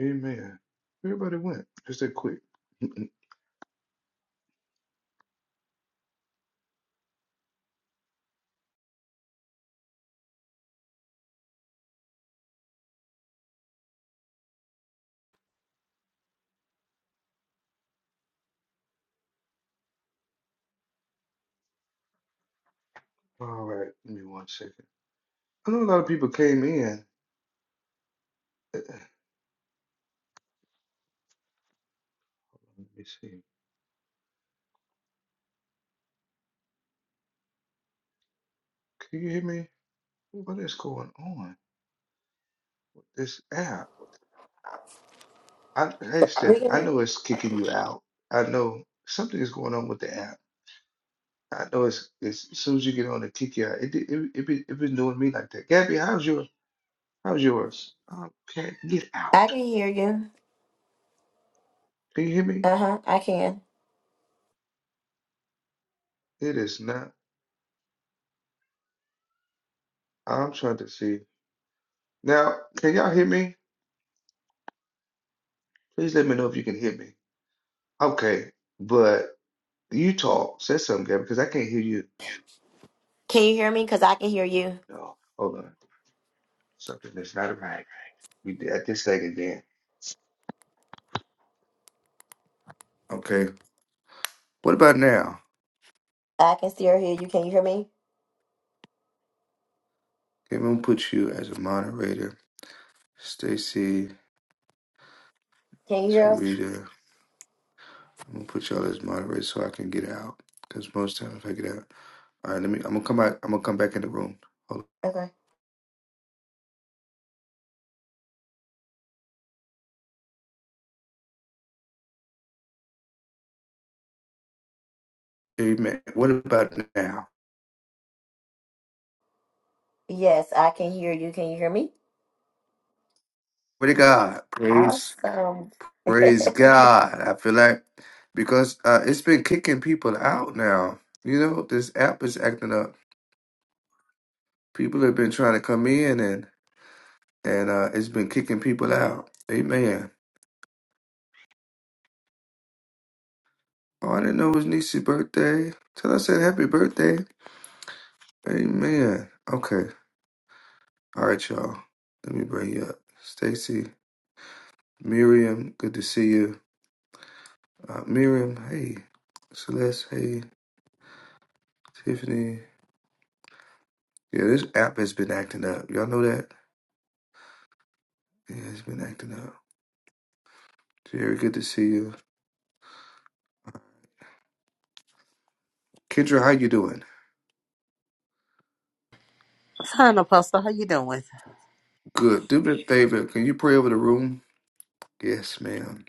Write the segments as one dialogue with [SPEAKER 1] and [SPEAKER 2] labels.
[SPEAKER 1] Amen. Everybody went. Just that quick. All right. Give me one second. I know a lot of people came in. Let me see. Can you hear me? What is going on with this app? I, hey, Steph,
[SPEAKER 2] We
[SPEAKER 1] I
[SPEAKER 2] can.
[SPEAKER 1] know it's kicking you out. I know something is going on with the app. I know it's, it's as soon as you get on, it kick you out. It did- it it, be, it been doing me like that. Gabby, how's your how's yours? I can't get out.
[SPEAKER 2] I can hear you.
[SPEAKER 1] Can you hear me?
[SPEAKER 2] Uh huh. I can.
[SPEAKER 1] It is not. I'm trying to see. Now, can y'all hear me? Please let me know if you can hear me. Okay, but you talk, say something, Gabby, because I can't hear you.
[SPEAKER 2] Can you hear me? Because I can hear
[SPEAKER 1] Oh
[SPEAKER 2] you.
[SPEAKER 1] no, hold on. Something is not right. We did at this thing again. Okay. What about now?
[SPEAKER 2] I can still hear you. Can you hear me?
[SPEAKER 1] Okay, I'm gonna put you as a moderator. Stacy,
[SPEAKER 2] Can you hear us?
[SPEAKER 1] Sarita, I'm gonna put y'all as moderators so I can get out. Cause most times I get out. All right, let me I'm gonna come out I'm gonna come back in the room. Hold
[SPEAKER 2] Okay.
[SPEAKER 1] on. Amen. What about now?
[SPEAKER 2] Yes, I can hear you. Can you hear me?
[SPEAKER 1] Pray to God. Praise
[SPEAKER 2] Awesome.
[SPEAKER 1] Praise God. I feel like because uh, it's been kicking people out now. You know, this app is acting up. People have been trying to come in and and uh, it's been kicking people out. Amen. Oh, I didn't know it was Niecy's birthday. Till I said happy birthday. Amen. Okay. All right, y'all. Let me bring you up. Stacy, Miriam, good to see you. Uh, Miriam, hey. Celeste, hey. Tiffany. Yeah, this app has been acting up. Y'all know that? Yeah, it's been acting up. Jerry, good to see you. Kendra, how you doing?
[SPEAKER 3] Fine, Apostle. How you doing?
[SPEAKER 1] Good. Do me a favor. Can you pray over the room? Yes, ma'am.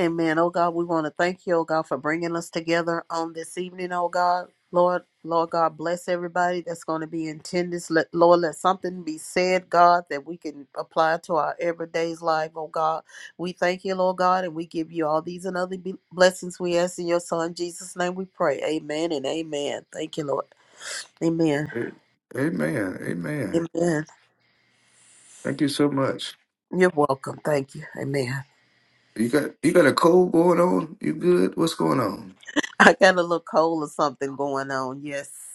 [SPEAKER 3] Amen. Oh God, we want to thank you, oh God, for bringing us together on this evening, oh God. Lord, Lord God, bless everybody that's going to be in attendance. Let, Lord, let something be said, God, that we can apply to our everyday's life, oh God. We thank you, Lord God, and we give you all these and other be- blessings we ask in your Son, Jesus' name we pray. Amen and amen. Thank you, Lord. Amen.
[SPEAKER 1] A- Amen. Amen.
[SPEAKER 3] Amen.
[SPEAKER 1] Thank you so much.
[SPEAKER 3] You're welcome. Thank you. Amen.
[SPEAKER 1] You got you got a cold going on? You good? What's going on?
[SPEAKER 3] I got a little cold or something going on. Yes.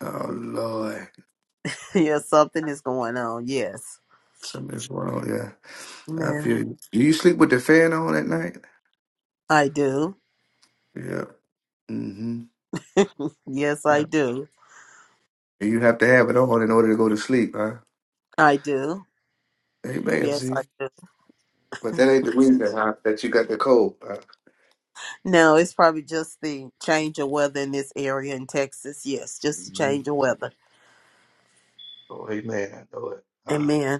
[SPEAKER 1] Oh Lord.
[SPEAKER 3] Yeah, something is going on. Yes,
[SPEAKER 1] Something's going on, yeah. I
[SPEAKER 3] man.
[SPEAKER 1] feel you. Do you sleep with the fan on at night?
[SPEAKER 3] I do.
[SPEAKER 1] Yeah. Mm-hmm.
[SPEAKER 3] Yes, I
[SPEAKER 1] Uh,
[SPEAKER 3] do.
[SPEAKER 1] You have to have it on in order to go to sleep, huh?
[SPEAKER 3] I do.
[SPEAKER 1] Amen,
[SPEAKER 3] Yes, I
[SPEAKER 1] see? But
[SPEAKER 3] do.
[SPEAKER 1] that ain't the reason huh, that you got the cold. Huh?
[SPEAKER 3] No, it's probably just the change of weather in this area in Texas. Yes, just the
[SPEAKER 1] Mhm.
[SPEAKER 3] change of weather.
[SPEAKER 1] Oh, amen. I know it.
[SPEAKER 3] Amen.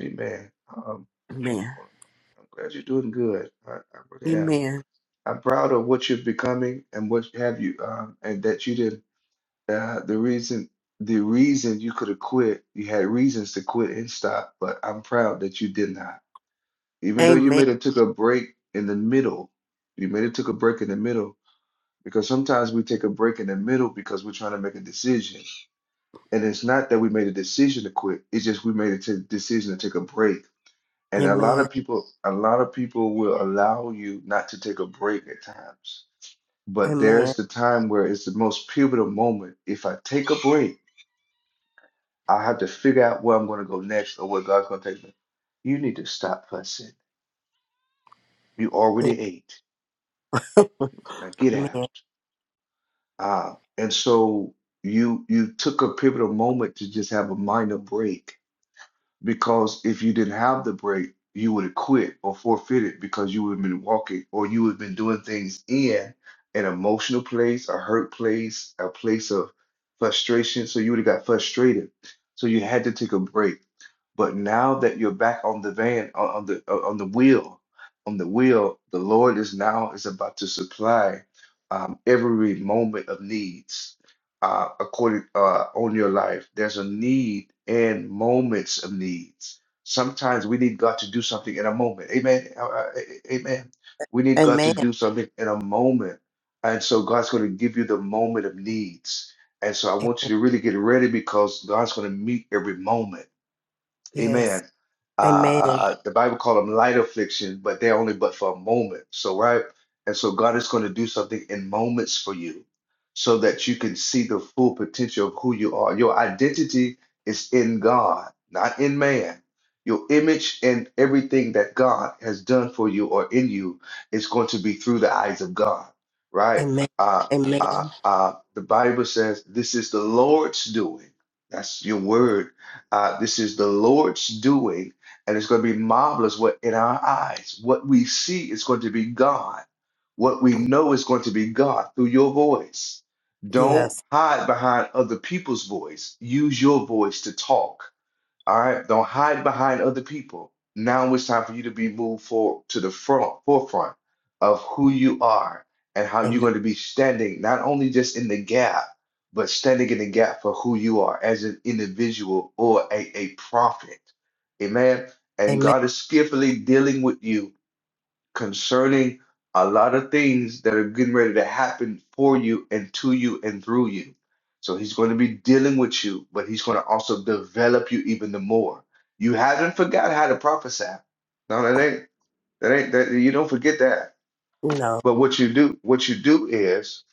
[SPEAKER 1] Amen. Um,
[SPEAKER 3] Amen.
[SPEAKER 1] well, I'm glad you're doing good. I, I really am.
[SPEAKER 3] Amen.
[SPEAKER 1] I'm proud of what you're becoming and what have you, um, and that you did. Uh, the reason, the reason you could have quit, you had reasons to quit and stop, but I'm proud that you did not. Even though you
[SPEAKER 3] Amen.
[SPEAKER 1] made it took a break in the middle, you made it took a break in the middle because sometimes we take a break in the middle because we're trying to make a decision, and it's not that we made a decision to quit. It's just we made a t- decision to take a break And a lot
[SPEAKER 3] Amen.
[SPEAKER 1] of people, a lot of people will allow you not to take a break at times. But there's
[SPEAKER 3] Amen.
[SPEAKER 1] the time where it's the most pivotal moment. If I take a break, I have to figure out where I'm going to go next or where God's going to take me. You need to stop fussing. You already ate. Now get out.
[SPEAKER 3] Amen.
[SPEAKER 1] Uh, and so you you took a pivotal moment to just have a minor break because if you didn't have the break, you would have quit or forfeited because you would have been walking or you would have been doing things in an emotional place, a hurt place, a place of frustration. So you would have got frustrated. So you had to take a break. But now that you're back on the van, on on the uh, on the wheel, on the wheel, the Lord is now is about to supply um, every moment of needs uh, according uh, on your life. There's a need and moments of needs. Sometimes we need God to do something in a moment. Amen. Uh, uh, amen. We need God to
[SPEAKER 3] Amen.
[SPEAKER 1] do something in a moment, and so God's going to give you the moment of needs. And so I want
[SPEAKER 3] Amen.
[SPEAKER 1] you to really get ready because God's going to meet every moment.
[SPEAKER 3] Yes.
[SPEAKER 1] Amen. Uh, uh,
[SPEAKER 3] Amen.
[SPEAKER 1] uh, the Bible called them light affliction, but they're only but for a moment. So, right? And so, God is going to do something in moments for you so that you can see the full potential of who you are. Your identity is in God, not in man. Your image and everything that God has done for you or in you is going to be through the eyes of God, right?
[SPEAKER 3] Amen.
[SPEAKER 1] Uh,
[SPEAKER 3] Amen.
[SPEAKER 1] uh, uh, the Bible says, This is the Lord's doing. That's your word uh, this is the Lord's doing, and it's going to be marvelous what in our eyes. What we see is going to be God. What we know is going to be God through your voice. Don't
[SPEAKER 3] Yes.
[SPEAKER 1] hide behind other people's voice. Use your voice to talk all right, don't hide behind other people. Now it's time for you to be moved forward to the front forefront of who you are and how you're
[SPEAKER 3] Amen.
[SPEAKER 1] going to be standing, not only just in the gap, but standing in the gap for who you are as an individual or a, a prophet. Amen. And
[SPEAKER 3] Amen.
[SPEAKER 1] God is skillfully dealing with you concerning a lot of things that are getting ready to happen for you and to you and through you. So he's going to be dealing with you, but he's going to also develop you even the more. You haven't forgot how to prophesy. No, that ain't that ain't that you don't forget that.
[SPEAKER 3] No.
[SPEAKER 1] But what you do, what you do is,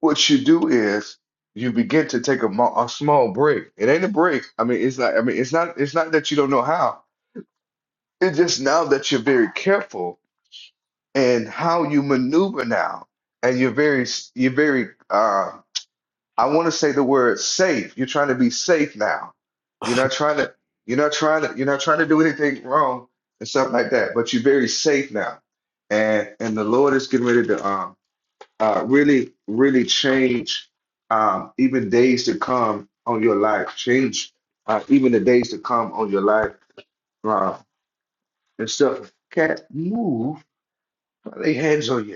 [SPEAKER 1] what you do is you begin to take a, mo- a small break. It ain't a break. I mean, it's not, I mean, it's not, it's not that you don't know how. It's just now that you're very careful and how you maneuver now and you're very you're very uh i want to say the word safe you're trying to be safe now you're not trying to you're not trying to you're not trying to do anything wrong and stuff like that but you're very safe now and and the lord is getting ready to um uh really really change um even days to come on your life change uh, even the days to come on your life uh, and stuff can't move they hands on you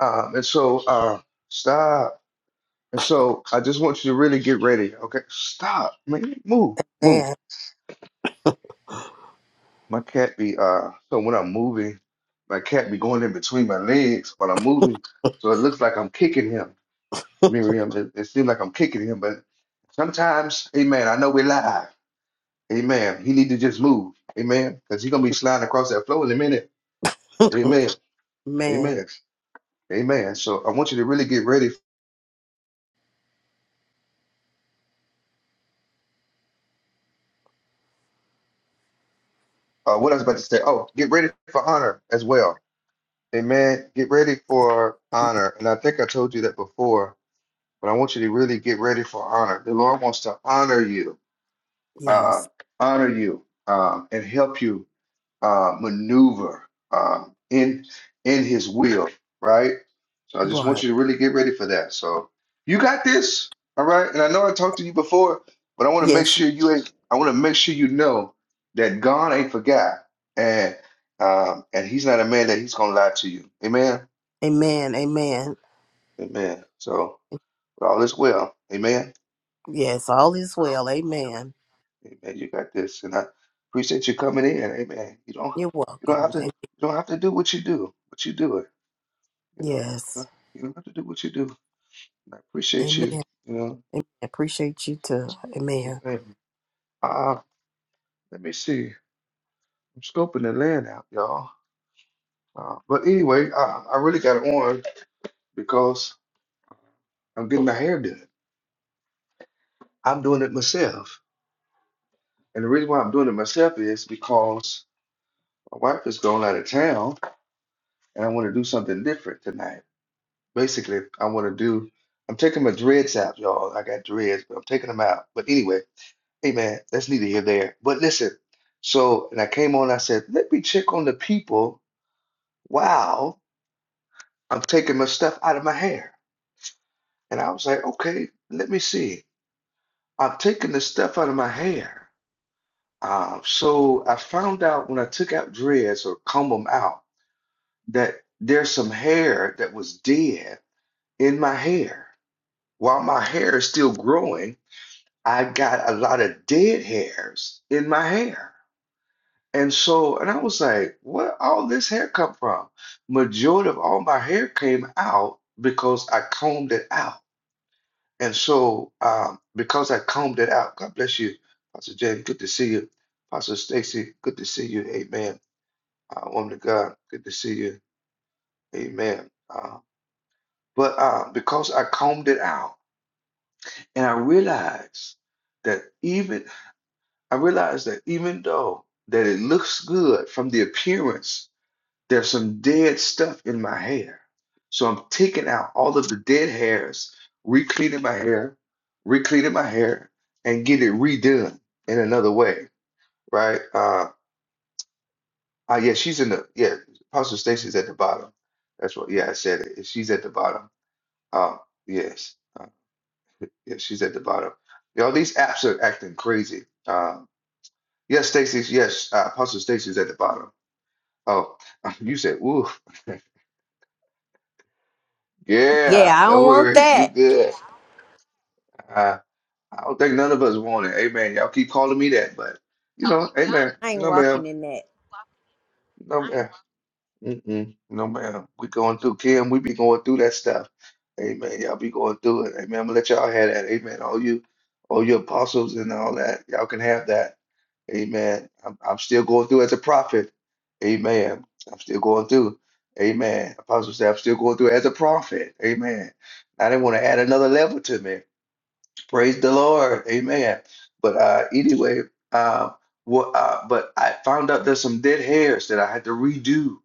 [SPEAKER 1] Um, and so, uh, stop. And so, I just want you to really get ready. Okay, stop. Man, move, move.
[SPEAKER 3] Man.
[SPEAKER 1] My cat be uh. So when I'm moving, my cat be going in between my legs while I'm moving. So it looks like I'm kicking him, Miriam. It, it seems like I'm kicking him, but sometimes, Amen. I know we lie. Amen. He need to just move. Amen. Because he's gonna be sliding across that floor in a minute. Amen.
[SPEAKER 3] Man.
[SPEAKER 1] Amen. Amen. So I want you to really get ready. Uh, what I was about to say. Oh, get ready for honor as well Amen. Get ready for honor. And I think I told you that before, but I want you to really get ready for honor. The Lord wants to honor you, uh,
[SPEAKER 3] Yes.
[SPEAKER 1] honor you, um, and help you uh, maneuver um, in in His will, right? So I just want
[SPEAKER 3] Right.
[SPEAKER 1] you to really get ready for that. So you got this, all right? And I know I talked to you before, but I want to make
[SPEAKER 3] Yes.
[SPEAKER 1] sure you ain't. I want to make sure you know that God ain't forgot, and um, and He's not a man that He's gonna lie to you. Amen.
[SPEAKER 3] Amen. Amen.
[SPEAKER 1] Amen. So all is well. Amen.
[SPEAKER 3] Yes, all is well. Amen.
[SPEAKER 1] Amen. You got this, and I appreciate you coming in. Amen. You don't
[SPEAKER 3] You're
[SPEAKER 1] you don't have
[SPEAKER 3] welcome.
[SPEAKER 1] to
[SPEAKER 3] Am-
[SPEAKER 1] you don't have to do what you do, but you do it. You know you
[SPEAKER 3] Yes.
[SPEAKER 1] don't you don't have to do what you do. And I appreciate
[SPEAKER 3] Amen.
[SPEAKER 1] you. You know.
[SPEAKER 3] Amen. Appreciate you too. Amen.
[SPEAKER 1] Amen. Uh, let me see. I'm scoping the land out, y'all. Uh, but anyway, I, I really got it on because I'm getting my hair done. I'm doing it myself, and the reason why I'm doing it myself is because my wife is going out of town and I want to do something different tonight. Basically, I want to do. I'm taking my dreads out, y'all. I got dreads, but I'm taking them out. But anyway, hey man, that's neither here nor there. But listen, so and I came on. I said, let me check on the people while I'm taking my stuff out of my hair. And I was like, okay, let me see. I'm taking the stuff out of my hair. Um, so I found out when I took out dreads or comb them out that there's some hair that was dead in my hair. While my hair is still growing, I got a lot of dead hairs in my hair. And so, and I was like, where all this hair come from? Majority of all my hair came out because I combed it out. And so, um, because I combed it out, God bless you, Pastor James, good to see you. Pastor Stacy, good to see you. Amen. Uh, woman of God, good to see you. Amen. Uh, but uh, because I combed it out, and I realized that even I realized that even though that it looks good from the appearance, there's some dead stuff in my hair. So I'm taking out all of the dead hairs, re-cleaning my hair, re-cleaning my hair, and get it redone in another way, right? Uh, uh yeah, she's in the yeah, Apostle Stacy's at the bottom. That's what yeah, I said it. She's at the bottom. Uh yes. Uh, yeah, she's at the bottom. Y'all, these apps are acting crazy. Um, yes, Stacy, yes, uh, Apostle Stacy's at the bottom. Oh, you said, ooh, yeah, don't worry, you good. Uh, I don't think none of us want it. Amen. Y'all keep calling me that, but you know, amen. No, ma'am. No, ma'am. Mm-mm. No, ma'am. We going through, Kim, we be going through that stuff. Amen. Y'all be going through it. Amen. I'm gonna let y'all have that. Amen. All you, all you apostles and all that, y'all can have that. Amen. I'm, I'm still going through as a prophet. Amen. I'm still going through. Amen. Apostle said, I'm still going through as a prophet. Amen. I didn't want to add another level to me. Praise the Lord. Amen. But uh, anyway, uh, what, uh, but I found out there's some dead hairs that I had to redo.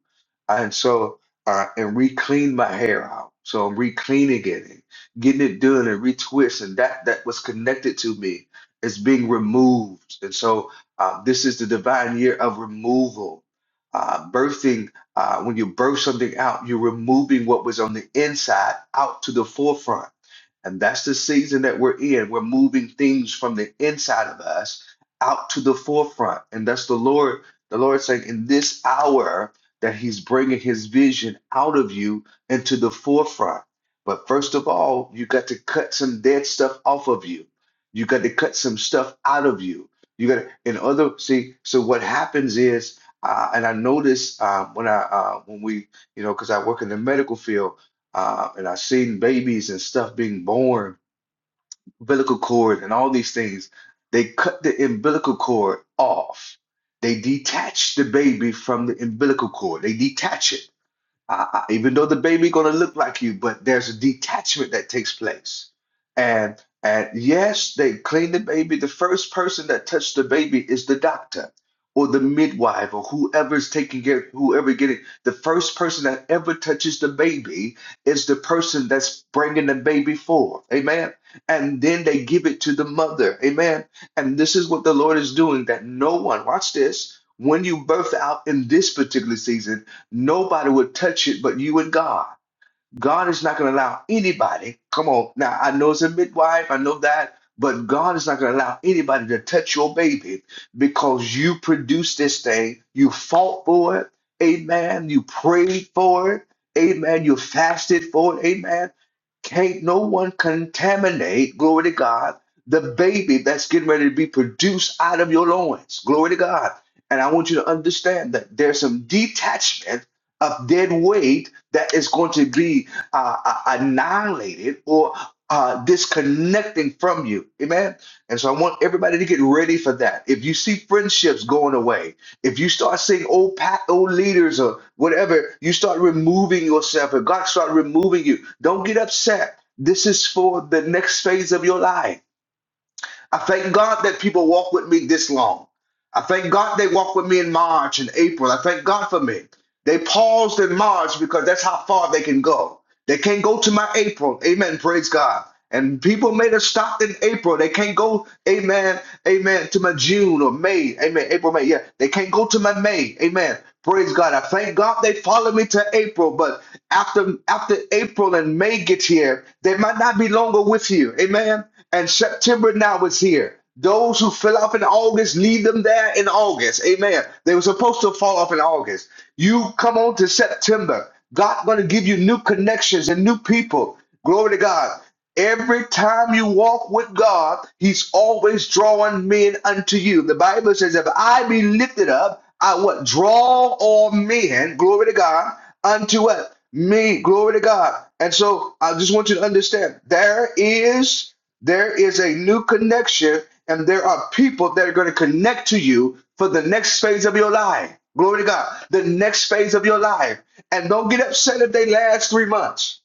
[SPEAKER 1] And so, uh, and re-clean my hair out. So I'm re-cleaning it and getting it done and retwist. And that, that was connected to me is being removed. And so uh, this is the divine year of removal. Uh, birthing, uh, when you birth something out, you're removing what was on the inside out to the forefront and that's the season that we're in. We're moving things from the inside of us out to the forefront. And that's the Lord, the Lord saying in this hour that He's bringing His vision out of you into the forefront. But first of all, you got to cut some dead stuff off of you. You got to cut some stuff out of you. You got to, in other, see, so what happens is, uh, and I notice uh, when I, uh, when we, you know, because I work in the medical field, uh, and I've seen babies and stuff being born, umbilical cord and all these things. They cut the umbilical cord off. They detach the baby from the umbilical cord. They detach it I, I, even though the baby gonna look like you, but there's a detachment that takes place. And and yes, they clean the baby. The first person that touched the baby is the doctor or the midwife or whoever's taking care, whoever getting the first person that ever touches the baby is the person that's bringing the baby forth. Amen. And then they give it to the mother. Amen. And this is what the Lord is doing that no one, watch this, when you birth out in this particular season. Nobody would touch it but you and God. God is not going to allow anybody. Come on. Now, I know it's a midwife, I know that, but God is not going to allow anybody to touch your baby because you produced this thing. You fought for it. Amen. You prayed for it. Amen. You fasted for it. Amen. Can't no one contaminate, glory to God, the baby that's getting ready to be produced out of your loins. Glory to God. And I want you to understand that there's some detachment of dead weight that is going to be uh, uh, annihilated or uh, disconnecting from you. Amen. And so I want everybody to get ready for that. If you see friendships going away, if you start seeing old pat, old leaders or whatever, you start removing yourself and God start removing you. Don't get upset. This is for the next phase of your life. I thank God that people walk with me this long. I thank God they walk with me in March and April. I thank God for me. They paused in March because that's how far they can go. They can't go to my April. Amen. Praise God. And people made have stop in April. They can't go, amen, amen, to my June or May. Amen. April, May. Yeah. They can't go to my May. Amen. Praise God. I thank God they followed me to April. But after after April and May get here, they might not be longer with you. Amen. And September now is here. Those who fell off in August, leave them there in August. Amen. They were supposed to fall off in August. You come on to September. God's going to give you new connections and new people. Glory to God. Every time you walk with God, He's always drawing men unto you. The Bible says, If I be lifted up, I what? Draw all men, glory to God, unto what? Me, glory to God. And so I just want you to understand there is there is a new connection, and there are people that are going to connect to you for the next phase of your life. Glory to God. The next phase of your life. And don't get upset if they last three months.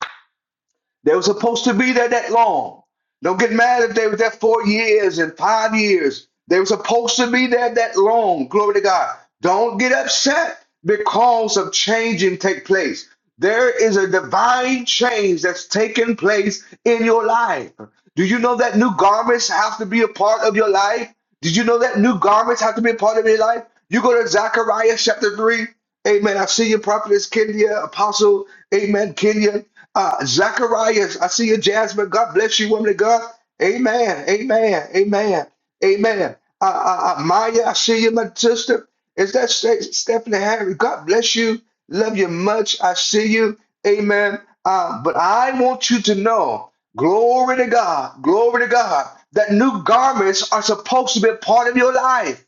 [SPEAKER 1] They were supposed to be there that long. Don't get mad if they were there four years and five years. They were supposed to be there that long. Glory to God. Don't get upset because of changing take place. There is a divine change that's taking place in your life. Do you know that new garments have to be a part of your life? Did you know that new garments have to be a part of your life? You go to Zechariah chapter 3. Amen. I see you, prophetess Kenya, apostle. Amen, Kenya. Uh, Zachariah, I see you, Jasmine. God bless you, woman of God. Amen. Amen. Amen. Amen. Uh, uh, uh, Maya, I see you, my sister. Is that Ste- Stephanie Harry? God bless you. Love you much. I see you. Amen. Uh, but I want you to know, glory to God, glory to God, that new garments are supposed to be a part of your life.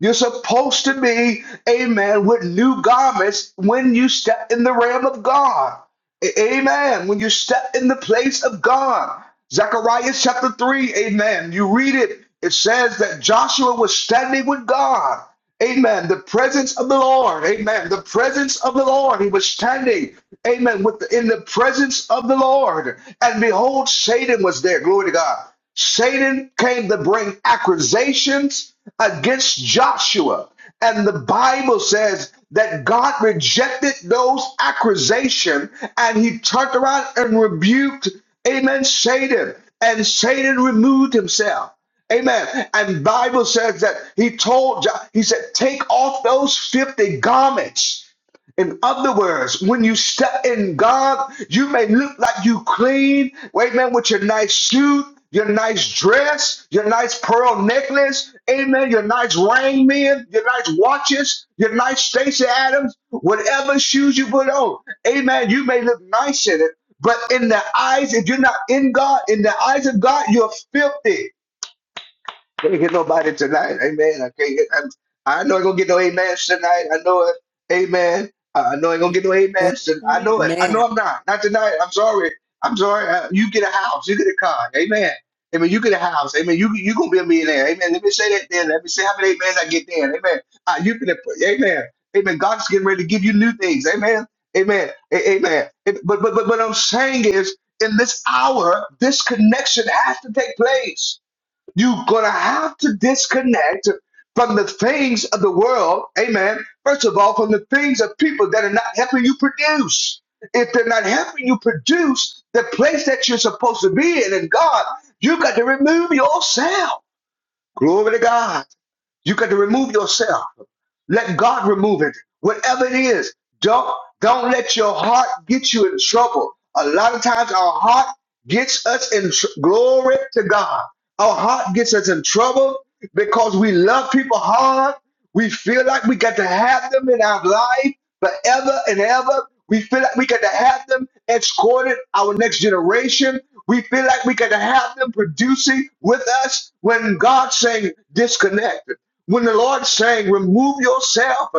[SPEAKER 1] You're supposed to be, amen, with new garments when you step in the realm of God. A- Amen. When you step in the place of God. Zechariah chapter 3, amen. You read it, it says that Joshua was standing with God. Amen. The presence of the Lord. Amen. The presence of the Lord. He was standing. Amen. With the, in the presence of the Lord. And behold, Satan was there. Glory to God. Satan came to bring accusations against Joshua. And the Bible says that God rejected those accusations and he turned around and rebuked, amen, Satan. And Satan removed himself. Amen. And Bible says that he told, Jo- he said, take off those 50 garments. In other words, when you step in God, you may look like you clean, wait man, with your nice suit, your nice dress, your nice pearl necklace, amen, your nice ring, man, your nice watches, your nice Stacy Adams, whatever shoes you put on, amen, you may look nice in it. But in the eyes, if you're not in God, in the eyes of God, you're filthy. Can't get nobody tonight. Amen. I can't get, I, I know I ain't gonna get no amens tonight. I know it. Amen. I I know I ain't gonna get no amens. Tonight. I know
[SPEAKER 4] Amen.
[SPEAKER 1] it. I
[SPEAKER 3] Amen.
[SPEAKER 1] know I'm not. Not tonight. I'm sorry. I'm sorry. Uh, you get a house. You get a car. Amen. Amen. You get a house. Amen. You you gonna be a millionaire. Amen. Let me say that then. Let me say how many amens I get then. Amen. Uh, you can. Amen. Amen. God's getting ready to give you new things. Amen. Amen. A- amen. It- but but but what I'm saying is, in this hour, this connection has to take place. You're going to have to disconnect from the things of the world. Amen. First of all, from the things of people that are not helping you produce. If they're not helping you produce the place that you're supposed to be in in God, you got to remove yourself. Glory to God. You got to remove yourself. Let God remove it. Whatever it is, don't don't let your heart get you in trouble. A lot of times our heart gets us in tr- glory to God. Our heart gets us in trouble because we love people hard. We feel like we got to have them in our life forever and ever. We feel like we got to have them escorted our next generation. We feel like we got to have them producing with us when God's saying disconnect when the Lord saying, remove yourself,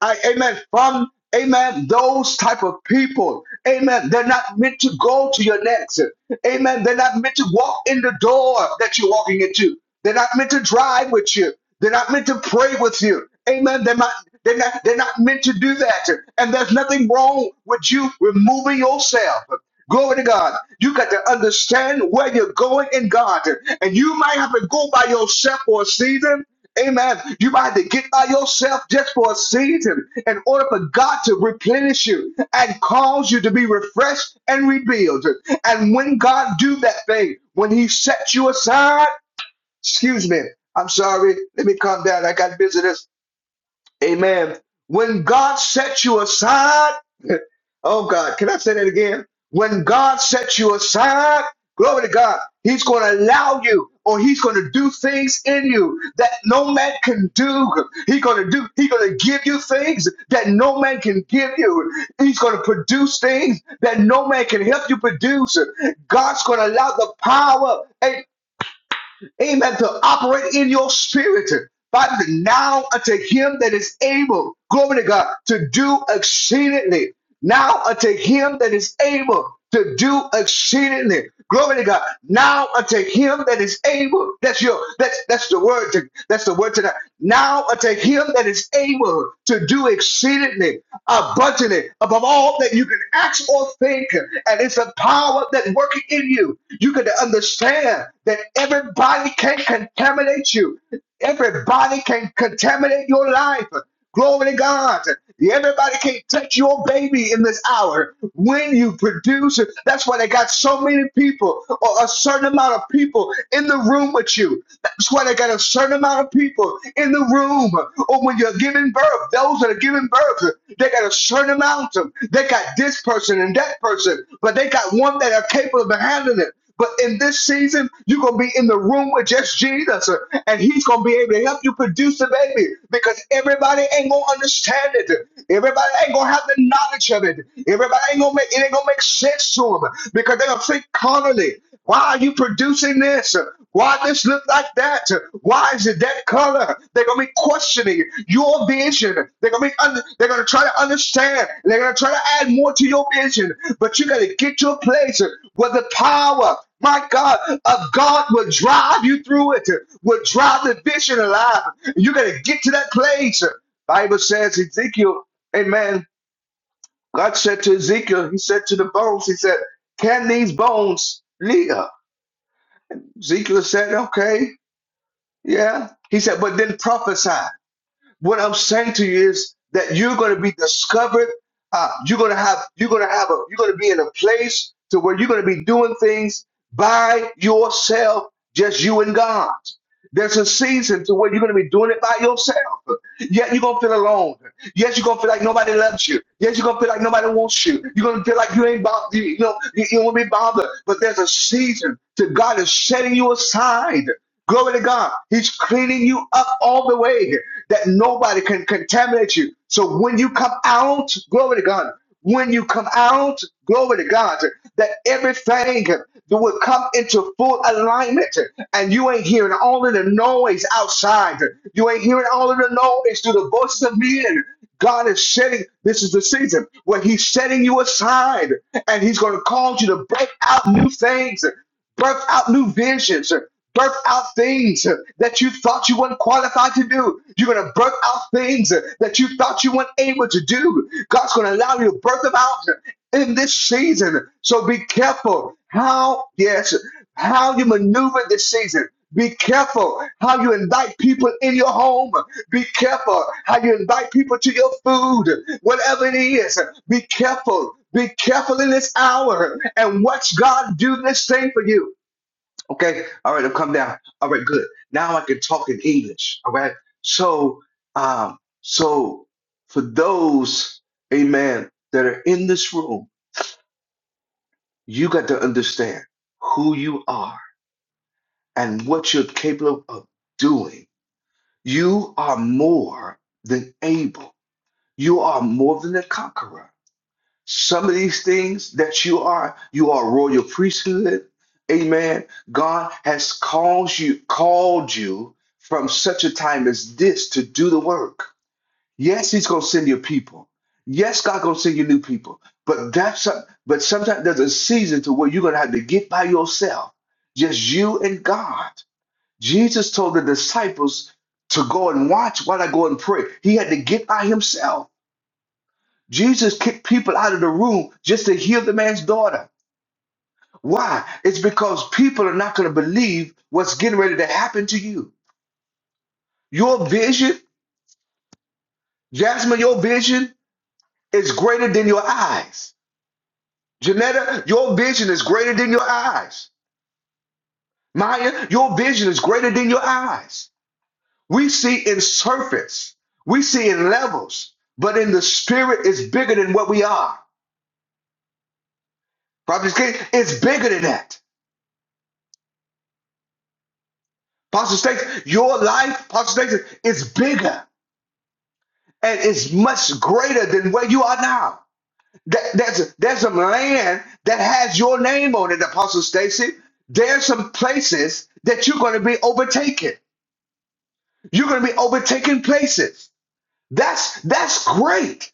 [SPEAKER 1] I, amen, from, amen, those type of people, amen, they're not meant to go to your next, amen, they're not meant to walk in the door that you're walking into, they're not meant to drive with you, they're not meant to pray with you, amen, they're not, they're not, they're not meant to do that, and there's nothing wrong with you removing yourself. Glory to God. You got to understand where you're going in God. And you might have to go by yourself for a season, Amen. You might have to get by yourself just for a season in order for God to replenish you and cause you to be refreshed and rebuilt. And when God do that thing, when He sets you aside, excuse me, I'm sorry, let me calm down. I got visitors. Amen. When God sets you aside, oh God, can I say that again? When God sets you aside, glory to God, He's going to allow you or He's going to do things in you that no man can do. He's going to do, He's going to give you things that no man can give you. He's going to produce things that no man can help you produce. God's going to allow the power. amen, amen, to operate in your spirit. but now unto him that is able, glory to God, to do exceedingly. Now unto him that is able to do exceedingly. Glory to God. Now unto him that is able. That's your that's that's the word to, that's the word tonight. Now unto him that is able to do exceedingly abundantly above all that you can ask or think. And it's a power that working in you. You can understand that everybody can contaminate you. Everybody can contaminate your life. Glory to God. Everybody can't touch your baby in this hour. When you produce, that's why they got so many people or a certain amount of people in the room with you. That's why they got a certain amount of people in the room. Or when you're giving birth, those that are giving birth, they got a certain amount of. them. They got this person and that person, but they got one that are capable of handling it. But in this season, you're gonna be in the room with just Jesus, uh, and He's gonna be able to help you produce the baby because everybody ain't gonna understand it. Everybody ain't gonna have the knowledge of it. Everybody ain't gonna make it ain't gonna make sense to them because they're gonna think carnally. Why are you producing this? Why this look like that? Why is it that color? They're gonna be questioning your vision. They're gonna be under, they're gonna try to understand. They're gonna try to add more to your vision. But you gotta get to a place where the power, my God, of God will drive you through it, will drive the vision alive. You gotta get to that place. Bible says Ezekiel, Amen. God said to Ezekiel, He said to the bones, He said, Can these bones live? Ezekiel said, okay, yeah. He said, but then prophesy. What I'm saying to you is that you're going to be discovered. Uh, you're going to have. You're going to have a. You're going to be in a place to where you're going to be doing things by yourself, just you and God. There's a season to where you're going to be doing it by yourself. Yet you're going to feel alone. Yes, you're going to feel like nobody loves you. Yes, you're going to feel like nobody wants you. You're going to feel like you ain't bothered. You, you know, you, you won't be bothered. But there's a season to God is setting you aside. Glory to God. He's cleaning you up all the way that nobody can contaminate you. So when you come out, glory to God. When you come out, glory to God, that everything that will come into full alignment and you ain't hearing all of the noise outside. You ain't hearing all of the noise through the voices of men. God is setting, this is the season where He's setting you aside and He's going to cause you to break out new things birth out new visions, birth out things uh, that you thought you weren't qualified to do. You're going to birth out things uh, that you thought you weren't able to do. God's going to allow you to birth them out uh, in this season. So be careful how, yes, how you maneuver this season. Be careful how you invite people in your home. Be careful how you invite people to your food, whatever it is. Be careful. Be careful in this hour and watch God do this thing for you. Okay. All right. I've come down. All right. Good. Now I can talk in English. All right. So, um, so for those, amen, that are in this room, you got to understand who you are and what you're capable of doing. You are more than able. You are more than a conqueror some of these things that you are you are royal priesthood amen god has called you called you from such a time as this to do the work yes he's going to send you people yes god going to send you new people but that's a, but sometimes there's a season to where you're going to have to get by yourself just you and god jesus told the disciples to go and watch while i go and pray he had to get by himself Jesus kicked people out of the room just to heal the man's daughter. Why? It's because people are not going to believe what's getting ready to happen to you. Your vision, Jasmine, your vision is greater than your eyes. Janetta, your vision is greater than your eyes. Maya, your vision is greater than your eyes. We see in surface, we see in levels, but in the spirit, it's bigger than what we are. Prophet King, it's bigger than that. Pastor Stacy, your life, Pastor Stacy, is bigger and it's much greater than where you are now. That, that's there's some land that has your name on it, Apostle Stacy. There's some places that you're going to be overtaken. You're going to be overtaking places. That's that's great.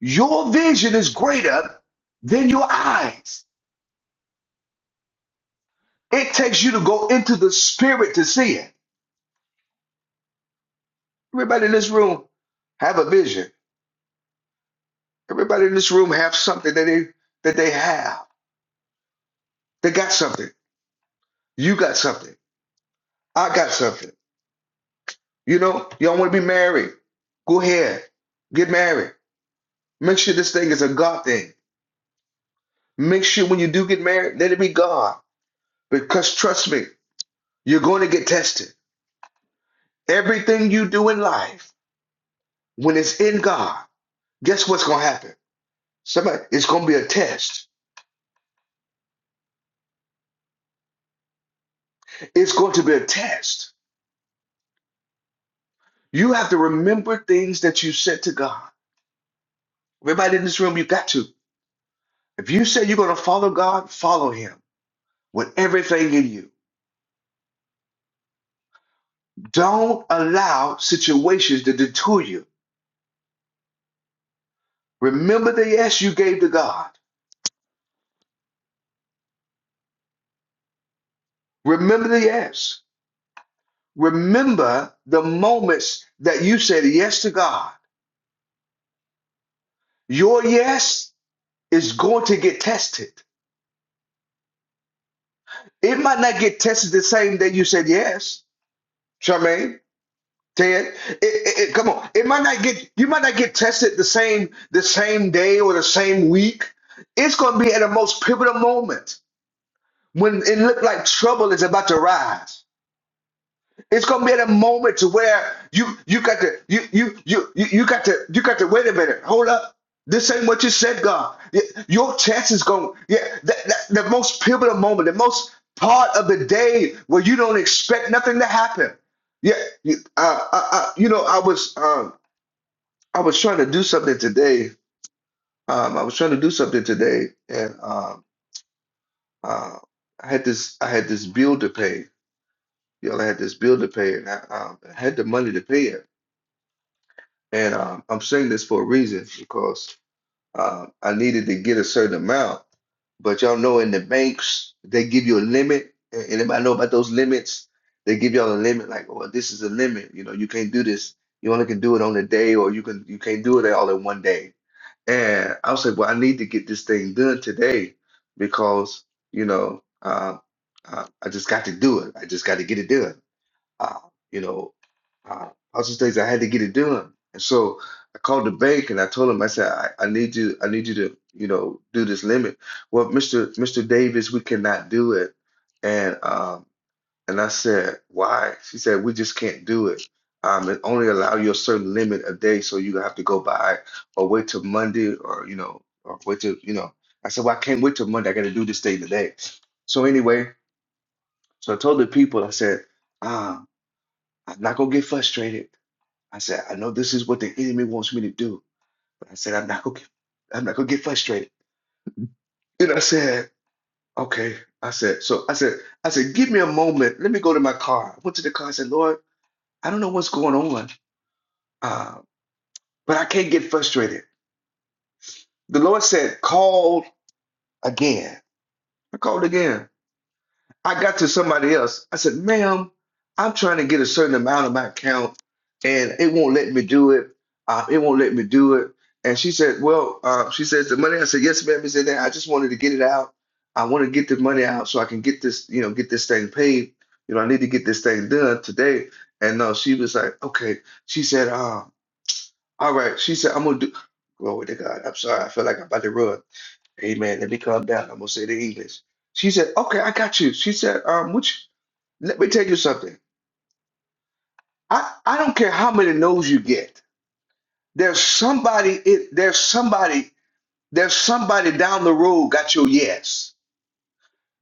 [SPEAKER 1] Your vision is greater than your eyes. It takes you to go into the spirit to see it. Everybody in this room have a vision. Everybody in this room have something that they that they have. They got something. You got something. I got something. You know, y'all want to be married. Go ahead. Get married. Make sure this thing is a God thing. Make sure when you do get married, let it be God. Because trust me, you're going to get tested. Everything you do in life, when it's in God, guess what's going to happen? Somebody, it's going to be a test. It's going to be a test. You have to remember things that you said to God. Everybody in this room, you got to. If you say you're going to follow God, follow Him with everything in you. Don't allow situations to detour you. Remember the yes you gave to God. Remember the yes. Remember the moments that you said yes to God. Your yes is going to get tested. It might not get tested the same day you said yes, Charmaine. Ted, it, it, it- come on. It might not get you might not get tested the same the same day or the same week. It's going to be at the most pivotal moment when it looked like trouble is about to rise. It's going to be at a moment to where you you got to you you you you you got to you got to wait a minute. Hold up. This ain't what you said, God. Y- Your test is going. Yeah, that, that, the most pivotal moment, the most part of the day where you don't expect nothing to happen. Yeah, you- uh, uh, uh, you know, I was. um. I was trying to do something today. Um, I was trying to do something today, and um, uh, I had this I had this bill to pay. You know, I had this bill to pay, and I, um, I had the money to pay it. And um, I'm saying this for a reason because uh, I needed to get a certain amount. But y'all know in the banks they give you a limit. A- Anybody know about those limits? They give y'all a limit, like, well, this is a limit. You know, you can't do this. You only can do it on a day, or you can you can't do it all in one day And I was like, well, I need to get this thing done today because, you know, uh, uh, I just got to do it. I just got to get it done. Uh, you know, uh, all those things I had to get it done. And so I called the bank and I told him, I said, I, I need you, I need you to, you know, do this limit. Well, Mr. Mr. Davis, we cannot do it. And um and I said, why? She said, we just can't do it. Um, and only allow you a certain limit a day, so you have to go by or wait till Monday or you know, or wait till you know. I said, well, I can't wait till Monday. I got to do this day today. So anyway, so I told the people, I said, um, I'm not gonna get frustrated. I said, I know this is what the enemy wants me to do, but I said, I'm not gonna, get, I'm not gonna get frustrated. And I said, okay. I said, so I said, I said, give me a moment. Let me go to my car. I went to the car. I said, Lord, I don't know what's going on. Uh, but I can't get frustrated. The Lord said, call again. I called again. I got to somebody else. I said, ma'am, I'm trying to get a certain amount of my account and it won't let me do it. Uh, it won't let me do it. And she said, well, uh, she says the money. I said, yes, ma'am. She said that I just wanted to get it out. I want to get the money out so I can get this, you know, get this thing paid. You know, I need to get this thing done today. And no, uh, she was like, okay. She said, uh, All right. She said, I'm gonna do glory to God. I'm sorry, I feel like I'm about to run. Amen. Let me calm down. I'm gonna say the English. She said, Okay, I got you. She said, um, which let me tell you something. I, I don't care how many no's you get. There's somebody it there's somebody there's somebody down the road got your yes.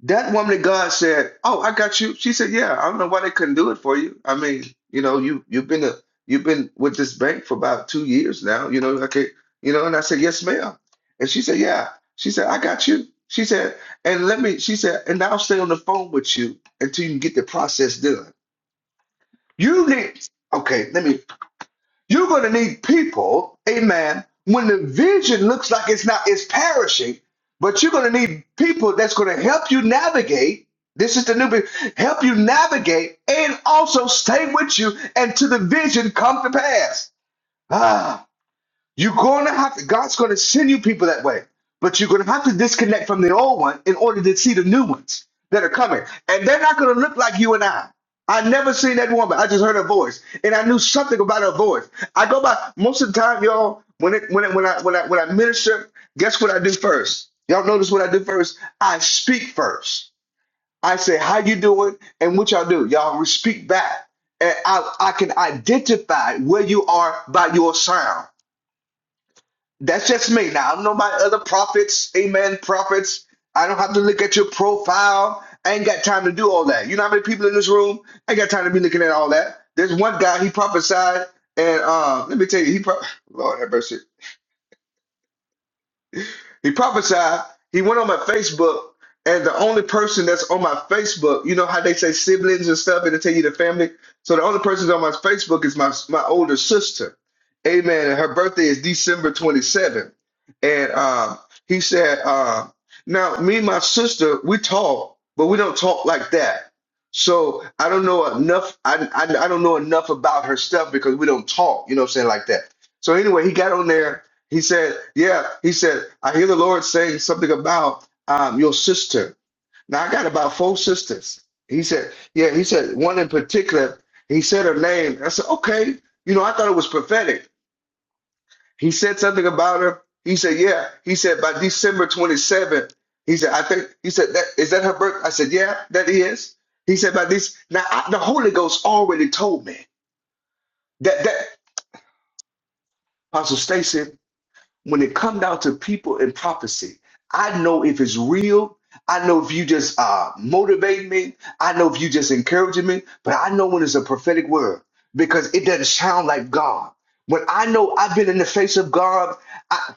[SPEAKER 1] That woman of God said, "Oh, I got you." She said, "Yeah, I don't know why they couldn't do it for you. I mean, you know, you you've been a you've been with this bank for about two years now. You know, okay, you know." And I said, "Yes, ma'am." And she said, "Yeah." She said, "I got you." She said, "And let me." She said, "And I'll stay on the phone with you until you can get the process done." You need okay. Let me. You're going to need people, amen, when the vision looks like it's not, it's perishing, but you're going to need people that's going to help you navigate. This is the new, bit, help you navigate and also stay with you until the vision come to pass. Ah, you're going to have to, God's going to send you people that way, but you're going to have to disconnect from the old one in order to see the new ones that are coming. And they're not going to look like you and I. I never seen that woman. I just heard her voice, and I knew something about her voice. I go by most of the time, y'all. When it when it, when I when I when I minister, guess what I do first? Y'all notice what I do first? I speak first. I say how you doing and what y'all do. Y'all speak back, and I I can identify where you are by your sound. That's just me. Now I don't know about other prophets, amen, prophets. I don't have to look at your profile. I ain't got time to do all that. You know how many people in this room? I ain't got time to be looking at all that. There's one guy, he prophesied, and um, let me tell you, he pro- Lord have mercy. He prophesied. He went on my Facebook, and the only person that's on my Facebook, you know how they say siblings and stuff, and they tell you the family. So the only person on my Facebook is my my older sister. Amen. And her birthday is December 27th. And um, he said, uh, now me and my sister, we talk, but we don't talk like that. So I don't know enough. I, I, I don't know enough about her stuff because we don't talk, you know what I'm saying, like that. So anyway, he got on there he said, Yeah, he said, I hear the Lord saying something about um, your sister. Now, I got about four sisters. He said, Yeah, he said, one in particular, he said her name. I said, Okay, you know, I thought it was prophetic. He said something about her. He said, Yeah, he said, by December 27th, he said, I think, he said, that, Is that her birth? I said, Yeah, that is. He said, By this, now I, the Holy Ghost already told me that, that, Apostle Stacy. when it come down to people and prophecy, I know if it's real. I know if you just uh, motivate me. I know if you just encouraging me. But I know when it's a prophetic word because it doesn't sound like God. When I know I've been in the face of God, I,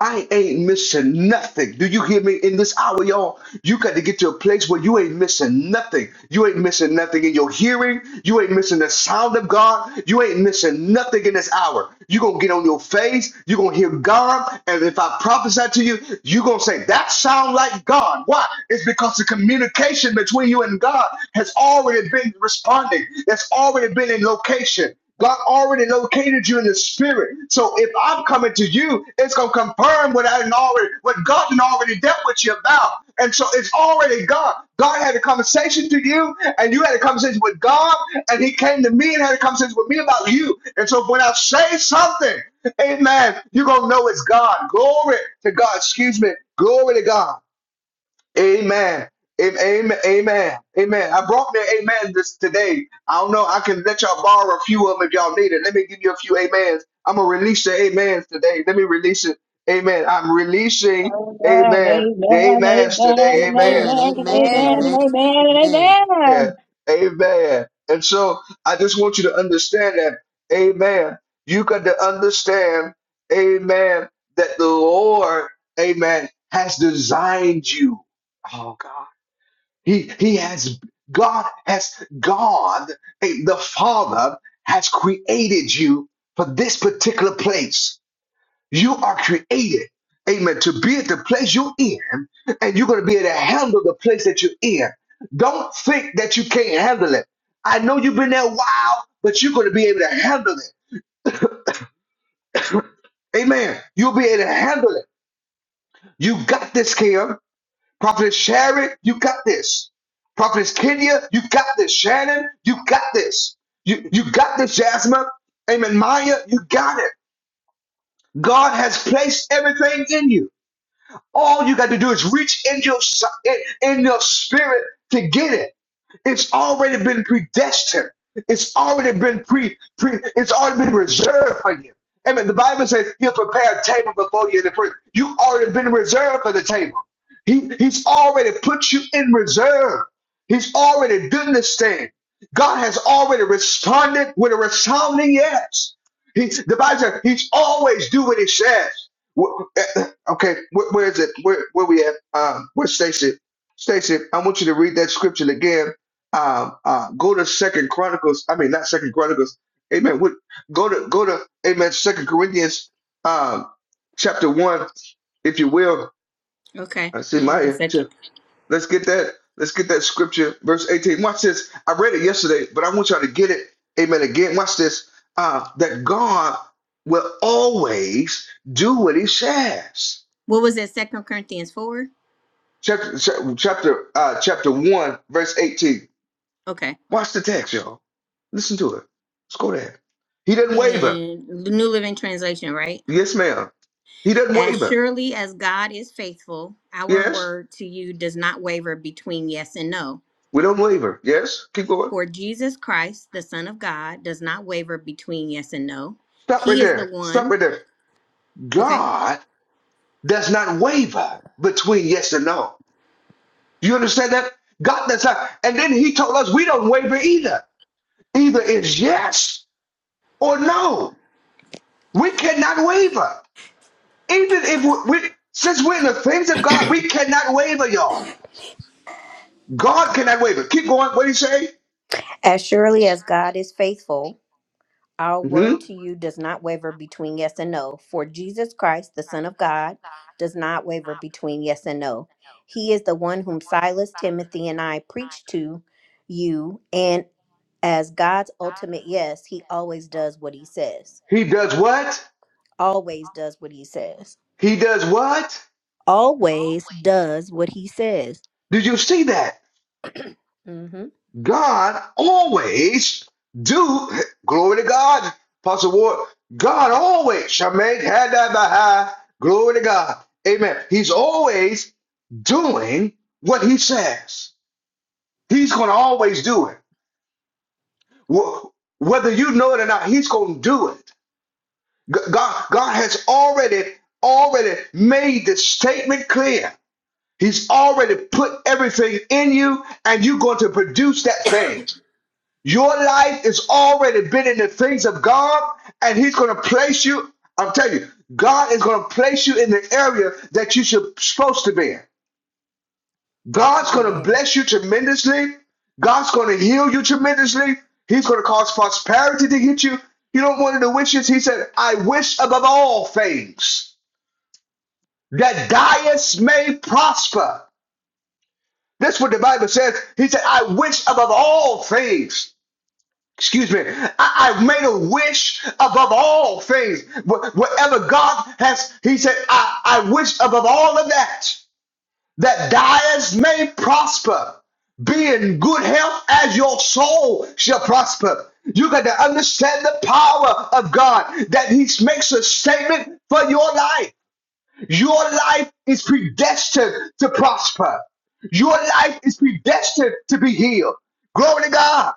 [SPEAKER 1] I ain't missing nothing. Do you hear me? In this hour, y'all, you got to get to a place where you ain't missing nothing. You ain't missing nothing in your hearing. You ain't missing the sound of God. You ain't missing nothing in this hour. you going to get on your face. you going to hear God. And if I prophesy to you, you going to say, that sound like God. Why? It's because the communication between you and God has already been responding. It's already been in location. God already located you in the spirit. So if I'm coming to you, it's gonna confirm what I did not already what God didn't already dealt with you about. And so it's already God. God had a conversation to you, and you had a conversation with God, and He came to me and had a conversation with me about you. And so when I say something, Amen, you're gonna know it's God. Glory to God. Excuse me. Glory to God. Amen. Am- Amen. Amen. Amen. I brought the amen this today. I don't know. I can let y'all borrow a few of them if y'all need it. Let me give you a few amens. I'm gonna release the amens today. Let me release it. Amen. I'm releasing.
[SPEAKER 5] Amen,
[SPEAKER 1] Amen. The
[SPEAKER 5] amen, amen, and
[SPEAKER 1] amens today.
[SPEAKER 5] amen,
[SPEAKER 1] Amen.
[SPEAKER 3] Amen. Amen.
[SPEAKER 5] and amen,
[SPEAKER 6] Amen.
[SPEAKER 5] and
[SPEAKER 3] Amen.
[SPEAKER 5] amen, and
[SPEAKER 3] Amen.
[SPEAKER 1] Yeah.
[SPEAKER 5] amen.
[SPEAKER 1] Amen. And so I just want you to understand that. Amen. You got to understand. Amen. That the Lord. Amen. Has designed you. Oh God. He he has God has God eh, the Father has created you for this particular place. You are created, amen, to be at the place you're in, and you're gonna be able to handle the place that you're in. Don't think that you can't handle it. I know you've been there a while, but you're gonna be able to handle it. Amen. You'll be able to handle it. You got this, Kim. Prophetess Sharon, you got this. Prophetess Kenya, you got this. Shannon, you got this. You, you got this, Jasmine. Amen. Maya, you got it. God has placed everything in you. All you got to do is reach in your si- in, in your spirit to get it. It's already been predestined. It's already been pre, pre it's already been reserved for you. Amen. The Bible says he'll prepare a table before you in the first. You've already been reserved for the table. He, he's already put you in reserve. He's already done this thing. God has already responded with a resounding yes. He, the Bible says he's always do what he says. Okay, where, where is it? Where, where we at? Um, where's Stacy? Stacy, I want you to read that scripture again um, uh, go to Second Chronicles. I mean, not Second Chronicles. Amen. What, go to go to Amen. Second Corinthians, um, chapter one, if you will.
[SPEAKER 7] Okay.
[SPEAKER 1] I see
[SPEAKER 7] Give me a
[SPEAKER 1] my. yeah,
[SPEAKER 7] second.
[SPEAKER 1] Let's get that. Let's get that scripture, verse eighteen. Watch this. I read it yesterday, but I want y'all to get it. Amen. Again, watch this. Uh, that God will always do what He says. Chapter chapter uh, chapter one, verse eighteen. Watch the text, y'all. Listen to it. Let's go there. He doesn't waver. Yes, ma'am. He doesn't waver. Yes. We don't waver. Yes. Keep going. Stop right there. Stop right there. God does not waver between yes and no. You understand that? God does not. And then he told us we don't waver either. Either is yes or no. We cannot waver. Even if we, we since we're in the things of God, we cannot waver, y'all. God cannot waver. Keep going. What do you say? hmm He does what? He does what? Did you see that? God always do glory to God. Apostle Ward, God always shall make had that by high. Glory to God. Amen. He's always doing what he says. He's going to always do it. Wh- Whether you know it or not, he's going to do it. G- God, God has already, already made the statement clear. He's already put everything in you, and you're going to produce that thing. Your life has already been in the things of God, and He's going to place you. I'm telling you, God is going to place you in the area that you should supposed to be in. God's going to bless you tremendously. God's going to heal you tremendously. He's going to cause prosperity to hit you. You don't want the wishes. He said, I wish above all things that Dias may prosper That's what the Bible says. He said, I wish above all things. Excuse me. I, I made a wish above all things. Whatever God has, he said, I, I wish above all of that, that diets may prosper. Be in good health as your soul shall prosper. You got to understand the power of God that he makes a statement for your life. Your life is predestined to prosper. Your life is predestined to be healed. Glory to God.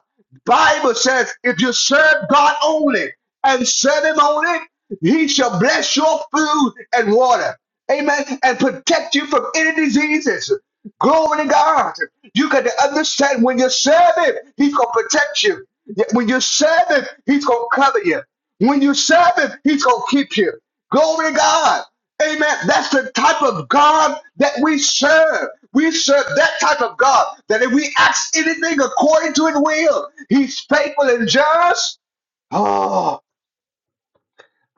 [SPEAKER 1] Bible says, if you serve God only and serve Him only, He shall bless your food and water. Amen. And protect you from any diseases. Glory to God. You got to understand when you serve Him, He's going to protect you. Yeah, When you serve Him, He's going to cover you. When you serve Him, He's going to keep you. Glory to God. Amen. That's the type of God that we serve. We serve that type of God that if we ask anything according to his will, he's faithful and just. Oh,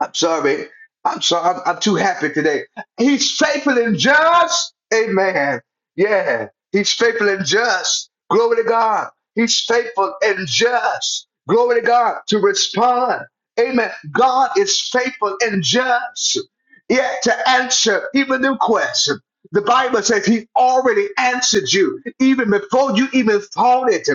[SPEAKER 1] I'm sorry. I'm sorry. I'm, I'm too happy today. He's faithful and just. Amen. Yeah. He's faithful and just. Glory to God. He's faithful and just. Glory to God to respond. Amen. God is faithful and just. Yeah, to answer even the request. The Bible says he already answered you even before you even thought it.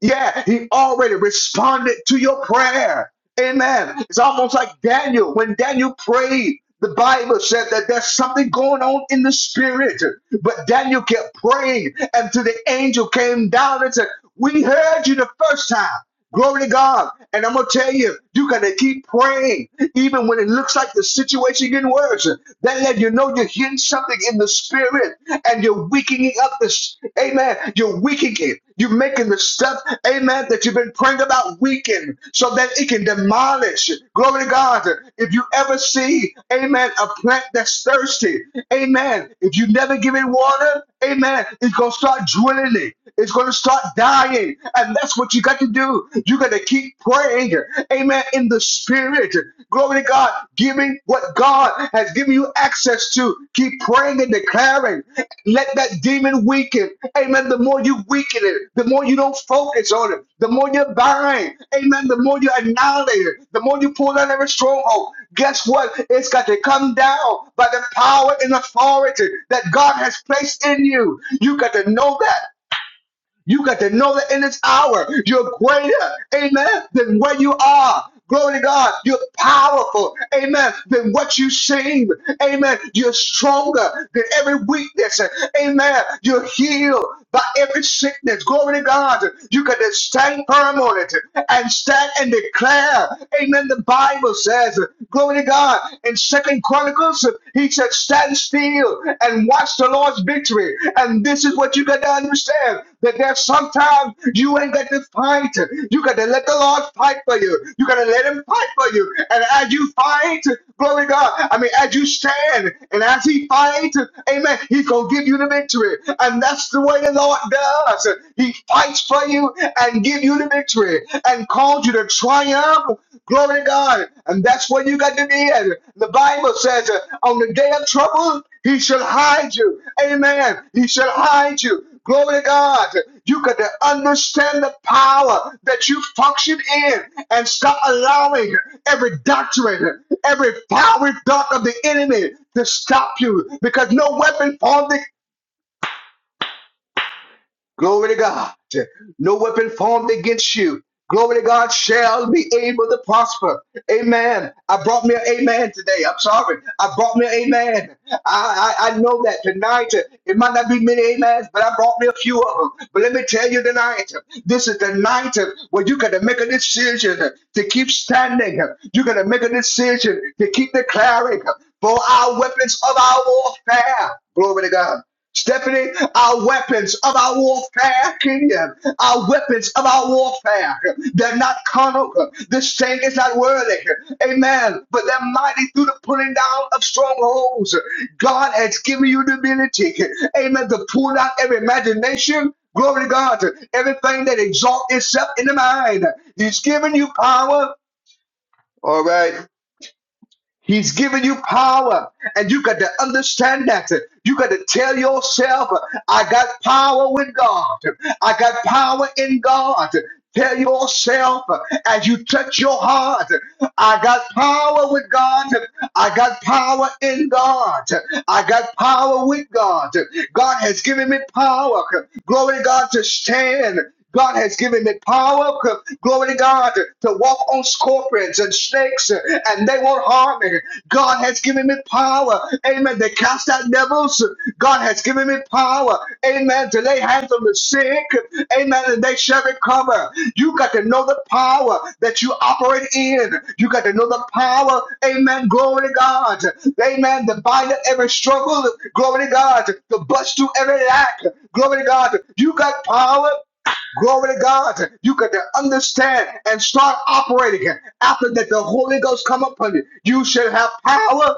[SPEAKER 1] Yeah, he already responded to your prayer. Amen. It's almost like Daniel. When Daniel prayed, the Bible said that there's something going on in the spirit. But Daniel kept praying until the angel came down and said, We heard you the first time. Glory to God. And I'm going to tell you, you got to keep praying, even when it looks like the situation getting worse. That let you know you're hearing something in the spirit and you're weakening up this. Amen. You're weakening it. You're making the stuff, amen, that you've been praying about weaken so that it can demolish. Glory to God. If you ever see, amen, a plant that's thirsty, amen, if you never give it water, Amen. It's gonna start drilling it. It's gonna start dying, and that's what you got to do. You gotta keep praying. Amen. In the spirit, glory to God, giving what God has given you access to. Keep praying and declaring. Let that demon weak weaken. Amen. The more you weaken it, the more you don't focus on it, the more you're behind. Amen. The more you annihilate it, the more you pull out every stronghold. Guess what? It's got to come down by the power and authority that God has placed in you. You got to know that. You got to know that in this hour, you're greater, amen, than where you are. Glory to God. You're powerful, amen, than what you seem, amen. You're stronger than every weakness, amen. You're healed by every sickness. Glory to God. You got to stand firm on it and stand and declare, amen. The Bible says, glory to God. In Second Chronicles, he said, stand still and watch the Lord's victory. And this is what you got to understand understand that there's sometimes you ain't got to fight. You got to let the Lord fight for you. You got to let Him fight for you. And as you fight, glory God, I mean, as you stand and as He fights, amen, He's going to give you the victory. And that's the way the Lord does. He fights for you and give you the victory and calls you to triumph Glory to God. And that's where you got to be at. The Bible says, uh, on the day of trouble, he shall hide you. Amen. He shall hide you. Glory to God. You got to understand the power that you function in and stop allowing every doctrine, every fiery dart of the enemy to stop you because no weapon formed Glory to God. No weapon formed against you. Glory to God shall be able to prosper. Amen. I brought me an amen today. I'm sorry. I brought me an amen. I, I, I know that tonight uh, it might not be many amens, but I brought me a few of them. But let me tell you tonight, uh, this is the night uh, where you got to make a decision uh, to keep standing. You're going to make a decision to keep declaring uh, for our weapons of our warfare. Glory to God Stephanie, our weapons of our warfare, Kenya, our weapons of our warfare, they're not carnal. This thing is not worthy. Amen. But they're mighty through the pulling down of strongholds. God has given you the ability, amen, to pull down every imagination. Glory to God. Everything that exalts itself in the mind. He's given you power. All right. He's given you power, and you got to understand that. You got to tell yourself, I got power with God. I got power in God. Tell yourself as you touch your heart, I got power with God. I got power in God. I got power with God. God has given me power. Glory to God to stand. God has given me power. Glory to God to walk on scorpions and snakes and they won't harm me. God has given me power. Amen. To cast out devils. God has given me power. Amen. To lay hands on the sick. Amen. And they shall recover. You got to know the power that you operate in. You got to know the power. Amen. Glory to God. Amen. To bind up every struggle. Glory to God. To bust through every lack. Glory to God. You got power. Glory to God. You got to understand and start operating. After that, the Holy Ghost come upon you. You should have power.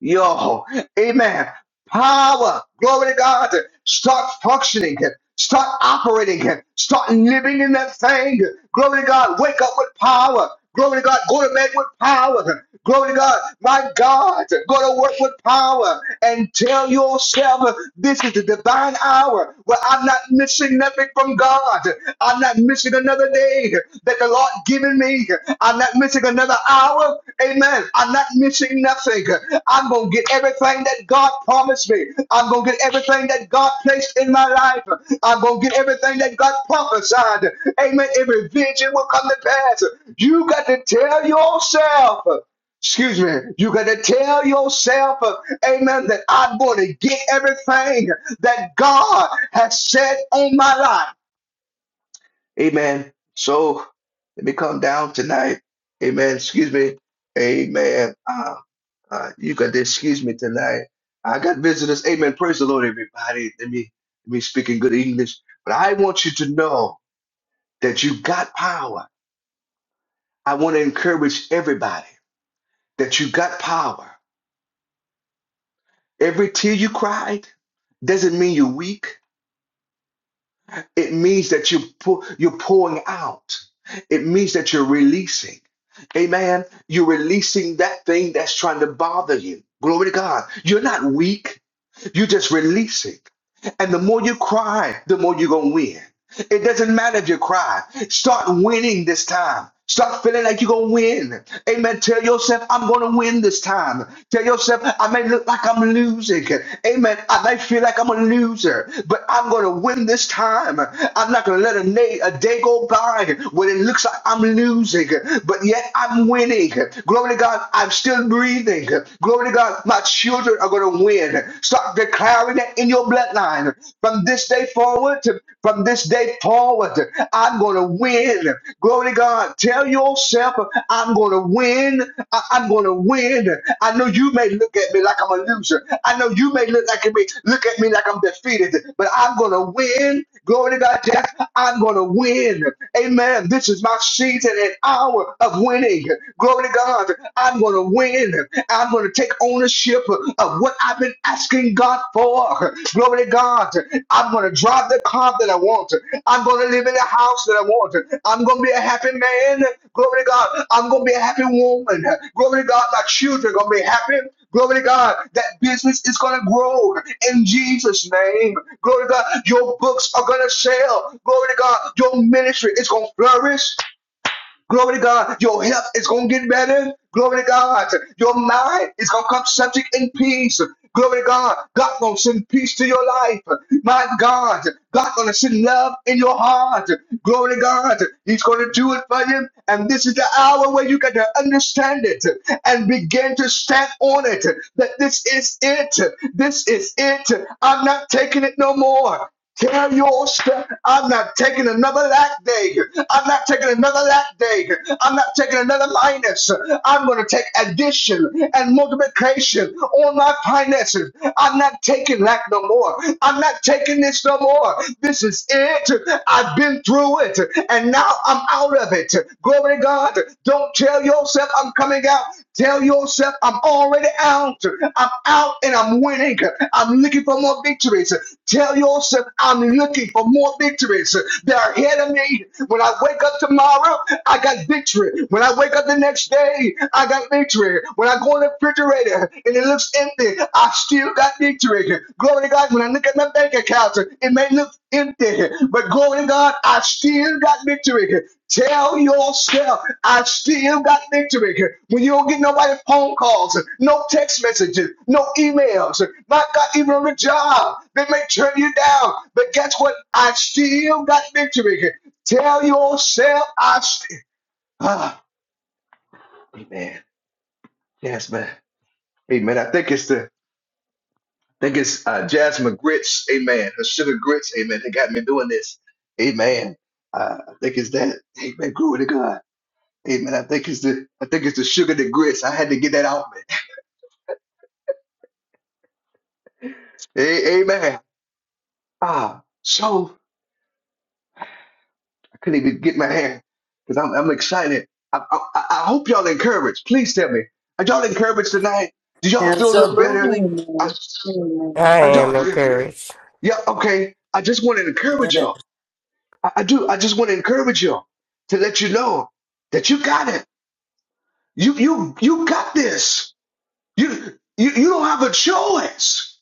[SPEAKER 1] Yo, amen. Power. Glory to God. Start functioning. Start operating. Start living in that thing. Glory to God. Wake up with power. Glory to God. Go to bed with power. Glory to God. My God. Go to work with power and tell yourself this is the divine hour where I'm not missing nothing nothing from God. I'm not missing another day that the Lord given me. I'm not missing another hour. Amen. I'm not missing nothing. I'm going to get everything that God promised me. I'm going to get everything that God placed in my life. I'm going to get everything that God prophesied. Amen. Every vision will come to pass. You got to tell yourself. Excuse me. You got to tell yourself, uh, amen, that I'm going to get everything that God has said on my life. Amen. So let me come down tonight. Amen. Excuse me. Amen. Uh, uh, you got to excuse me tonight. I got visitors. Amen. Praise the Lord, everybody. Let me let me speak in good English. But I want you to know that you got power. I want to encourage everybody that you got power. Every tear you cried doesn't mean you're weak. It means that you pu- you're pouring out. It means that you're releasing. Amen. You're releasing that thing that's trying to bother you. Glory to God. You're not weak. You're just releasing. And the more you cry, the more you're going to win. It doesn't matter if you cry. Start winning this time. Start feeling like you're going to win. Amen. Tell yourself, I'm going to win this time. Tell yourself, I may look like I'm losing. Amen. I may feel like I'm a loser, but I'm going to win this time. I'm not going to let a, na- a day go by when it looks like I'm losing, but yet I'm winning. Glory to God, I'm still breathing. Glory to God, my children children are going to win. Start declaring it in your bloodline. From this day forward, from this day forward, I'm going to win. Glory to God. Tell yourself, I'm going to win. I- am going to win. I know you may look at me like I'm a loser. I know you may look like me, look at me like I'm defeated, but I'm going to win. Glory to God. Yes, I'm going to win. Amen. This is my season and hour of winning. Glory to God because I'm going to win. I'm going to take ownership of what I've been asking God for. Glory to God. I'm going to drive the car that I want. I'm going to live in the house that I want. I'm going to be a happy man. Glory to God. I'm going to be a happy woman. Glory to God. My children are going to be happy. Glory to God. That business is going to grow in Jesus' name. Glory to God. Your books are going to sell. Glory to God. Your ministry is going to flourish. Glory to God. Your health is going to get better. Glory to God. Your mind is going to come subject in peace. Glory to God. God going to send peace to your life. My God. God going to send love in your heart. Glory to God. He's going to do it for you. And this is the hour where you got to understand it and begin to stand on it. That this is it. This is it. I'm not taking it no more. Tell your step, I'm not taking another lack day. I'm not taking another lack day. I'm not taking another minus. I'm going to take addition and multiplication on my finances. I'm not taking lack no more. I'm not taking this no more. This is it. I've been through it and now I'm out of it. Glory to God. Don't tell yourself I'm coming out. Tell yourself I'm already out. I'm out and I'm winning. I'm looking for more victories. Tell yourself I'm looking for more victories. They're ahead of me. When I wake up tomorrow, I got victory. When I wake up the next day, I got victory. When I go in the refrigerator and it looks empty, I still got victory. Glory to God, when I look at my bank account, it may look empty, but glory to God, I still got victory. Tell yourself, I still got victory. When you don't get nobody phone calls, no text messages, no emails, not got even on the job, they may turn you down. But guess what? I still got victory. Tell yourself, I still Ah, amen. Jasmine. Amen. I think it's the I think it's uh, Jasmine Grits, amen. Her sugar grits, amen. They got me doing this. Amen. Uh, I think it's that. Amen. Glory to God. Amen. I think it's the I think it's the sugar the grits. I had to get that out, man. A- amen. Ah, so I couldn't even get my hand because I'm I'm excited. I, I I I hope y'all encouraged. Please tell me. Are y'all encouraged tonight? Do y'all feel a little better?
[SPEAKER 6] Absolutely.
[SPEAKER 1] I,
[SPEAKER 5] Amen, amen.
[SPEAKER 8] I
[SPEAKER 1] I y'all,
[SPEAKER 8] am
[SPEAKER 1] yeah,
[SPEAKER 8] encouraged.
[SPEAKER 1] yeah, okay. I just want to encourage
[SPEAKER 3] Yeah.
[SPEAKER 1] y'all. I, I do. I just want to encourage you to let you know that you got it. You you you got this. You you you don't have a choice.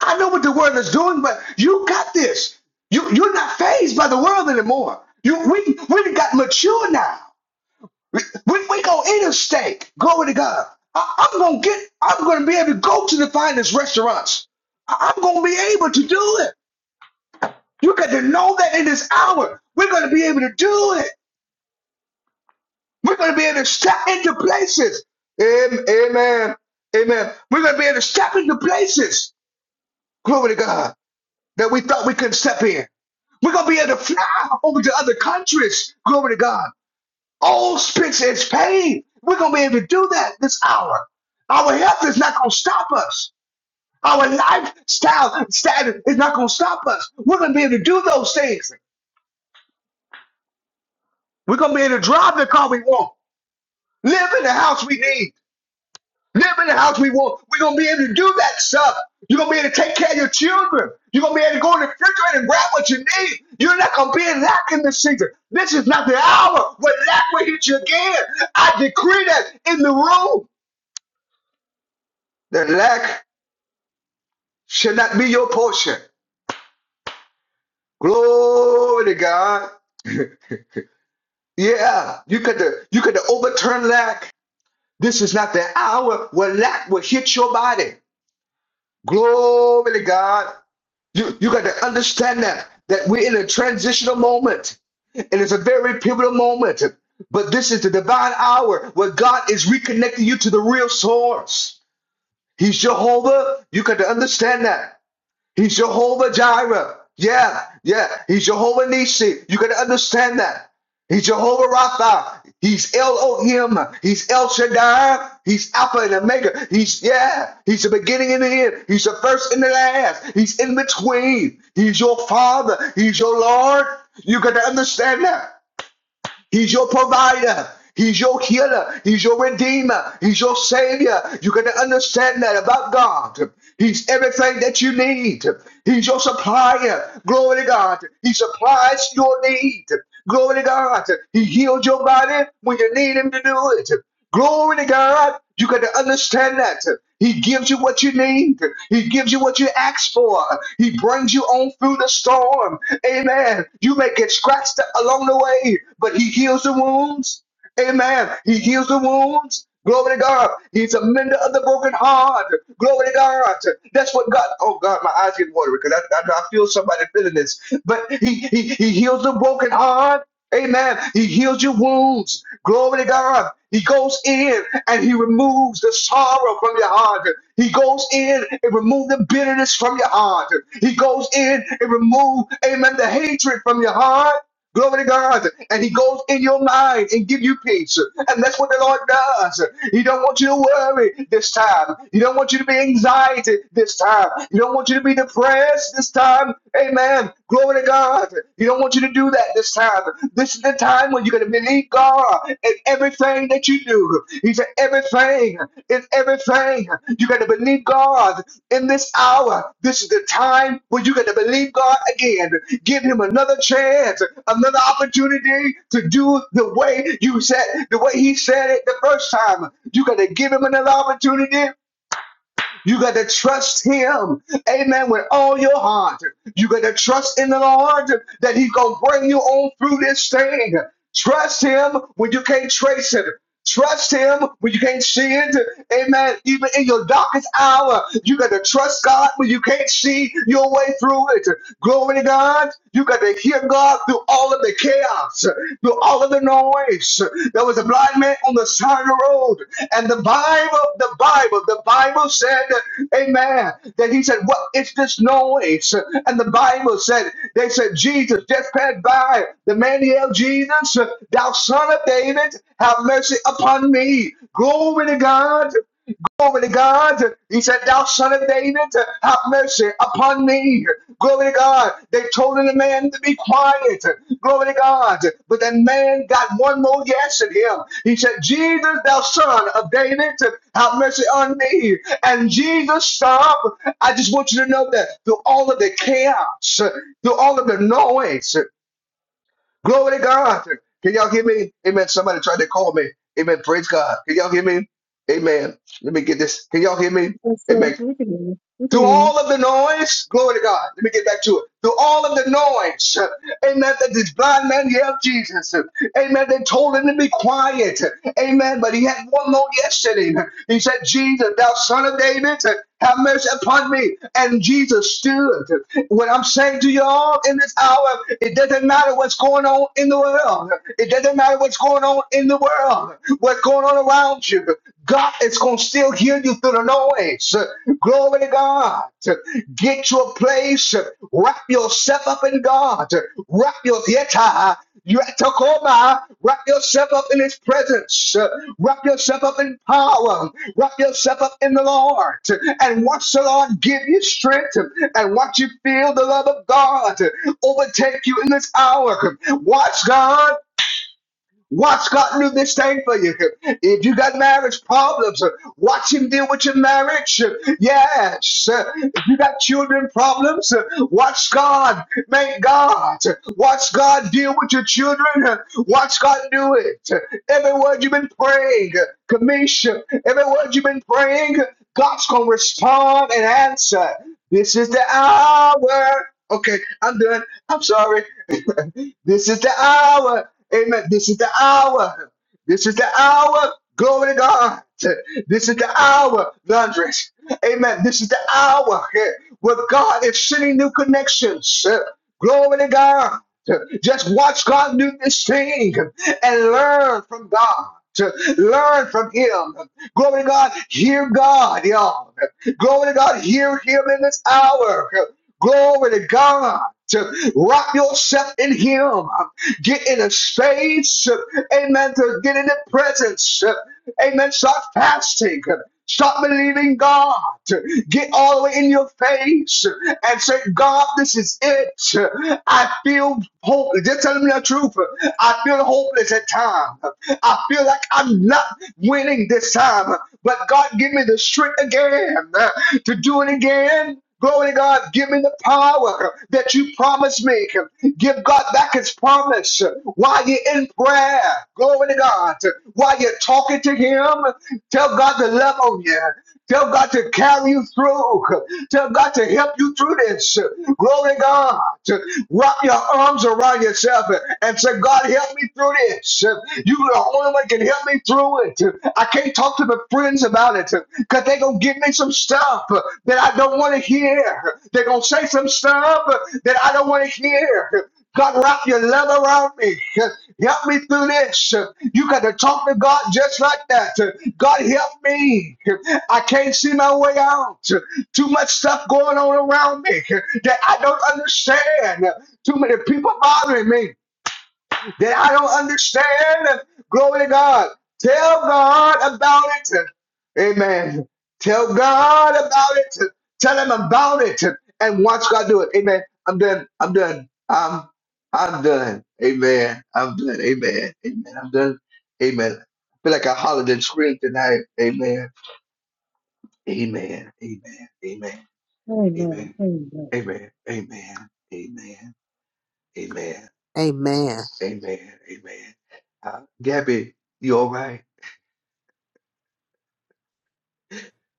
[SPEAKER 1] I know what the world is doing, but you got this. You you're not phased by the world anymore. You we we done got mature now. We we, we go interstate. Glory to God. I, I'm gonna get. I'm gonna be able to go to the finest restaurants. I, I'm gonna be able to do it. You got to know that in this hour, we're gonna be able to do it. We're going to be able to step into places. Amen. Amen. We're going to be able to step into places. Glory to God. That we thought we couldn't step in. We're going to be able to fly over to other countries. Glory to God. All expense is paid. We're going to be able to do that this hour. Our health is not going to stop us. Our lifestyle status is not going to stop us. We're going to be able to do those things. We're going to be able to drive the car we want, live in the house we need, live in the house we want. We're gonna be able to do that stuff. You're gonna be able to take care of your children. You're gonna be able to go in the refrigerator and grab what you need. You're not gonna be in lack in this season. This is not the hour where lack will hit you again. I decree that in the room, that lack should not be your portion. Glory to God. Yeah, you could you could overturn lack. This is not the hour where lack will hit your body. Glory to God. You you got to understand that that we're in a transitional moment, and it's a very pivotal moment. But this is the divine hour where God is reconnecting you to the real source. He's Jehovah. You got to understand that. He's Jehovah Jireh. Yeah, yeah. He's Jehovah Nisi. You can understand that. He's Jehovah Rapha. He's Elohim. He's El Shaddai. He's Alpha and Omega. He's, yeah, he's the beginning and the end. He's the first and the last. He's in between. He's your Father. He's your Lord. You got to understand that. He's your provider. He's your healer. He's your redeemer. He's your savior. You got to understand that about God. He's everything that you need. He's your supplier. Glory to God. He supplies your need. Glory to God. He heals your body when you need him to do it. Glory to God. You got to understand that. He gives you what you need. He gives you what you ask for. He brings you on through the storm. Amen. You may get scratched along the way, but he heals the wounds. Amen. He heals the wounds. Glory to God. He's a mender of the broken heart. Glory to God. That's what God. Oh God, my eyes get watery because I, I, I feel somebody feeling this. But he, he he heals the broken heart. Amen. He heals your wounds. Glory to God. He goes in and he removes the sorrow from your heart. He goes in and removes the bitterness from your heart. He goes in and removes, amen, the hatred from your heart. Glory to God. And he goes in your mind and give you peace. And that's what the Lord does. He don't want you to worry this time. He don't want you to be anxiety this time. He don't want you to be depressed this time. Amen. Glory to God. He don't want you to do that this time. This is the time when you're going to believe God in everything that you do. He said everything is everything. You're going to believe God in this hour. This is the time where you got to believe God again. Give him another chance, another opportunity to do the way you said, the way he said it the first time. You got to give him another opportunity you got to trust him, amen, with all your heart. You got to trust in the Lord that He's going to bring you on through this thing. Trust him when you can't trace it. Trust him when you can't see it. Amen. Even in your darkest hour, you got to trust God when you can't see your way through it. Glory to God. You got to hear God through all of the chaos, through all of the noise. There was a blind man on the side of the road. And the Bible, the Bible, the Bible said, Amen. That he said, What is this noise? And the Bible said, They said, Jesus just passed by. The man yelled, Jesus, thou son of David, have mercy upon me. Glory to God. Glory to God. He said, Thou son of David, have mercy upon me. Glory to God. They told the man to be quiet. Glory to God. But that man got one more yes in him. He said, Jesus, thou son of David, have mercy on me. And Jesus stopped. I just want you to know that through all of the chaos, through all of the noise, Glory to God. Can y'all hear me? Amen. Somebody tried to call me. Amen. Praise God. Can y'all hear me? Amen. Let me get this. Can y'all hear me?
[SPEAKER 5] Yes,
[SPEAKER 1] Amen
[SPEAKER 5] sir. We can hear you. We can
[SPEAKER 1] through
[SPEAKER 5] hear you.
[SPEAKER 1] all of the noise, glory to God. Let me get back to it. Through all of the noise, amen, that this blind man yelled Jesus. Amen. They told him to be quiet. Amen. But he had one more yesterday. He said, Jesus, thou son of David, have mercy upon me. And Jesus stood. What I'm saying to you all in this hour, it doesn't matter what's going on in the world. It doesn't matter what's going on in the world, what's going on around you. God is going to still hear you through the noise. Glory to God. Get to a place, wrap yourself up in God. Wrap your yeta. You have to wrap yourself up in his presence. Wrap yourself up in power. Wrap yourself up in the Lord. And watch the Lord give you strength. And watch you feel the love of God overtake you in this hour. Watch God. Watch God do this thing for you. If you got marriage problems, watch Him deal with your marriage. Yes. If you got children problems, watch God make God. Watch God deal with your children. Watch God do it. Every word you've been praying, Commission. every word you've been praying, God's going to respond and answer. This is the hour. Okay, I'm done. I'm sorry. This is the hour. Amen. This is the hour. This is the hour. Glory to God. This is the hour, Londres. Amen. This is the hour eh, where God is sending new connections. Eh, Glory to God. Just watch God do this thing and learn from God. To Learn from Him. Glory to God. Hear God, y'all. Glory to God. Hear Him in this hour. Glory to God. Wrap yourself in Him. Get in a space, amen, to get in the presence. Amen. Start fasting. Stop believing God. Get all the way in your face and say, God, this is it. I feel hopeless. Just tell me the truth. I feel hopeless at times. I feel like I'm not winning this time. But God, give me the strength again to do it again. Glory to God, give me the power that you promised me. Give God back his promise while you're in prayer. Glory to God. While you're talking to him, tell God to love on you. Tell God to carry you through. Tell God to help you through this. Glory to God. Wrap your arms around yourself and say, God, help me through this. You are the only one that can help me through it. I can't talk to my friends about it because they're going to give me some stuff that I don't want to hear. They're going to say some stuff that I don't want to hear. God, wrap your love around me. Help me through this. You got to talk to God just like that. God, help me. I can't see my way out. Too much stuff going on around me that I don't understand. Too many people bothering me that I don't understand. Glory to God. Tell God about it. Amen. Tell God about it. Tell him about it and watch God do it. Amen. I'm done. I'm done. I'm I'm done. Amen. I'm done. Amen. Amen. I'm done. Amen. I feel like I hollered and screamed tonight. Amen. Amen. Amen. Amen. Amen. Amen.
[SPEAKER 5] Amen, amen.
[SPEAKER 1] Amen. Amen. Amen.
[SPEAKER 3] Amen.
[SPEAKER 1] Amen. Amen. Uh, Gabby, you all right?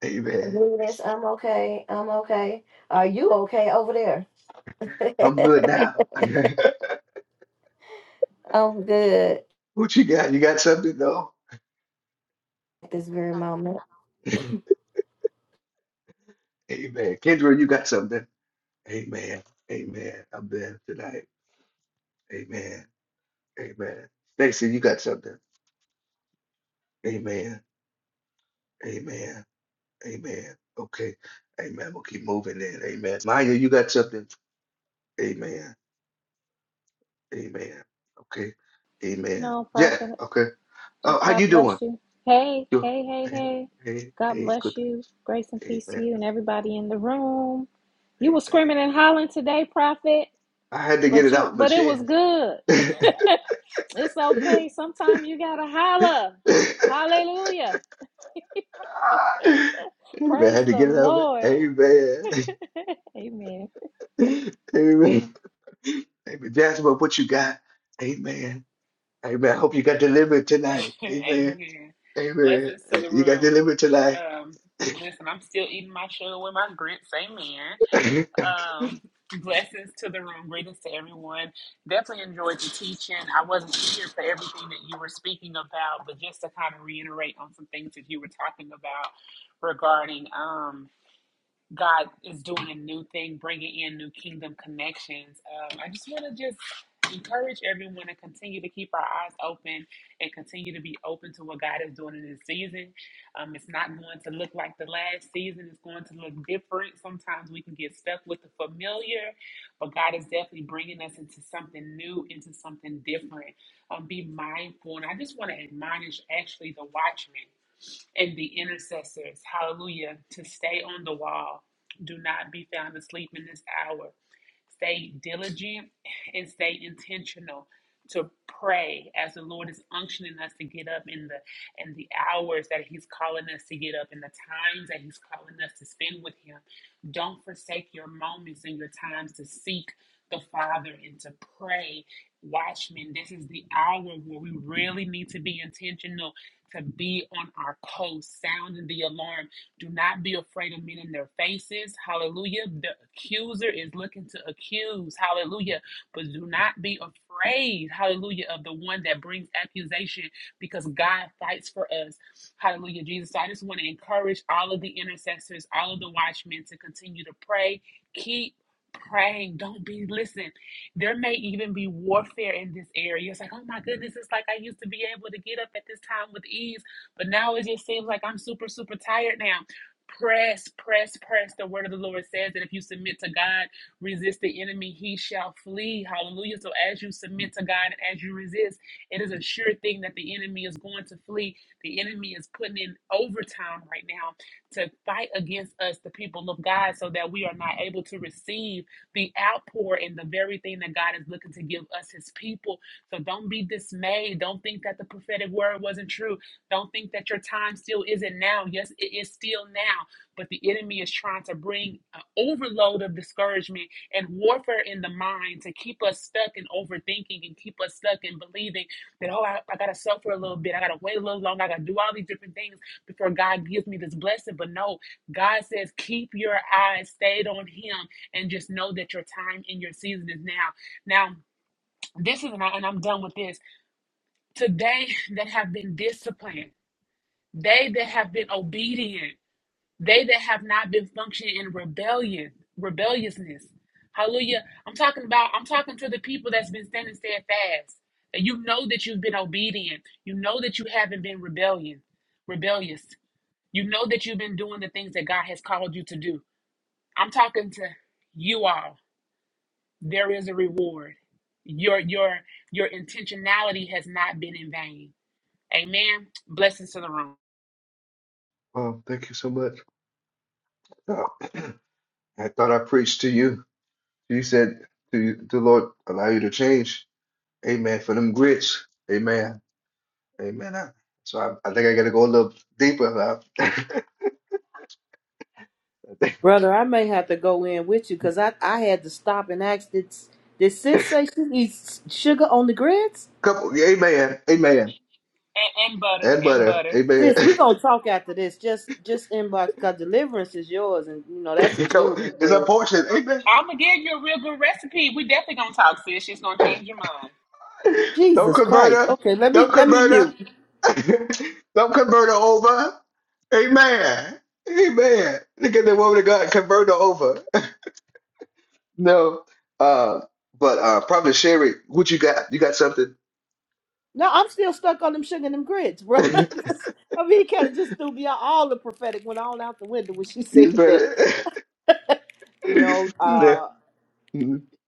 [SPEAKER 1] Amen.
[SPEAKER 2] Venus, I'm okay. I'm okay. Are you okay over there?
[SPEAKER 1] I'm good now.
[SPEAKER 2] I'm good
[SPEAKER 1] what you got? You got something though?
[SPEAKER 2] at this very moment.
[SPEAKER 1] Amen. Kendra, you got something? Amen. Amen. I'm there tonight. Amen. Amen. Stacy, you got something? Amen. Amen. Amen. Okay. Amen. We'll keep moving then. Amen. Maya, you got something? Amen. Amen. Okay. Amen.
[SPEAKER 4] No,
[SPEAKER 1] Yeah.
[SPEAKER 4] Prophet,
[SPEAKER 1] Okay. Oh,
[SPEAKER 4] just
[SPEAKER 1] how
[SPEAKER 4] God
[SPEAKER 1] you
[SPEAKER 4] bless
[SPEAKER 1] doing?
[SPEAKER 4] you. Hey,
[SPEAKER 1] You.
[SPEAKER 4] hey, hey,
[SPEAKER 1] Hey.
[SPEAKER 4] hey.
[SPEAKER 1] Hey.
[SPEAKER 4] God
[SPEAKER 1] Hey.
[SPEAKER 4] bless
[SPEAKER 1] Good.
[SPEAKER 4] you. Grace and peace to
[SPEAKER 1] Amen.
[SPEAKER 4] you and everybody in the room. You were
[SPEAKER 1] Amen.
[SPEAKER 4] screaming and hollering today, Prophet,
[SPEAKER 1] I had to get
[SPEAKER 4] but
[SPEAKER 1] it
[SPEAKER 4] you
[SPEAKER 1] out my
[SPEAKER 4] but it
[SPEAKER 1] chest.
[SPEAKER 4] was good.
[SPEAKER 1] Amen.
[SPEAKER 4] it's okay. Sometimes you gotta holler. Hallelujah. Praise
[SPEAKER 1] Had to
[SPEAKER 4] the
[SPEAKER 1] get it out. of it.
[SPEAKER 4] Lord.
[SPEAKER 1] Amen.
[SPEAKER 4] Amen.
[SPEAKER 1] Amen. Amen. Jasmine, what you got? Amen. Amen. I hope you got delivered tonight. Amen.
[SPEAKER 9] Amen.
[SPEAKER 1] Amen.
[SPEAKER 9] Blessings to the
[SPEAKER 1] You got
[SPEAKER 9] room.
[SPEAKER 1] delivered tonight.
[SPEAKER 9] Um, listen, I'm still eating my sugar with my grits. Amen. Um, blessings to the room. Greetings to everyone. Definitely enjoyed the teaching. I wasn't here for everything that you were speaking about, but just to kind of reiterate on some things that you were talking about regarding. um God is doing a new thing, bringing in new kingdom connections. Um, I just want to just encourage everyone to continue to keep our eyes open and continue to be open to what God is doing in this season. Um, it's not going to look like the last season. It's going to look different. Sometimes we can get stuck with the familiar, but God is definitely bringing us into something new, into something different. Um, be mindful, and I just want to admonish actually the watchmen and the intercessors, hallelujah, to stay on the wall. Do not be found asleep in this hour. Stay diligent and stay intentional to pray as the Lord is unctioning us to get up in the in the hours that He's calling us to get up, in the times that He's calling us to spend with Him. Don't forsake your moments and your times to seek the Father and to pray. Watchmen, this is the hour where we really need to be intentional to be on our coast, sounding the alarm do not be afraid of men in their faces. Hallelujah. The accuser is looking to accuse. Hallelujah. But do not be afraid. Hallelujah. Of the one that brings accusation because God fights for us. Hallelujah. Jesus, so I just want to encourage all of the intercessors, all of the watchmen to continue to pray. Keep praying. Don't be, listen, there may even be warfare in this area. It's like, oh my goodness, it's like I used to be able to get up at this time with ease, but now it just seems like I'm super, super tired now. Press, press, press. The word of the Lord says that if you submit to God, resist the enemy, he shall flee. Hallelujah. So as you submit to God and as you resist, it is a sure thing that the enemy is going to flee. The enemy is putting in overtime right now to fight against us, the people of God, so that we are not able to receive the outpour and the very thing that God is looking to give us, his people. So don't be dismayed. Don't think that the prophetic word wasn't true. Don't think that your time still isn't now. Yes, it is still now, but the enemy is trying to bring an overload of discouragement and warfare in the mind to keep us stuck in overthinking and keep us stuck in believing that, oh, I, I got to suffer a little bit. I got to wait a little longer. I got to do all these different things before God gives me this blessing. But no, God says, keep your eyes stayed on Him and just know that your time and your season is now. Now, this is, and I- and I'm done with this. Today, that have been disciplined. They that have been obedient, they that have not been functioning in rebellion, rebelliousness. Hallelujah. I'm talking about, I'm talking to the people that's been standing steadfast. That you know that you've been obedient. You know that you haven't been rebellion, rebellious. You know that you've been doing the things that God has called you to do. I'm talking to you all. There is a reward. Your your your intentionality has not been in vain. Amen. Blessings to the room.
[SPEAKER 1] um, thank you so much. Uh, I thought I preached to you. You said to you, the Lord allow you to change. Amen. For them grits. Amen. Amen. I- so I, I think I got to go a little deeper. I,
[SPEAKER 10] Brother, I may have to go in with you because I, I had to stop and ask did, did sis say she eats sugar on the grits?
[SPEAKER 1] Couple, yeah, amen, amen,
[SPEAKER 9] And, and butter
[SPEAKER 1] and
[SPEAKER 9] and
[SPEAKER 1] butter,
[SPEAKER 9] butter.
[SPEAKER 1] amen.
[SPEAKER 10] Sis, we gonna talk after this. Just just inbox cause deliverance is yours and you know that's the children's
[SPEAKER 1] it's a
[SPEAKER 10] bread.
[SPEAKER 1] portion, amen.
[SPEAKER 9] I'm gonna give you a real good recipe. We definitely gonna talk, sis. She's gonna change your mind.
[SPEAKER 1] Don't
[SPEAKER 10] Jesus
[SPEAKER 1] convert
[SPEAKER 10] Christ.
[SPEAKER 1] her,
[SPEAKER 10] Okay, let me
[SPEAKER 1] don't
[SPEAKER 10] let me
[SPEAKER 1] convert
[SPEAKER 10] mute.
[SPEAKER 1] her, don't convert her over, amen, amen. Look at the woman of God, convert her over. No, uh, but uh, probably Sherry, what you got? You got something?
[SPEAKER 10] No, I'm still stuck on them sugar and them grits, bro. I mean, he kind of just threw me out all the prophetic went all out the window when she
[SPEAKER 1] you
[SPEAKER 10] said that.
[SPEAKER 1] better.
[SPEAKER 10] No,
[SPEAKER 1] you
[SPEAKER 10] uh,
[SPEAKER 1] better-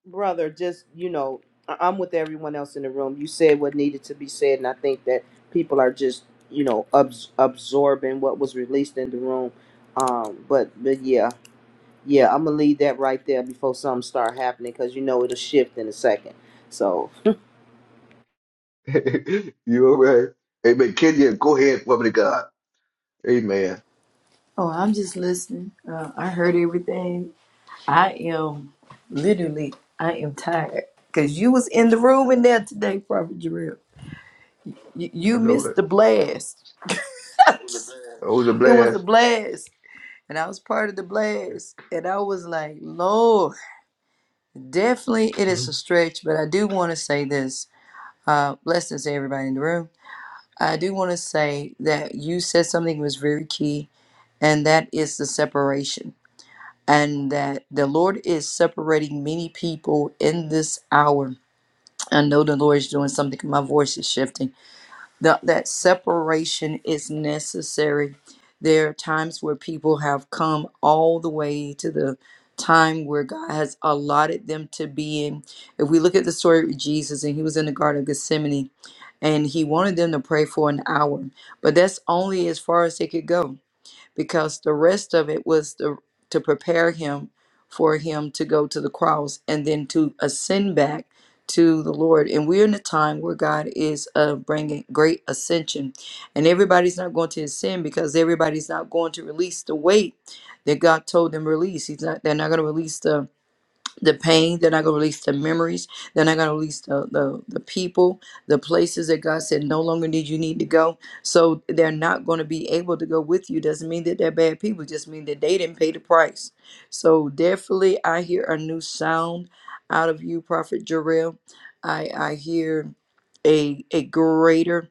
[SPEAKER 10] brother, just you know, I- I'm with everyone else in the room. You said what needed to be said, and I think that people are just you know abs- absorbing what was released in the room. Um, but but yeah, yeah, I'm gonna leave that right there before something start happening because you know it'll shift in a second. So
[SPEAKER 1] You all right? Amen. Kenya, go ahead, woman of God. Amen.
[SPEAKER 6] Oh, I'm just listening. Uh, I heard everything. I am literally, I am tired because you was in the room in there today, Prophet Jarrell. You,
[SPEAKER 1] I
[SPEAKER 6] you
[SPEAKER 1] know
[SPEAKER 6] missed
[SPEAKER 1] it.
[SPEAKER 6] the blast. it
[SPEAKER 1] It was a
[SPEAKER 6] was
[SPEAKER 1] blast.
[SPEAKER 6] a blast, and I was part of the blast. And I was like, Lord, definitely it is
[SPEAKER 1] Mhm.
[SPEAKER 6] a stretch, but I do want to say this. Uh, blessings to everybody in the room. I do want to say that you said something was very key, and that is the separation and that the Lord is separating many people in this hour. I know the Lord is doing something. My voice is shifting. The, that separation is necessary. There are times where people have come all the way to the time where God has allotted them to be in. If we look at the story of Jesus and he was in the Garden of Gethsemane and he wanted them to pray for an hour, but that's only as far as they could go because the rest of it was to, to prepare him for him to go to the cross and then to ascend back to the Lord. And we're in a time where God is uh, bringing great ascension, and everybody's not going to ascend because everybody's not going to release the weight that God told them release. He's not. They're not going to release the the pain. They're not going to release the memories. They're not going to release the, the the people, the places that God said no longer need you need to go. So they're not going to be able to go with you. Doesn't mean that they're bad people. Just mean that they didn't pay the price. So definitely, I hear a new sound out of you, Prophet Jarrell. I I hear a a greater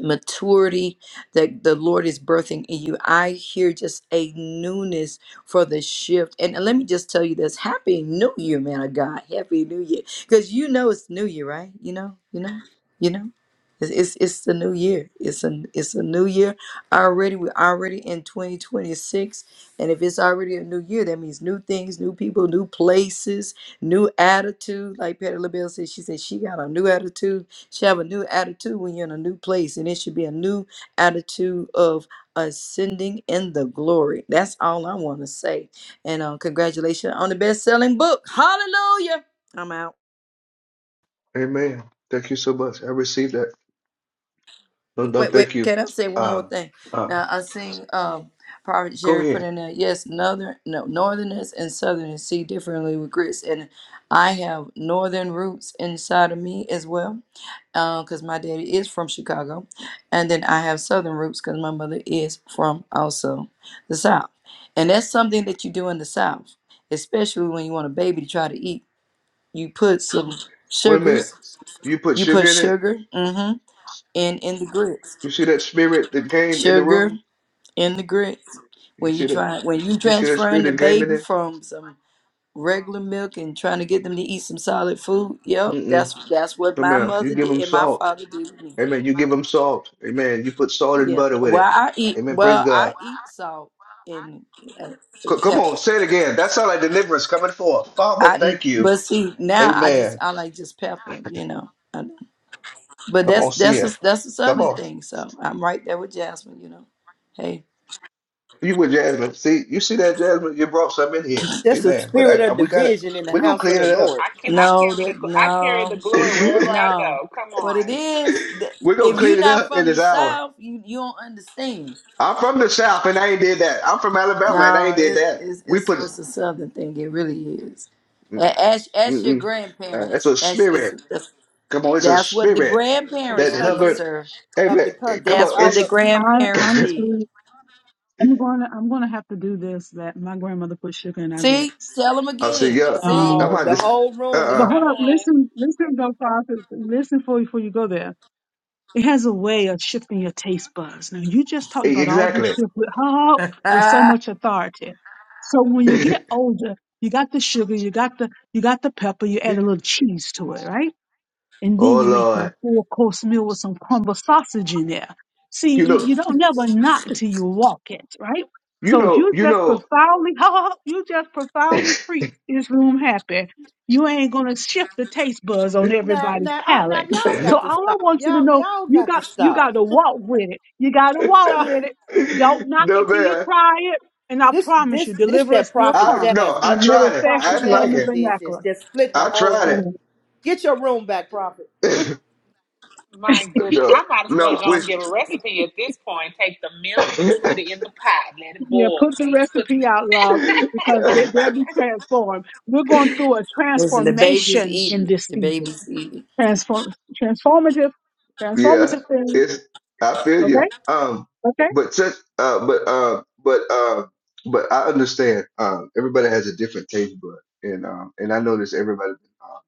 [SPEAKER 6] maturity that the Lord is birthing in you. I hear just a newness for the shift. And let me just tell you this Happy New Year, man of God. Happy New Year. Because you know it's New Year, right? You know, you know, you know. It's, it's, it's the new year. It's a it's a new year already. We're already in 2026, and if it's already a new year, that means new things, new people, new places, new attitude. Like Patty LaBelle said, she said she got a new attitude should have a new attitude when you're in a new place, and it should be a new attitude of ascending in the glory. That's all I want to say. And uh, congratulations on the best-selling book. Hallelujah! I'm out.
[SPEAKER 1] Amen. Thank you so much. I received that. No, no,
[SPEAKER 6] Wait, wait.
[SPEAKER 1] thank you.
[SPEAKER 6] Can I say one more
[SPEAKER 1] Um,
[SPEAKER 6] thing?
[SPEAKER 1] uh,
[SPEAKER 6] Now I seen um, Prophet
[SPEAKER 1] go
[SPEAKER 6] Jerry put
[SPEAKER 1] ahead.
[SPEAKER 6] in there. Yes, northern, no, northerners and southerners see differently with grits, and I have northern roots inside of me as well because my daddy is from Chicago, and then I have Southern roots because my mother is from also the South, and that's something that you do in the South, especially when you want a baby to try to eat. You put some
[SPEAKER 1] Wait a
[SPEAKER 6] sugars,
[SPEAKER 1] minute. You put
[SPEAKER 6] you put
[SPEAKER 1] sugar in it.
[SPEAKER 6] sugar, mm-hmm, in in the grits,
[SPEAKER 1] You see that spirit that came in the
[SPEAKER 6] sugar
[SPEAKER 1] room.
[SPEAKER 6] in the grits.
[SPEAKER 1] You
[SPEAKER 6] When you
[SPEAKER 1] see that.
[SPEAKER 6] try, when you
[SPEAKER 1] You see that spirit
[SPEAKER 6] transferring the
[SPEAKER 1] that came in
[SPEAKER 6] baby
[SPEAKER 1] it.
[SPEAKER 6] from some regular milk and trying to get them to eat some solid food, yep,
[SPEAKER 1] Mm-mm.
[SPEAKER 6] that's that's what
[SPEAKER 1] No,
[SPEAKER 6] my
[SPEAKER 1] ma'am. You
[SPEAKER 6] mother
[SPEAKER 1] give
[SPEAKER 6] did
[SPEAKER 1] them
[SPEAKER 6] and my
[SPEAKER 1] salt.
[SPEAKER 6] father did with me.
[SPEAKER 1] Amen. You give them salt. Amen. You put salt and
[SPEAKER 6] Yeah.
[SPEAKER 1] butter with it.
[SPEAKER 6] Well, I eat.
[SPEAKER 1] Amen. Praise
[SPEAKER 6] Well,
[SPEAKER 1] God.
[SPEAKER 6] I eat salt and uh,
[SPEAKER 1] C- come
[SPEAKER 6] pepper.
[SPEAKER 1] on, say it again. That sounds like deliverance coming forth. Father,
[SPEAKER 6] I
[SPEAKER 1] thank you.
[SPEAKER 6] but see now I just
[SPEAKER 1] Amen.
[SPEAKER 6] I like just pepper. You know. I, but
[SPEAKER 1] Come
[SPEAKER 6] that's
[SPEAKER 1] on, see
[SPEAKER 6] that's a,
[SPEAKER 1] it.
[SPEAKER 6] that's a
[SPEAKER 1] Come
[SPEAKER 6] southern
[SPEAKER 1] on.
[SPEAKER 6] thing. So I'm right there with Jasmine. You know. Hey.
[SPEAKER 1] You with Jasmine. See, you see that, Jasmine? You brought some in here.
[SPEAKER 10] just a
[SPEAKER 1] Amen. But I,
[SPEAKER 10] spirit
[SPEAKER 1] I,
[SPEAKER 10] of
[SPEAKER 1] we got it.
[SPEAKER 10] division in the
[SPEAKER 1] We're going to
[SPEAKER 10] house of
[SPEAKER 1] clean
[SPEAKER 10] the
[SPEAKER 1] it up.
[SPEAKER 10] Lord
[SPEAKER 9] I can I
[SPEAKER 6] No.
[SPEAKER 9] carry the
[SPEAKER 6] That
[SPEAKER 9] gl- I carry the
[SPEAKER 6] no.
[SPEAKER 9] glory wherever I
[SPEAKER 6] No.
[SPEAKER 9] go. Come
[SPEAKER 6] What it
[SPEAKER 9] on,
[SPEAKER 6] is? th-
[SPEAKER 1] We're going to
[SPEAKER 6] If you're
[SPEAKER 1] clean it
[SPEAKER 6] not
[SPEAKER 1] up in
[SPEAKER 6] from
[SPEAKER 1] this
[SPEAKER 6] the
[SPEAKER 1] hour.
[SPEAKER 6] south, you you don't understand.
[SPEAKER 1] I'm from the South and I ain't did that. I'm from Alabama and I ain't
[SPEAKER 6] No,
[SPEAKER 1] did
[SPEAKER 6] it's
[SPEAKER 1] that.
[SPEAKER 6] it's
[SPEAKER 1] We
[SPEAKER 6] it's
[SPEAKER 1] put,
[SPEAKER 6] it's a southern thing. It really is. A- Ask ask your
[SPEAKER 1] mm-mm. Uh, it's
[SPEAKER 6] grandparents.
[SPEAKER 1] a
[SPEAKER 6] Ask
[SPEAKER 1] spirit.
[SPEAKER 6] it's.
[SPEAKER 1] Come on, it's a
[SPEAKER 6] That's what the
[SPEAKER 1] spirit
[SPEAKER 10] from the
[SPEAKER 1] that
[SPEAKER 6] grandparents did,
[SPEAKER 1] hovered.
[SPEAKER 10] country
[SPEAKER 6] sir.
[SPEAKER 10] of
[SPEAKER 1] Amen.
[SPEAKER 10] the
[SPEAKER 1] Come
[SPEAKER 10] country.
[SPEAKER 6] That's
[SPEAKER 1] on,
[SPEAKER 10] I
[SPEAKER 6] what
[SPEAKER 10] don't
[SPEAKER 6] the
[SPEAKER 10] know.
[SPEAKER 1] it's,
[SPEAKER 5] I,
[SPEAKER 6] grandparents did.
[SPEAKER 5] honestly, I'm going to I'm going to have to do this. That my grandmother put sugar in our
[SPEAKER 6] See?
[SPEAKER 5] grits.
[SPEAKER 6] Tell them
[SPEAKER 1] I'll see,
[SPEAKER 6] again.
[SPEAKER 1] yeah.
[SPEAKER 6] See?
[SPEAKER 5] Um,
[SPEAKER 1] I'm
[SPEAKER 10] No,
[SPEAKER 1] on
[SPEAKER 10] the
[SPEAKER 1] this.
[SPEAKER 10] whole room is
[SPEAKER 5] but
[SPEAKER 1] Uh-uh.
[SPEAKER 5] hold
[SPEAKER 9] come
[SPEAKER 5] up,
[SPEAKER 9] on.
[SPEAKER 5] listen, listen, though, prophet, listen for before you go there. It has a way of shifting your taste buds. Now, you just talked about all this
[SPEAKER 1] Exactly.
[SPEAKER 5] shift with how with so
[SPEAKER 6] Ah,
[SPEAKER 5] much authority. So when you get older, you got the sugar, you got the you got the pepper, you add a little cheese to it, right? and then
[SPEAKER 1] Oh
[SPEAKER 5] you make your
[SPEAKER 1] Lord.
[SPEAKER 5] four course meal with some crumble sausage in there. See,
[SPEAKER 1] You
[SPEAKER 5] you,
[SPEAKER 1] know.
[SPEAKER 5] you don't never knock till you walk it, right?
[SPEAKER 1] You
[SPEAKER 5] So if
[SPEAKER 1] know,
[SPEAKER 5] you
[SPEAKER 1] you
[SPEAKER 5] just
[SPEAKER 1] know.
[SPEAKER 5] profoundly, you just profoundly preach this room happy, you ain't gonna shift the taste buds on
[SPEAKER 10] now
[SPEAKER 5] everybody's
[SPEAKER 10] now I, now
[SPEAKER 5] palate.
[SPEAKER 10] y'all
[SPEAKER 5] So
[SPEAKER 10] got to
[SPEAKER 5] all I
[SPEAKER 10] stop.
[SPEAKER 5] want you to
[SPEAKER 10] Y'all
[SPEAKER 5] know,
[SPEAKER 10] y'all
[SPEAKER 5] you
[SPEAKER 10] got to
[SPEAKER 5] got you got
[SPEAKER 10] stop.
[SPEAKER 5] to walk with it. You got to walk
[SPEAKER 10] No.
[SPEAKER 5] with it. Don't knock
[SPEAKER 1] no
[SPEAKER 5] it till you
[SPEAKER 1] man,
[SPEAKER 5] try it, and I
[SPEAKER 10] This
[SPEAKER 5] promise you,
[SPEAKER 10] this this that
[SPEAKER 5] deliverance will
[SPEAKER 10] Prophet
[SPEAKER 1] I
[SPEAKER 5] come
[SPEAKER 1] no,
[SPEAKER 10] Jasmine.
[SPEAKER 1] I
[SPEAKER 5] in every
[SPEAKER 1] tried it. I
[SPEAKER 10] Prophet
[SPEAKER 5] fashion,
[SPEAKER 1] didn't like
[SPEAKER 5] form, and
[SPEAKER 10] Jasmine
[SPEAKER 1] it.
[SPEAKER 10] did this.
[SPEAKER 5] vernacular.
[SPEAKER 10] Just split the
[SPEAKER 1] I
[SPEAKER 10] whole room.
[SPEAKER 1] tried
[SPEAKER 5] So.
[SPEAKER 10] Get your room back, Prophet.
[SPEAKER 1] it.
[SPEAKER 9] My goodness,
[SPEAKER 1] no,
[SPEAKER 9] I might as well
[SPEAKER 1] no,
[SPEAKER 9] go
[SPEAKER 1] which
[SPEAKER 9] and give a recipe at this point. Take the milk, you put it in the pot, let it
[SPEAKER 5] Yeah,
[SPEAKER 9] boil.
[SPEAKER 5] put the
[SPEAKER 9] Then you put
[SPEAKER 5] recipe out, love, because they, they'll be transformed. We're going through a
[SPEAKER 6] Listen, the babies
[SPEAKER 5] transformation
[SPEAKER 6] eat
[SPEAKER 5] in
[SPEAKER 6] it.
[SPEAKER 5] this
[SPEAKER 6] The
[SPEAKER 5] season.
[SPEAKER 6] babies eat it.
[SPEAKER 5] Transform, transformative,
[SPEAKER 1] yeah,
[SPEAKER 5] transformative thing.
[SPEAKER 1] it's I feel you.
[SPEAKER 5] Okay,
[SPEAKER 1] Um, but such, uh, but uh, but uh, but I understand. Um, everybody has a different taste bud, and um, and I notice everybody um,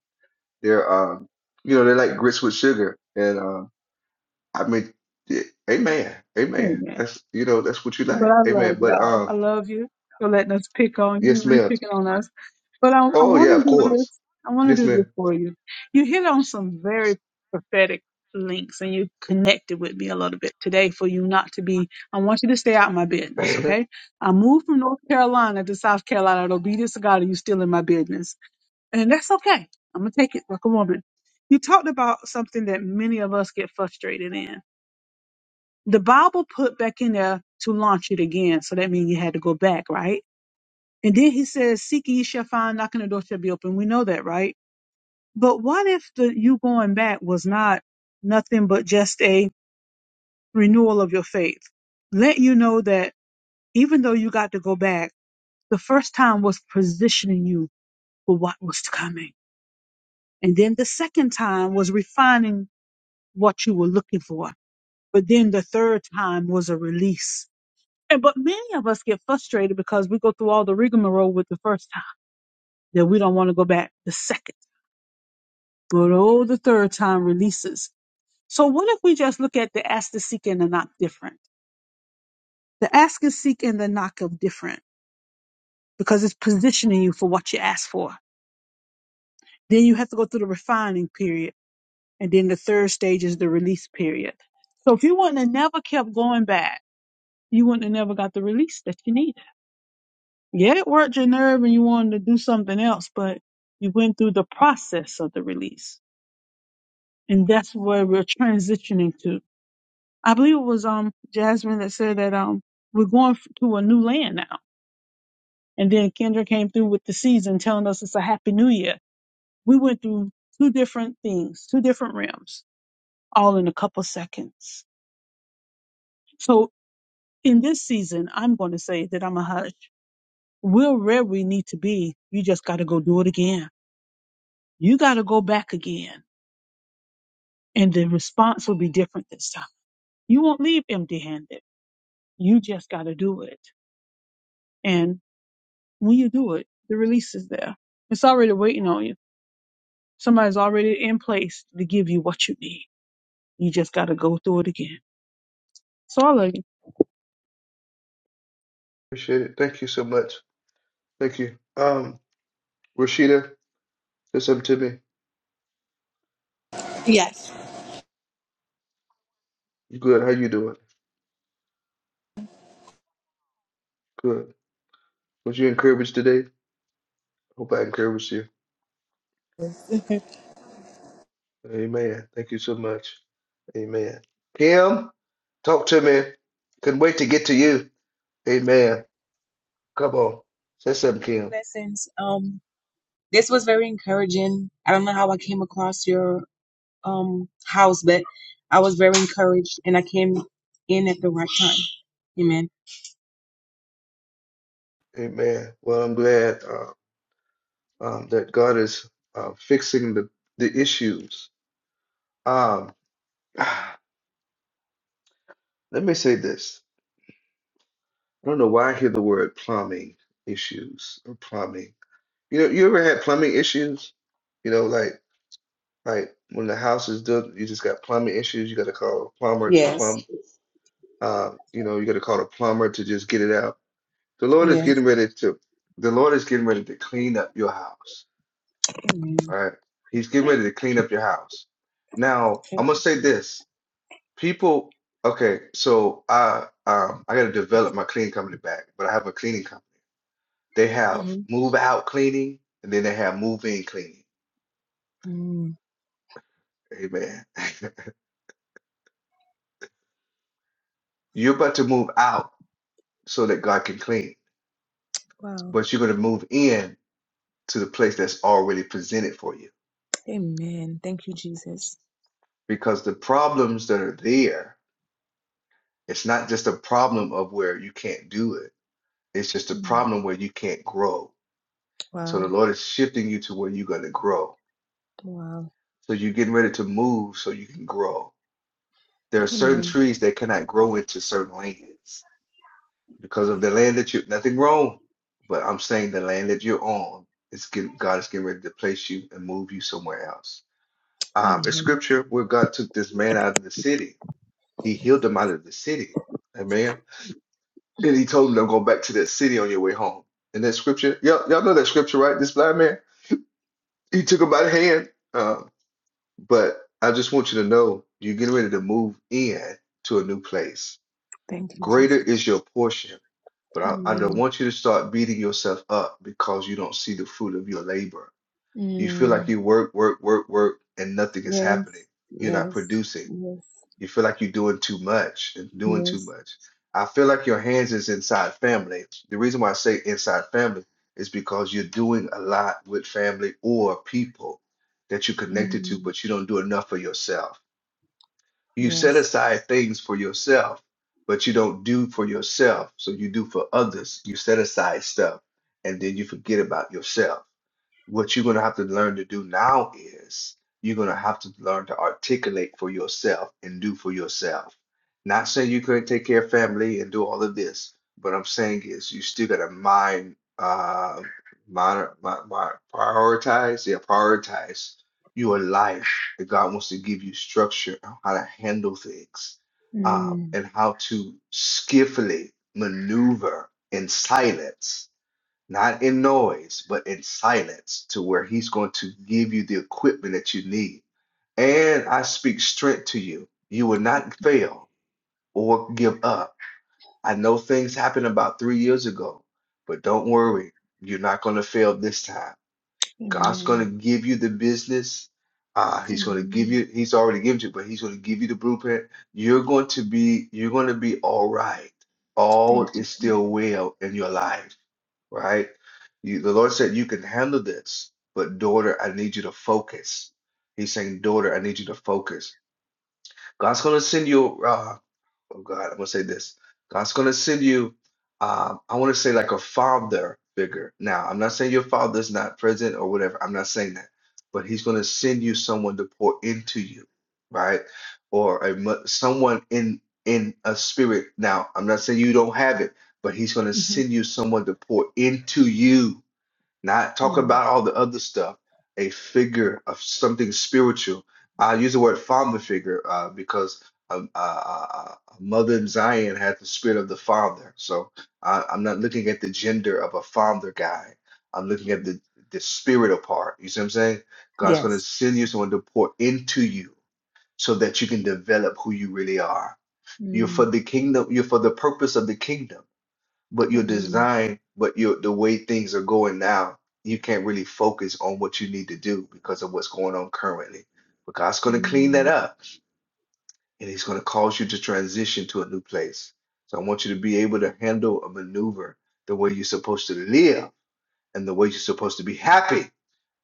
[SPEAKER 1] they're um, you know, they like grits with sugar, and um I mean, yeah, amen, amen.
[SPEAKER 5] okay.
[SPEAKER 1] That's you know that's what you
[SPEAKER 5] But
[SPEAKER 1] like,
[SPEAKER 5] I love
[SPEAKER 1] amen. But
[SPEAKER 5] y'all. I
[SPEAKER 1] um,
[SPEAKER 5] love you for letting us pick on you.
[SPEAKER 1] yes,
[SPEAKER 5] You
[SPEAKER 1] ma'am.
[SPEAKER 5] picking on us. But I, I
[SPEAKER 1] Oh
[SPEAKER 5] want
[SPEAKER 1] yeah,
[SPEAKER 5] to
[SPEAKER 1] of
[SPEAKER 5] do
[SPEAKER 1] course.
[SPEAKER 5] this. I want to
[SPEAKER 1] Yes,
[SPEAKER 5] do this
[SPEAKER 1] ma'am.
[SPEAKER 5] for you. You hit on some very prophetic links and you connected with me a little bit today for you not to be. I want you to stay out of my business,
[SPEAKER 1] Appreciate
[SPEAKER 5] okay? I moved from North Carolina to South Carolina in obedience to God and you still in my business. And that's okay. I'm going to take it like a woman. You talked about something that many of us get frustrated in the Bible put back in there to launch it again. So that means you had to go back, right? And then he says, Seek ye shall find, knocking the door shall be open. We know that, right? But what if the you going back was not nothing but just a renewal of your faith? Let you know that even though you got to go back, the first time was positioning you for what was coming. And then the second time was refining what you were looking for. But then the third time was a release And but many of us get frustrated because we go through all the rigmarole with the first time that we don't want to go back the second, but oh, the third time releases. So what if we just look at the ask, the seek, and the knock different? The ask and seek and the knock of different because it's positioning you for what you ask for. Then you have to go through the refining period, and then the third stage is the release period. So if you wouldn't have never kept going back, you wouldn't have never got the release that you needed. Yeah, it worked your nerve and you wanted to do something else, but you went through the process of the release. And that's where we're transitioning to. I believe it was um Jasmine that said that um we're going f- to a new land now. And then Kendra came through with the season telling us it's a happy new year. We went through two different things, two different realms, all in a couple seconds. So in this season, I'm going to say that I'm a hush. We're where we need to be. You just got to go do it again. You got to go back again And the response will be different this time. You won't leave empty handed. You just got to do it. And when you do it, the release is there. It's already waiting on you. Somebody's already in place to give you what you need. You just got to go through it again. So
[SPEAKER 1] it. Thank you so much. Thank you. Um, Rashida, say something to me.
[SPEAKER 11] Yes.
[SPEAKER 1] You good? How you doing? Good. Was you encouraged today? Hope I encouraged you. Amen. Thank you so much. Amen. Kim, talk to me. Couldn't wait to get to you. Amen. Come on. Say something, Kim.
[SPEAKER 12] Blessings. Um, this was very encouraging. I don't know how I came across your um house, but I was very encouraged, and I came in at the right time. Amen.
[SPEAKER 1] Amen. Well, I'm glad. uh, um, that God is uh, fixing the, the issues. Um, ah, let me say this. I don't know why I hear the word plumbing issues or plumbing. You know, you ever had plumbing issues? You know, like like when the house is done, you just got plumbing issues. You got to call a plumber to
[SPEAKER 12] Yes.
[SPEAKER 1] plumb. Uh, you know, you got to call a plumber to just get it out. The Lord is
[SPEAKER 12] Yes.
[SPEAKER 1] getting ready to. The Lord is getting ready to clean up your house.
[SPEAKER 12] Amen.
[SPEAKER 1] All right, He's getting ready to clean up your house. Now, I'm
[SPEAKER 12] Thank
[SPEAKER 1] gonna
[SPEAKER 12] you,
[SPEAKER 1] say
[SPEAKER 12] Jesus.
[SPEAKER 1] this. People, okay, so I um I gotta develop my cleaning company back, but I have a cleaning company. They have
[SPEAKER 12] hmm
[SPEAKER 1] move out cleaning and then they have move in cleaning.
[SPEAKER 12] Mm.
[SPEAKER 1] Amen. You're about to move out so that God can clean,
[SPEAKER 12] Wow.
[SPEAKER 1] but you're gonna move in to the place that's already presented for you.
[SPEAKER 12] Amen. Thank you, Jesus.
[SPEAKER 1] Because the problems that are there, it's not just a problem of where you can't do it, it's just a
[SPEAKER 12] Mm.
[SPEAKER 1] problem where you can't grow. So
[SPEAKER 12] Wow.
[SPEAKER 1] the Lord is shifting you to where you're gonna grow
[SPEAKER 12] Wow.
[SPEAKER 1] So you're getting ready to move so you can grow. There are certain
[SPEAKER 12] Amen.
[SPEAKER 1] trees that cannot grow into certain lands because of the land that you nothing wrong, but I'm saying the land that you're on it's get, God is getting ready to place you and move you somewhere else. Um, it's
[SPEAKER 12] Amen.
[SPEAKER 1] scripture where God took this man out of the city. He healed him out of the city. Amen. And he told him, don't go back to that city on your way home. And that scripture, y'all, y'all know that scripture, right? This blind man, he took him by the hand. Uh, But I just want you to know you're getting ready to move in to a new place.
[SPEAKER 12] Thank you,
[SPEAKER 1] Greater
[SPEAKER 12] Jesus.
[SPEAKER 1] is your portion. But I, I don't
[SPEAKER 12] Amen.
[SPEAKER 1] want you to start beating yourself up because you don't see the fruit of your labor. You feel like
[SPEAKER 12] Mm.
[SPEAKER 1] you work, work, work, work, and nothing is
[SPEAKER 12] Yes.
[SPEAKER 1] happening. You're not
[SPEAKER 12] Yes.
[SPEAKER 1] producing.
[SPEAKER 12] Yes.
[SPEAKER 1] You feel like you're doing too much and doing too
[SPEAKER 12] Yes.
[SPEAKER 1] much. I feel like your hands is inside family. The reason why I say inside family is because you're doing a lot with family or people that you're connected to,
[SPEAKER 12] Mm.
[SPEAKER 1] but you don't do enough for yourself you set
[SPEAKER 12] Yes.
[SPEAKER 1] aside things for yourself, but you don't do for yourself. So you do for others. You set aside stuff and then you forget about yourself. What you're going to have to learn to do now is you're going to have to learn to articulate for yourself and do for yourself. Not saying you couldn't take care of family and do all of this, but I'm saying is you still got to mind, uh, monitor, my, my, prioritize, yeah, prioritize your life that God wants to give you structure on how to handle things um, and how to skillfully maneuver in silence, not in noise, but in silence to where He's going to give you the equipment that you need. And I speak strength to you. You will not fail or give up. I know things happened about three years ago, but don't worry, you're not going to fail this time God's going to
[SPEAKER 12] Amen.
[SPEAKER 1] give you the business. Uh, he's going to give
[SPEAKER 12] Amen.
[SPEAKER 1] you, he's already given you, but he's going to give you the blueprint. You're going to be, you're going to be all right.
[SPEAKER 12] Thank
[SPEAKER 1] All is
[SPEAKER 12] you.
[SPEAKER 1] still well in your life, right? You, the Lord said, you can handle this, but daughter, I need you to focus. He's saying, daughter, I need you to focus. God's going to send you. uh, oh God, I'm gonna say this. God's gonna send you, um, I want to say like a father figure. Now, I'm not saying your father's not present or whatever. I'm not saying that, but He's gonna send you someone to pour into you, right? Or a mo- someone in in a spirit. Now, I'm not saying you don't have it, but He's gonna
[SPEAKER 12] Mhm.
[SPEAKER 1] send you someone to pour into you not talk
[SPEAKER 12] Mm.
[SPEAKER 1] about all the other stuff, a figure of something spiritual. I use the word father figure uh, because um, uh, uh, uh, a mother in Zion had the spirit of the father. So I, I'm not looking at the gender of a father guy. I'm looking at the, the spiritual part. You see what I'm saying? God's going to
[SPEAKER 12] Yes.
[SPEAKER 1] send you someone to pour into you so that you can develop who you really are. You're for
[SPEAKER 12] Mm.
[SPEAKER 1] the kingdom. You're for the purpose of the kingdom but your
[SPEAKER 12] Amen.
[SPEAKER 1] design, but your the way things are going now, you can't really focus on what you need to do because of what's going on currently. But God's going to clean that
[SPEAKER 12] Mm.
[SPEAKER 1] up and He's going to cause you to transition to a new place. So I want you to be able to handle a maneuver the way you're supposed to live and the way you're supposed to be happy.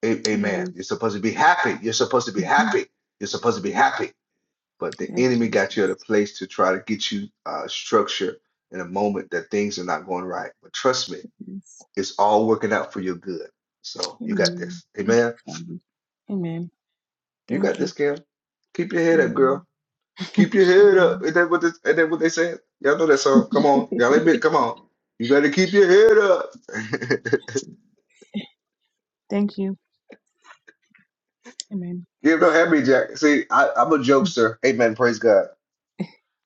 [SPEAKER 1] A- Amen.
[SPEAKER 12] Yes.
[SPEAKER 1] You're supposed to be happy. You're supposed to be
[SPEAKER 12] hmm
[SPEAKER 1] happy. You're supposed to be happy. But the
[SPEAKER 12] Yes,
[SPEAKER 1] enemy got you at a
[SPEAKER 12] Jesus.
[SPEAKER 1] place to try to get you uh, structure in a moment that things are not going right. But trust me
[SPEAKER 12] Yes.
[SPEAKER 1] it's all working out for your good. So you got
[SPEAKER 12] Amen.
[SPEAKER 1] this.
[SPEAKER 12] Thank you,
[SPEAKER 1] Amen.
[SPEAKER 12] Father. Amen.
[SPEAKER 1] You got
[SPEAKER 12] Thank
[SPEAKER 1] this,
[SPEAKER 12] you.
[SPEAKER 1] Kim. Keep your head up, girl.
[SPEAKER 12] Amen.
[SPEAKER 1] Keep your head up.
[SPEAKER 12] Amen.
[SPEAKER 1] Is that what this, is that what they said? Y'all know that song. Come on. Y'all admit, come on. You gotta keep your head up.
[SPEAKER 12] Thank you. Amen.
[SPEAKER 1] Give no happy Jack. See, I, I'm a jokester. Amen. Praise God.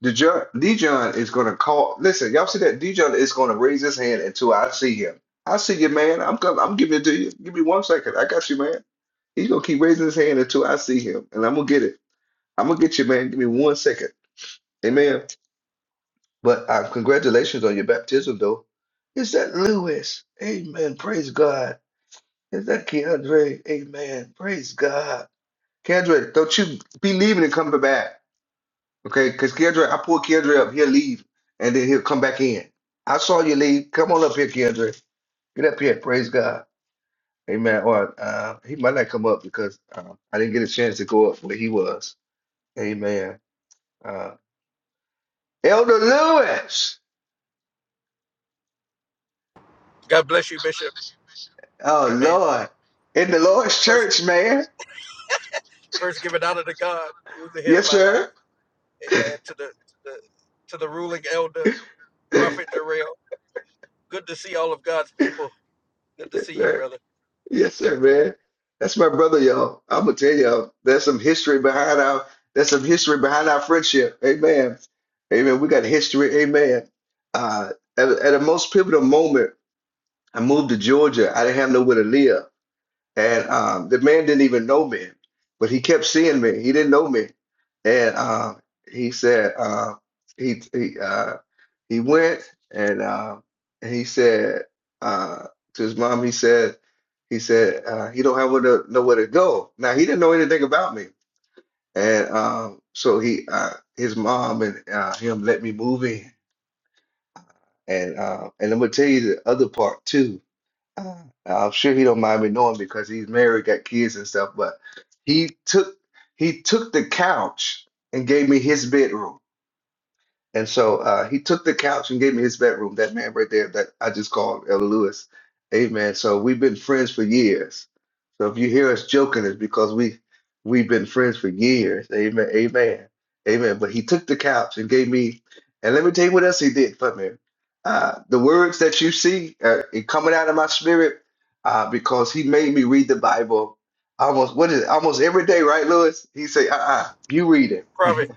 [SPEAKER 1] Dijon, Dijon is gonna call. Listen, y'all see that? Dijon is gonna raise his hand until I see him. I see you, man. I'm coming. I'm giving it to you. Give me one second. I got you, man. He's gonna keep raising his hand until I see him, and I'm gonna get it. I'm gonna get you, man. Give me one second. Amen. But uh, congratulations on your baptism, though. Is that Lewis? Amen. Praise God. Is that Keandre? Amen. Praise God. Keandre, don't you be leaving and coming back. Okay? Because Keandre, I pull Keandre up. He'll leave and then he'll come back in. I saw you leave. Come on up here, Keandre. Get up here. Praise God. Amen. Or uh, he might not come up because uh, I didn't get a chance to go up where he was. Amen. Uh, Elder Lewis.
[SPEAKER 13] God bless you, Bishop.
[SPEAKER 1] Oh
[SPEAKER 13] Amen.
[SPEAKER 1] Lord. In the Lord's
[SPEAKER 13] First,
[SPEAKER 1] church, man.
[SPEAKER 13] first, give it honor to God, who's the head
[SPEAKER 1] Yes,
[SPEAKER 13] of my life.
[SPEAKER 1] sir.
[SPEAKER 13] Amen. To the, the to the ruling elder,
[SPEAKER 1] yes,
[SPEAKER 13] Prophet Jarrell. Good to see all of God's people. Good to see you,
[SPEAKER 1] sir.
[SPEAKER 13] brother.
[SPEAKER 1] Yes, sir, man. That's my brother, y'all. I'm gonna tell y'all, there's some history behind our there's some history behind our friendship. Amen. Amen. We got history, amen. Uh at, at the most pivotal moment, I moved to Georgia. I didn't have nowhere to live. And um, the man didn't even know me, but he kept seeing me. He didn't know me. And uh, he said, uh, he, he uh, he went and uh, and he said uh, to his mom, he said, he said uh, he don't have where to, nowhere to go. Now he didn't know anything about me, and um, so he uh, his mom and uh, him let me move in, and uh, and I'm gonna tell you the other part too. Uh, I'm sure he don't mind me knowing because he's married, got kids and stuff. But he took he took the couch and gave me his bedroom. And so uh, he took the couch and gave me his bedroom. That man right there that I just called Elder Lewis. Amen. So we've been friends for years. So if you hear us joking, it's because we we've been friends for years. Amen. Amen. Amen. But he took the couch and gave me, and let me tell you what else he did for me. Uh, the words that you see uh, it coming out of my spirit, uh, because he made me read the Bible almost what is it, almost every day, right, Lewis? He say, uh-uh, you read it.
[SPEAKER 13] Prophet,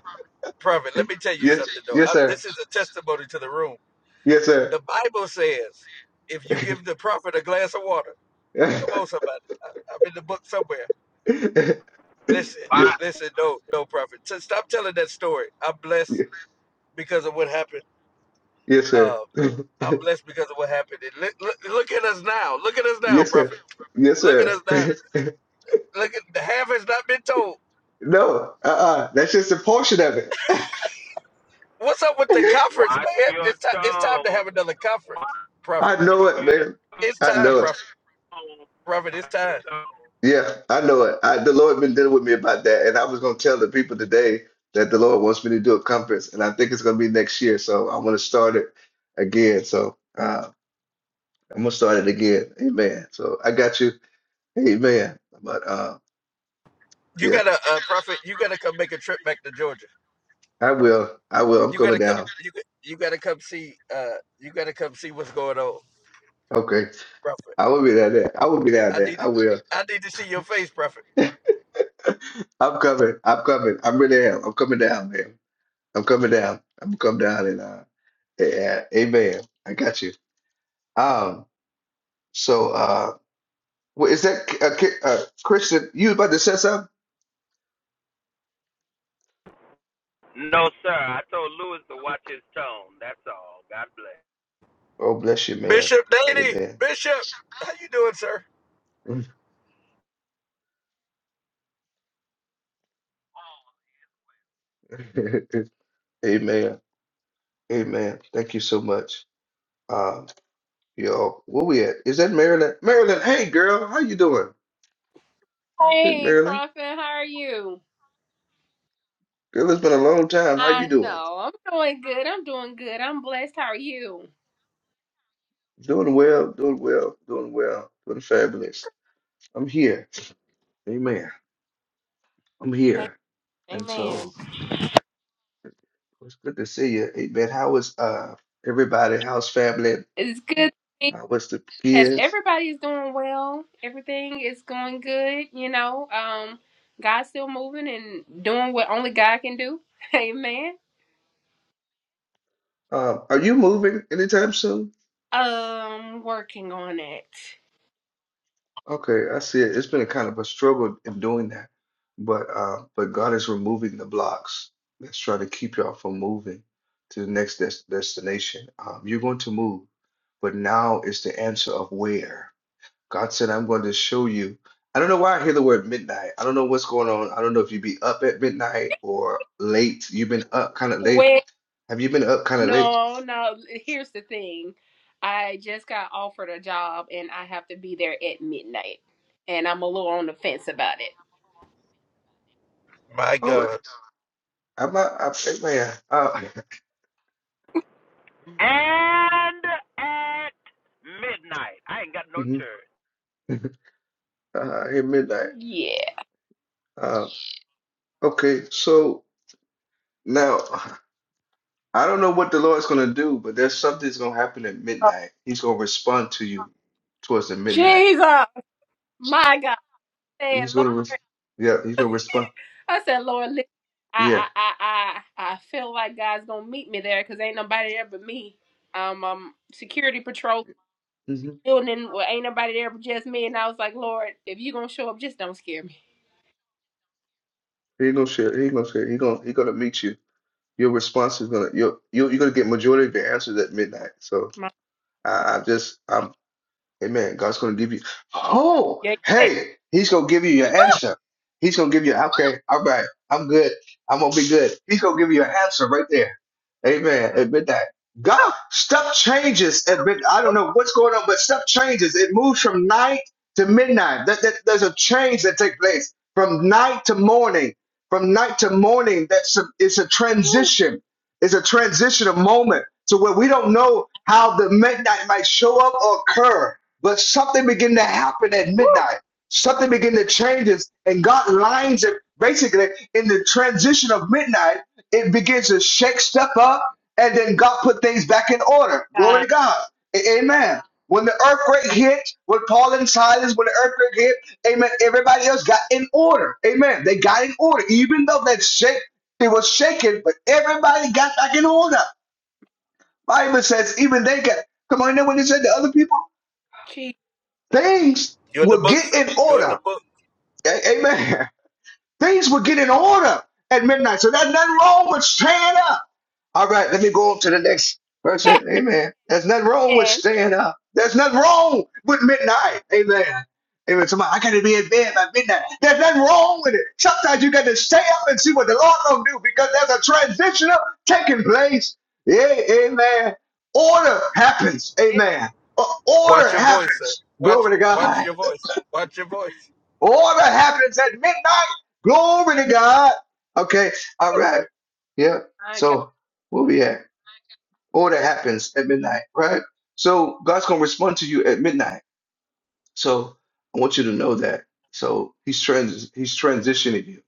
[SPEAKER 13] prophet. Let me tell you
[SPEAKER 1] Yes,
[SPEAKER 13] something though.
[SPEAKER 1] yes,
[SPEAKER 13] I,
[SPEAKER 1] sir.
[SPEAKER 13] this is a testimony to the room.
[SPEAKER 1] Yes, sir.
[SPEAKER 13] The Bible says, if you give the prophet a glass of water, come on, somebody. I, I'm in the book somewhere.
[SPEAKER 1] yes,
[SPEAKER 13] Listen,
[SPEAKER 14] Watch,
[SPEAKER 13] listen. No, no, prophet. So Stop telling that story. I'm blessed because of what happened.
[SPEAKER 1] yes,
[SPEAKER 13] Uh,
[SPEAKER 1] sir.
[SPEAKER 13] I'm blessed because of what happened. And Look, look, look at us now. Look at us now,
[SPEAKER 1] Yes, sir.
[SPEAKER 13] prophet.
[SPEAKER 1] Yes,
[SPEAKER 13] Look at us
[SPEAKER 1] sir.
[SPEAKER 13] now. Look at the half has not been told.
[SPEAKER 1] No, uh-uh. That's just a portion of it.
[SPEAKER 13] What's up with the conference, man?
[SPEAKER 14] watch your
[SPEAKER 13] It's time. It's time to
[SPEAKER 14] tone.
[SPEAKER 13] have another
[SPEAKER 14] Watch
[SPEAKER 13] conference, prophet.
[SPEAKER 1] I know it,
[SPEAKER 14] your
[SPEAKER 1] man.
[SPEAKER 14] tone.
[SPEAKER 13] It's
[SPEAKER 1] I
[SPEAKER 13] time,
[SPEAKER 1] know it.
[SPEAKER 13] prophet. Prophet, it's
[SPEAKER 14] Watch your
[SPEAKER 13] time.
[SPEAKER 14] tone.
[SPEAKER 1] Yeah, I know it. I, the Lord been dealing with me about that, and I was gonna tell the people today that the Lord wants me to do a conference, and I think it's gonna be next year. So I'm gonna start it again. So uh, I'm gonna start it again. Amen. So I got you. Amen. But uh,
[SPEAKER 13] You
[SPEAKER 1] Yeah,
[SPEAKER 13] gotta, uh, prophet. You gotta come make a trip back to Georgia.
[SPEAKER 1] I will. I will. I'm
[SPEAKER 13] You
[SPEAKER 1] coming
[SPEAKER 13] gotta come.
[SPEAKER 1] down.
[SPEAKER 13] You got- you gotta come see. Uh, you gotta come see what's going on,
[SPEAKER 1] Okay.
[SPEAKER 13] prophet.
[SPEAKER 1] I will be down there. I will be down
[SPEAKER 13] I
[SPEAKER 1] there.
[SPEAKER 13] need.
[SPEAKER 1] I will.
[SPEAKER 13] I need to see your face, prophet.
[SPEAKER 1] I'm coming. I'm coming. I'm really am. I'm coming down, man. I'm coming down. I'm gonna come down and uh yeah, amen. I got you. Um, so uh well, is that uh, Ki- uh Christian, you about to say something?
[SPEAKER 14] No, sir. I told Lewis to watch his tone. That's all. God bless.
[SPEAKER 1] Oh bless you, man.
[SPEAKER 13] Bishop Danny,
[SPEAKER 1] Amen.
[SPEAKER 13] Bishop, how you doing, sir?
[SPEAKER 1] Amen. Amen. Thank you so much. Um, yo, where we at? Is that Maryland? Maryland, hey girl, how you doing? Hey,
[SPEAKER 15] Hey,
[SPEAKER 1] Marilyn.
[SPEAKER 15] Prophet, how are you?
[SPEAKER 1] Girl, it's been a long time. How
[SPEAKER 15] I
[SPEAKER 1] you doing?
[SPEAKER 15] know. I'm doing good. I'm doing good. I'm blessed. How are you?
[SPEAKER 1] Doing well, doing well, doing well, doing fabulous. I'm here. Amen. I'm
[SPEAKER 15] Hey,
[SPEAKER 1] here. And
[SPEAKER 15] Amen.
[SPEAKER 1] so it's good to see you. Amen. How is uh everybody? How's family?
[SPEAKER 15] It's good. to be-
[SPEAKER 1] How was the
[SPEAKER 15] Yes,
[SPEAKER 1] kids?
[SPEAKER 15] everybody is doing well. Everything is going good. You know, um, God's still moving and doing what only God can do. Amen.
[SPEAKER 1] Um, are you moving anytime soon?
[SPEAKER 15] Um, working on it.
[SPEAKER 1] Okay, I see it. It's been a kind of a struggle in doing that, but uh, but God is removing the blocks that's trying to keep y'all from moving to the next des destination. Um, you're going to move, but now is the answer of where. God said, "I'm going to show you." I don't know why I hear the word midnight. I don't know what's going on. I don't know if you be up at midnight or late. You've been up kind of late.
[SPEAKER 15] Well,
[SPEAKER 1] Have you been up kind of late?
[SPEAKER 15] no, no. Here's the thing. I just got offered a job and I have to be there at midnight, and I'm a little on the fence about it.
[SPEAKER 13] My
[SPEAKER 1] Oh,
[SPEAKER 13] God,
[SPEAKER 1] I'm not. I'm, man, uh,
[SPEAKER 14] And at midnight, I ain't got no
[SPEAKER 1] mhm.
[SPEAKER 14] church.
[SPEAKER 1] uh, I hear midnight.
[SPEAKER 15] Yeah.
[SPEAKER 1] Uh, Okay, so now I don't know what the Lord's gonna do, but there's something's gonna happen at
[SPEAKER 15] Uh,
[SPEAKER 1] midnight. He's gonna respond to you towards the midnight.
[SPEAKER 15] Jesus, my God. I Said,
[SPEAKER 1] He's gonna, re
[SPEAKER 15] Lord.
[SPEAKER 1] yeah, he's gonna respond.
[SPEAKER 15] I said, Lord, listen,
[SPEAKER 1] Yeah,
[SPEAKER 15] I, I, I, I, I feel like God's gonna meet me there because ain't nobody there but me. Um, um, security patrol
[SPEAKER 1] mm-hmm.
[SPEAKER 15] building, well, ain't nobody there but just me. And I was like, Lord, if you gonna show up, just don't scare me.
[SPEAKER 1] He gonna share. He gonna share. He gonna he gonna meet you. Your response is gonna you're you're, you're gonna get majority of your answers at midnight. So
[SPEAKER 15] My,
[SPEAKER 1] I, I just I'm Amen. God's going to give you. Oh,
[SPEAKER 15] yeah,
[SPEAKER 1] hey, He's going to give you your answer. He's going to give you. Okay, all right, I'm good. I'm going to be good. He's going to give you an answer right there. Amen.
[SPEAKER 15] yeah.
[SPEAKER 1] Admit that. God,
[SPEAKER 15] Oh,
[SPEAKER 1] stuff changes. Admit, I don't know what's going on, but stuff changes. It moves from night to midnight. That, that there's a change that takes place from night to morning. From night to morning, that's a, it's a
[SPEAKER 15] woo,
[SPEAKER 1] transition. It's a transitional moment to where we don't know how the midnight might show up or occur but something began to happen at
[SPEAKER 15] woo,
[SPEAKER 1] midnight. Something began to change us, and God lines it basically in the transition of midnight. It begins to shake stuff up, and then God put things back in order. Glory
[SPEAKER 15] God,
[SPEAKER 1] to God. A- Amen. When the earthquake hit, when Paul and Silas, when the earthquake hit, amen, everybody else got in order. Amen. They got in order. Even though that shake, it was shaking, but everybody got back in order. Bible says even they got, come on, you know what it said? The other people?
[SPEAKER 15] Jesus,
[SPEAKER 1] things
[SPEAKER 13] you in the
[SPEAKER 1] will
[SPEAKER 13] book,
[SPEAKER 1] get
[SPEAKER 13] sir.
[SPEAKER 1] in
[SPEAKER 13] You in the
[SPEAKER 1] order.
[SPEAKER 13] book.
[SPEAKER 1] A- Amen. Things will get in order at midnight. So there's nothing wrong with staying up. All right, let me go on to the next person. Amen. There's nothing wrong with
[SPEAKER 15] man.
[SPEAKER 1] staying up. There's nothing wrong with midnight. Amen. Amen. Somebody, I gotta be in bed by midnight. There's nothing wrong with it. Sometimes you gotta stay up and see what the Lord gonna do because there's a transitional taking place. Yeah, amen. Order happens.
[SPEAKER 15] yeah,
[SPEAKER 1] Amen.
[SPEAKER 13] Watch
[SPEAKER 1] Order
[SPEAKER 13] your voice, sir.
[SPEAKER 1] happens.
[SPEAKER 13] Watch
[SPEAKER 1] Glory to
[SPEAKER 13] watch
[SPEAKER 1] God.
[SPEAKER 13] your voice. Watch your voice.
[SPEAKER 1] All that happens at midnight. Glory to God. Okay. All right. Yeah.
[SPEAKER 15] my God,
[SPEAKER 1] So where we at? All that happens at midnight, right? So God's gonna respond to you at midnight. So I want you to know that. So He's trans He's transitioning you,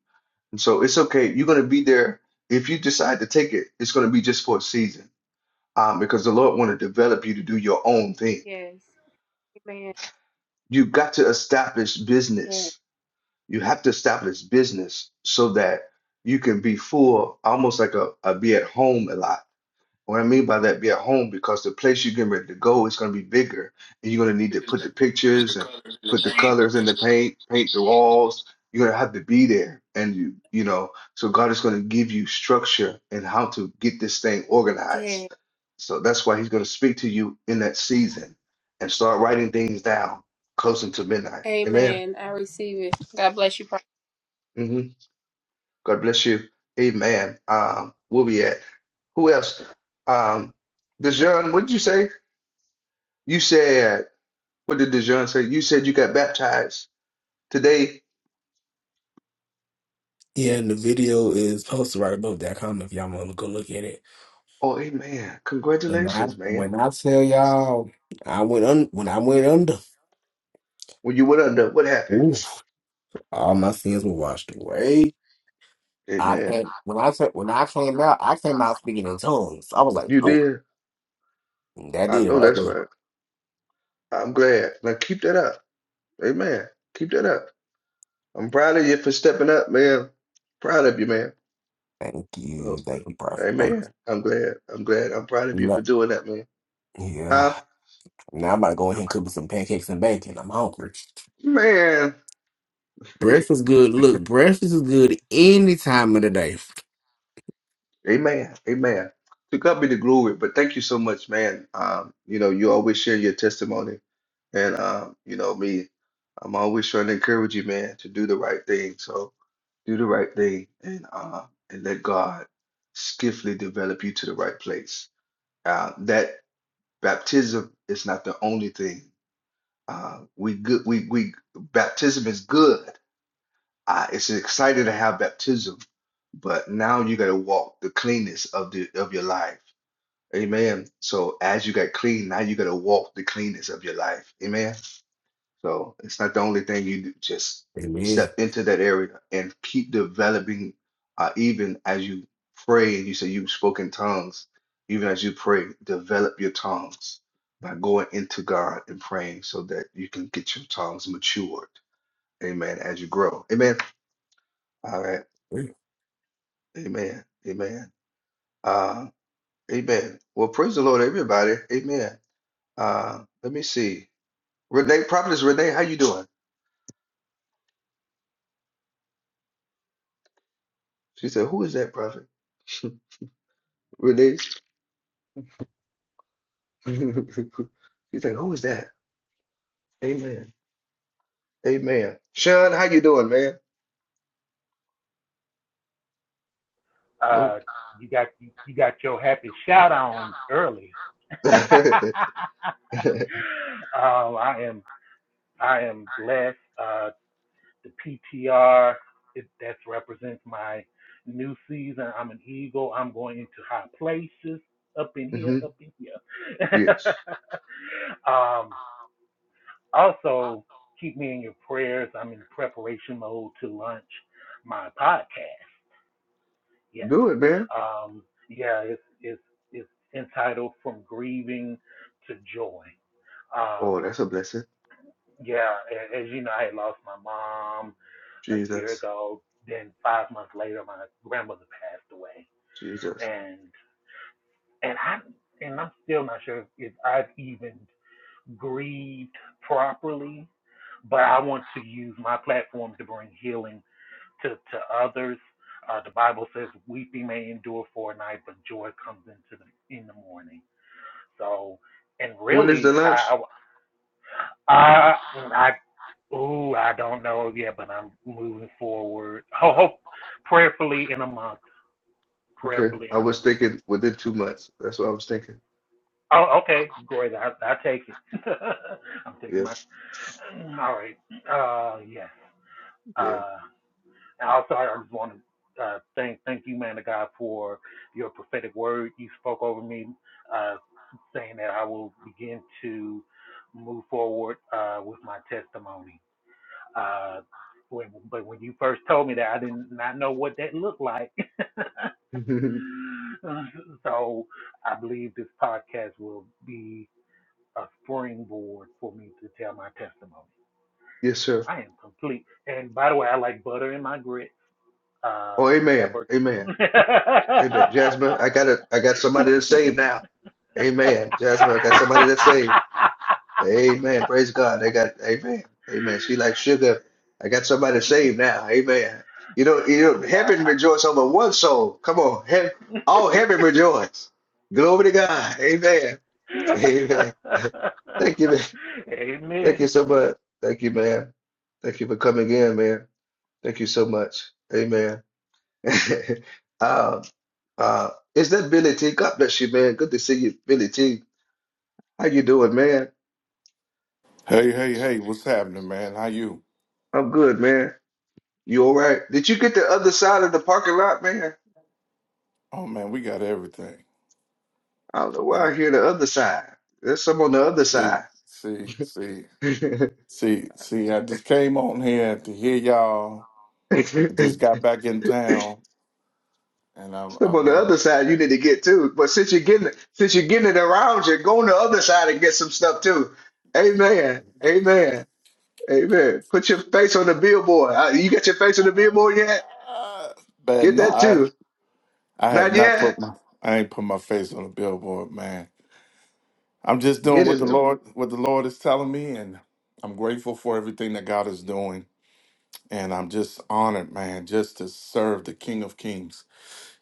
[SPEAKER 1] and so it's okay. You're gonna be there. If you decide to take it, it's gonna be just for a season, um, because the Lord want to develop you to do your own thing.
[SPEAKER 15] yes, amen,
[SPEAKER 1] You got to establish
[SPEAKER 15] yeah.
[SPEAKER 1] business you have to establish business so that you can be full, almost like a, a be at home a lot. What I mean by that, be at home, because the place you're getting ready to go is going to be bigger, and you're going to need to put the
[SPEAKER 15] Put the
[SPEAKER 1] pictures and
[SPEAKER 15] colors in the
[SPEAKER 1] put the
[SPEAKER 15] paint.
[SPEAKER 1] colors in
[SPEAKER 15] Paint
[SPEAKER 1] the paint, paint the walls. You're going to have to be there, and you, you know, so God is going to give you structure and how to get this thing
[SPEAKER 15] the- Yeah.
[SPEAKER 1] organized. So that's why He's going to speak to you in that season, and start writing things down, close into midnight. Amen.
[SPEAKER 15] Amen. I receive it. God bless you,
[SPEAKER 1] Mhm. God bless you. Amen. Um, we'll be at. Who else? Um, Dijon, what did you say? You said, what did Dijon say? You said you got baptized today.
[SPEAKER 16] Yeah, and the video is posted right above that comment if y'all want to go look at it.
[SPEAKER 1] Oh, amen.
[SPEAKER 16] When I
[SPEAKER 1] Congratulations, man.
[SPEAKER 16] when I tell y'all, I went un when I went under,
[SPEAKER 1] When you went under, what happened?
[SPEAKER 16] oof, all my sins were washed away. I
[SPEAKER 1] Amen.
[SPEAKER 16] can't when I said when I came out, I came out speaking in tongues. I was like,
[SPEAKER 1] You
[SPEAKER 16] oh,
[SPEAKER 1] did.
[SPEAKER 16] that
[SPEAKER 1] I
[SPEAKER 16] did it
[SPEAKER 1] know
[SPEAKER 16] right
[SPEAKER 1] that's
[SPEAKER 16] there.
[SPEAKER 1] right. I'm glad. Now keep that up. Amen. Keep that up. I'm proud of you for stepping up, man. Proud of you, man.
[SPEAKER 16] Thank
[SPEAKER 1] So,
[SPEAKER 16] you, thank you, prophet. Thanks.
[SPEAKER 1] amen. I'm glad. I'm glad. I'm proud of you for
[SPEAKER 16] Look,
[SPEAKER 1] doing that, man.
[SPEAKER 16] yeah.
[SPEAKER 1] Huh?
[SPEAKER 16] Now I'm about to go in here and cook me some pancakes and bacon. I'm hungry.
[SPEAKER 1] Man.
[SPEAKER 16] Breakfast good. Look, breakfast is good any time of the day.
[SPEAKER 1] Amen. Amen. To God be the glory. But thank you so much, man. Um, you know, you always share your testimony. And um, you know, me, I'm always trying to encourage you, man, to do the right thing. So do the right thing and uh and let God skillfully develop you to the right place. Uh, that baptism is not the only thing. Uh, we good we we baptism is good. Uh, it's exciting to have baptism, but now you gotta walk the cleanness of the of your life. Amen. So as you got clean, now you got to walk the cleanness of your life. Amen. So it's not the only thing you do. Just
[SPEAKER 16] Amen.
[SPEAKER 1] step into that area and keep developing, uh, even as you pray and you say you spoke in tongues, even as you pray, develop your tongues by going into God and praying so that you can get your tongues matured. Amen. As you grow. Amen. All right. Amen. Amen. Uh, amen. Well, praise the Lord, everybody. Amen. Uh, let me see. Renee, prophetess Renee, how you doing? She said, "Who is that prophet?" Renee. she said, "Who is that?" Amen. Amen. Sean, how you doing, man?
[SPEAKER 17] Uh,
[SPEAKER 1] Nope.
[SPEAKER 17] you got you, you got your happy shout on early. um, I am I am blessed. Uh, the PTR it, that represents my new season. I'm an eagle. I'm going into high places up in here,
[SPEAKER 1] hmm
[SPEAKER 17] up in here.
[SPEAKER 1] Yes.
[SPEAKER 17] um, also, keep me in your prayers. I'm in preparation mode to launch my podcast. Yes.
[SPEAKER 1] Do it, man.
[SPEAKER 17] Um, yeah, it's, it's, it's entitled From Grieving to Joy.
[SPEAKER 1] Oh,
[SPEAKER 17] Um,
[SPEAKER 1] that's a blessing.
[SPEAKER 17] yeah, a- as you know, I had lost my mom a year
[SPEAKER 1] Jesus.
[SPEAKER 17] ago. Then five months later, my grandmother passed away,
[SPEAKER 1] Jesus.
[SPEAKER 17] and and I and I'm still not sure if I've even grieved properly. But I want to use my platform to bring healing to, to others. Uh, the Bible says, "Weeping may endure for a night, but joy comes into the in the morning." So, and
[SPEAKER 1] When is the
[SPEAKER 17] really,
[SPEAKER 1] lunch?
[SPEAKER 17] I, I, I, ooh, I don't know yet, but I'm moving forward. Ho- Hope, prayerfully in a month.
[SPEAKER 1] Okay.
[SPEAKER 17] Prayerfully
[SPEAKER 1] I
[SPEAKER 17] in a month.
[SPEAKER 1] was thinking within two months. That's what I was thinking.
[SPEAKER 17] Oh, okay, great. I, I take it. I'm taking
[SPEAKER 1] Yeah.
[SPEAKER 17] my. All right. Uh, yes.
[SPEAKER 1] Yeah.
[SPEAKER 17] Uh, And also, I just want to uh, thank thank you, man of God, for your prophetic word you spoke over me, uh, saying that I will begin to move forward uh, with my testimony. Uh, when, but when you first told me that, I did not know what that looked like. so I believe this podcast will be a springboard for me to tell my testimony.
[SPEAKER 1] yes,
[SPEAKER 17] And
[SPEAKER 1] sir.
[SPEAKER 17] I am complete. And by the way, I like butter in my grits. Uh,
[SPEAKER 1] Oh, amen.
[SPEAKER 17] never.
[SPEAKER 1] Amen. Amen. Jasmine, I got it. I got somebody that's saved now. Amen. Jasmine, I got somebody that's saved. Amen. Praise God. They got Amen. Amen. She like sugar. I got somebody saved now. Amen. You know, you know,
[SPEAKER 17] See, I,
[SPEAKER 1] heaven rejoice over one soul. Come on. Heaven, all heaven rejoice. Glory to God. Amen.
[SPEAKER 17] I...
[SPEAKER 1] Amen. Thank you, man. Thank
[SPEAKER 17] Amen.
[SPEAKER 1] you so much. Thank you, man. Thank you for coming in, man. Thank you so much. Amen. Uh, uh, is that Billy T? God bless you, man. Good to see you, Billy T. How you doing, man?
[SPEAKER 18] Hey, hey, hey, what's happening, man? How you?
[SPEAKER 1] I'm good, man. You all right? Did you get the other side of the parking lot, man?
[SPEAKER 18] Oh man, we got everything.
[SPEAKER 1] I don't know why I
[SPEAKER 18] We-
[SPEAKER 1] hear the other side. There's some on the other
[SPEAKER 18] See,
[SPEAKER 1] side.
[SPEAKER 18] see, see, see, see, I just came on here to hear y'all. Just got back in town and I've
[SPEAKER 1] Some on
[SPEAKER 18] I've
[SPEAKER 1] the
[SPEAKER 18] been
[SPEAKER 1] other side you need to get too. But since you're getting since you're getting it around you, go on the other side and get some stuff too. Amen. Amen. Amen. Put your face on the billboard. Uh, You got your face on the billboard yet?
[SPEAKER 18] but
[SPEAKER 1] Get
[SPEAKER 18] no,
[SPEAKER 1] that too.
[SPEAKER 18] I I have
[SPEAKER 1] Not
[SPEAKER 18] not put
[SPEAKER 1] yet.
[SPEAKER 18] my I ain't put my face on the billboard, man. I'm just doing
[SPEAKER 1] Get
[SPEAKER 18] what
[SPEAKER 1] in
[SPEAKER 18] the
[SPEAKER 1] there.
[SPEAKER 18] Lord what the Lord is telling me and I'm grateful for everything that God is doing. And I'm just honored, man, just to serve the King of Kings.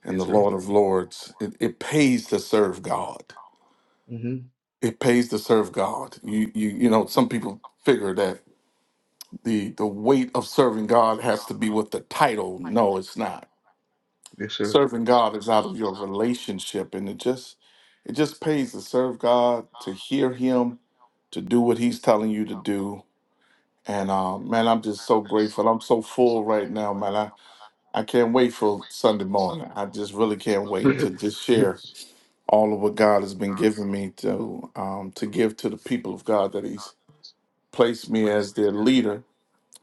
[SPEAKER 18] and
[SPEAKER 1] Yes,
[SPEAKER 18] the
[SPEAKER 1] sir.
[SPEAKER 18] Lord of Lords. It, it pays to serve God.
[SPEAKER 1] hmm
[SPEAKER 18] It pays to serve God. You you you know, some people figure that the the weight of serving God has to be with the title. No, it's not.
[SPEAKER 1] Yes, sir.
[SPEAKER 18] Serving God is out of your relationship and it just it just pays to serve God, to hear him, to do what he's telling you to do. And uh, man, I'm just so grateful. I'm so full right now, man. I, I can't wait for Sunday morning. I just really can't wait
[SPEAKER 1] yes,
[SPEAKER 18] to just share all of what God has been giving me to um, to give to the people of God that He's placed me as their leader.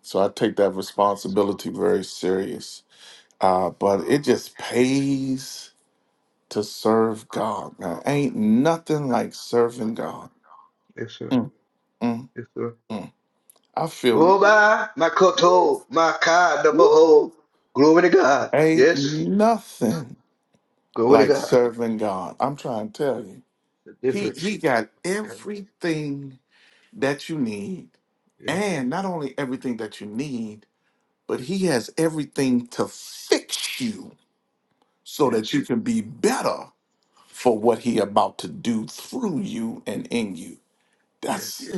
[SPEAKER 18] So I take that responsibility very serious. Uh, but it just pays to serve God, man. Ain't nothing like serving God.
[SPEAKER 1] sir.
[SPEAKER 18] Mm, mm,
[SPEAKER 1] Yes, sir.
[SPEAKER 18] mm. I feel
[SPEAKER 1] Oh,
[SPEAKER 18] woo,
[SPEAKER 1] my, my
[SPEAKER 18] woo,
[SPEAKER 1] koto, my ka, the behold.
[SPEAKER 18] woo.
[SPEAKER 1] Glory to God.
[SPEAKER 18] ain't
[SPEAKER 1] Yes.
[SPEAKER 18] nothing
[SPEAKER 1] Glory to
[SPEAKER 18] like
[SPEAKER 1] God.
[SPEAKER 18] serving God. I'm trying to tell you.
[SPEAKER 1] The
[SPEAKER 18] He
[SPEAKER 1] difference.
[SPEAKER 18] he got
[SPEAKER 1] Yeah.
[SPEAKER 18] everything that you need,
[SPEAKER 1] Yes.
[SPEAKER 18] and not only everything that you need, but He has everything to fix you so that you
[SPEAKER 1] Yes.
[SPEAKER 18] can be better for what He about to do through you and in you.
[SPEAKER 1] Yes.
[SPEAKER 18] That's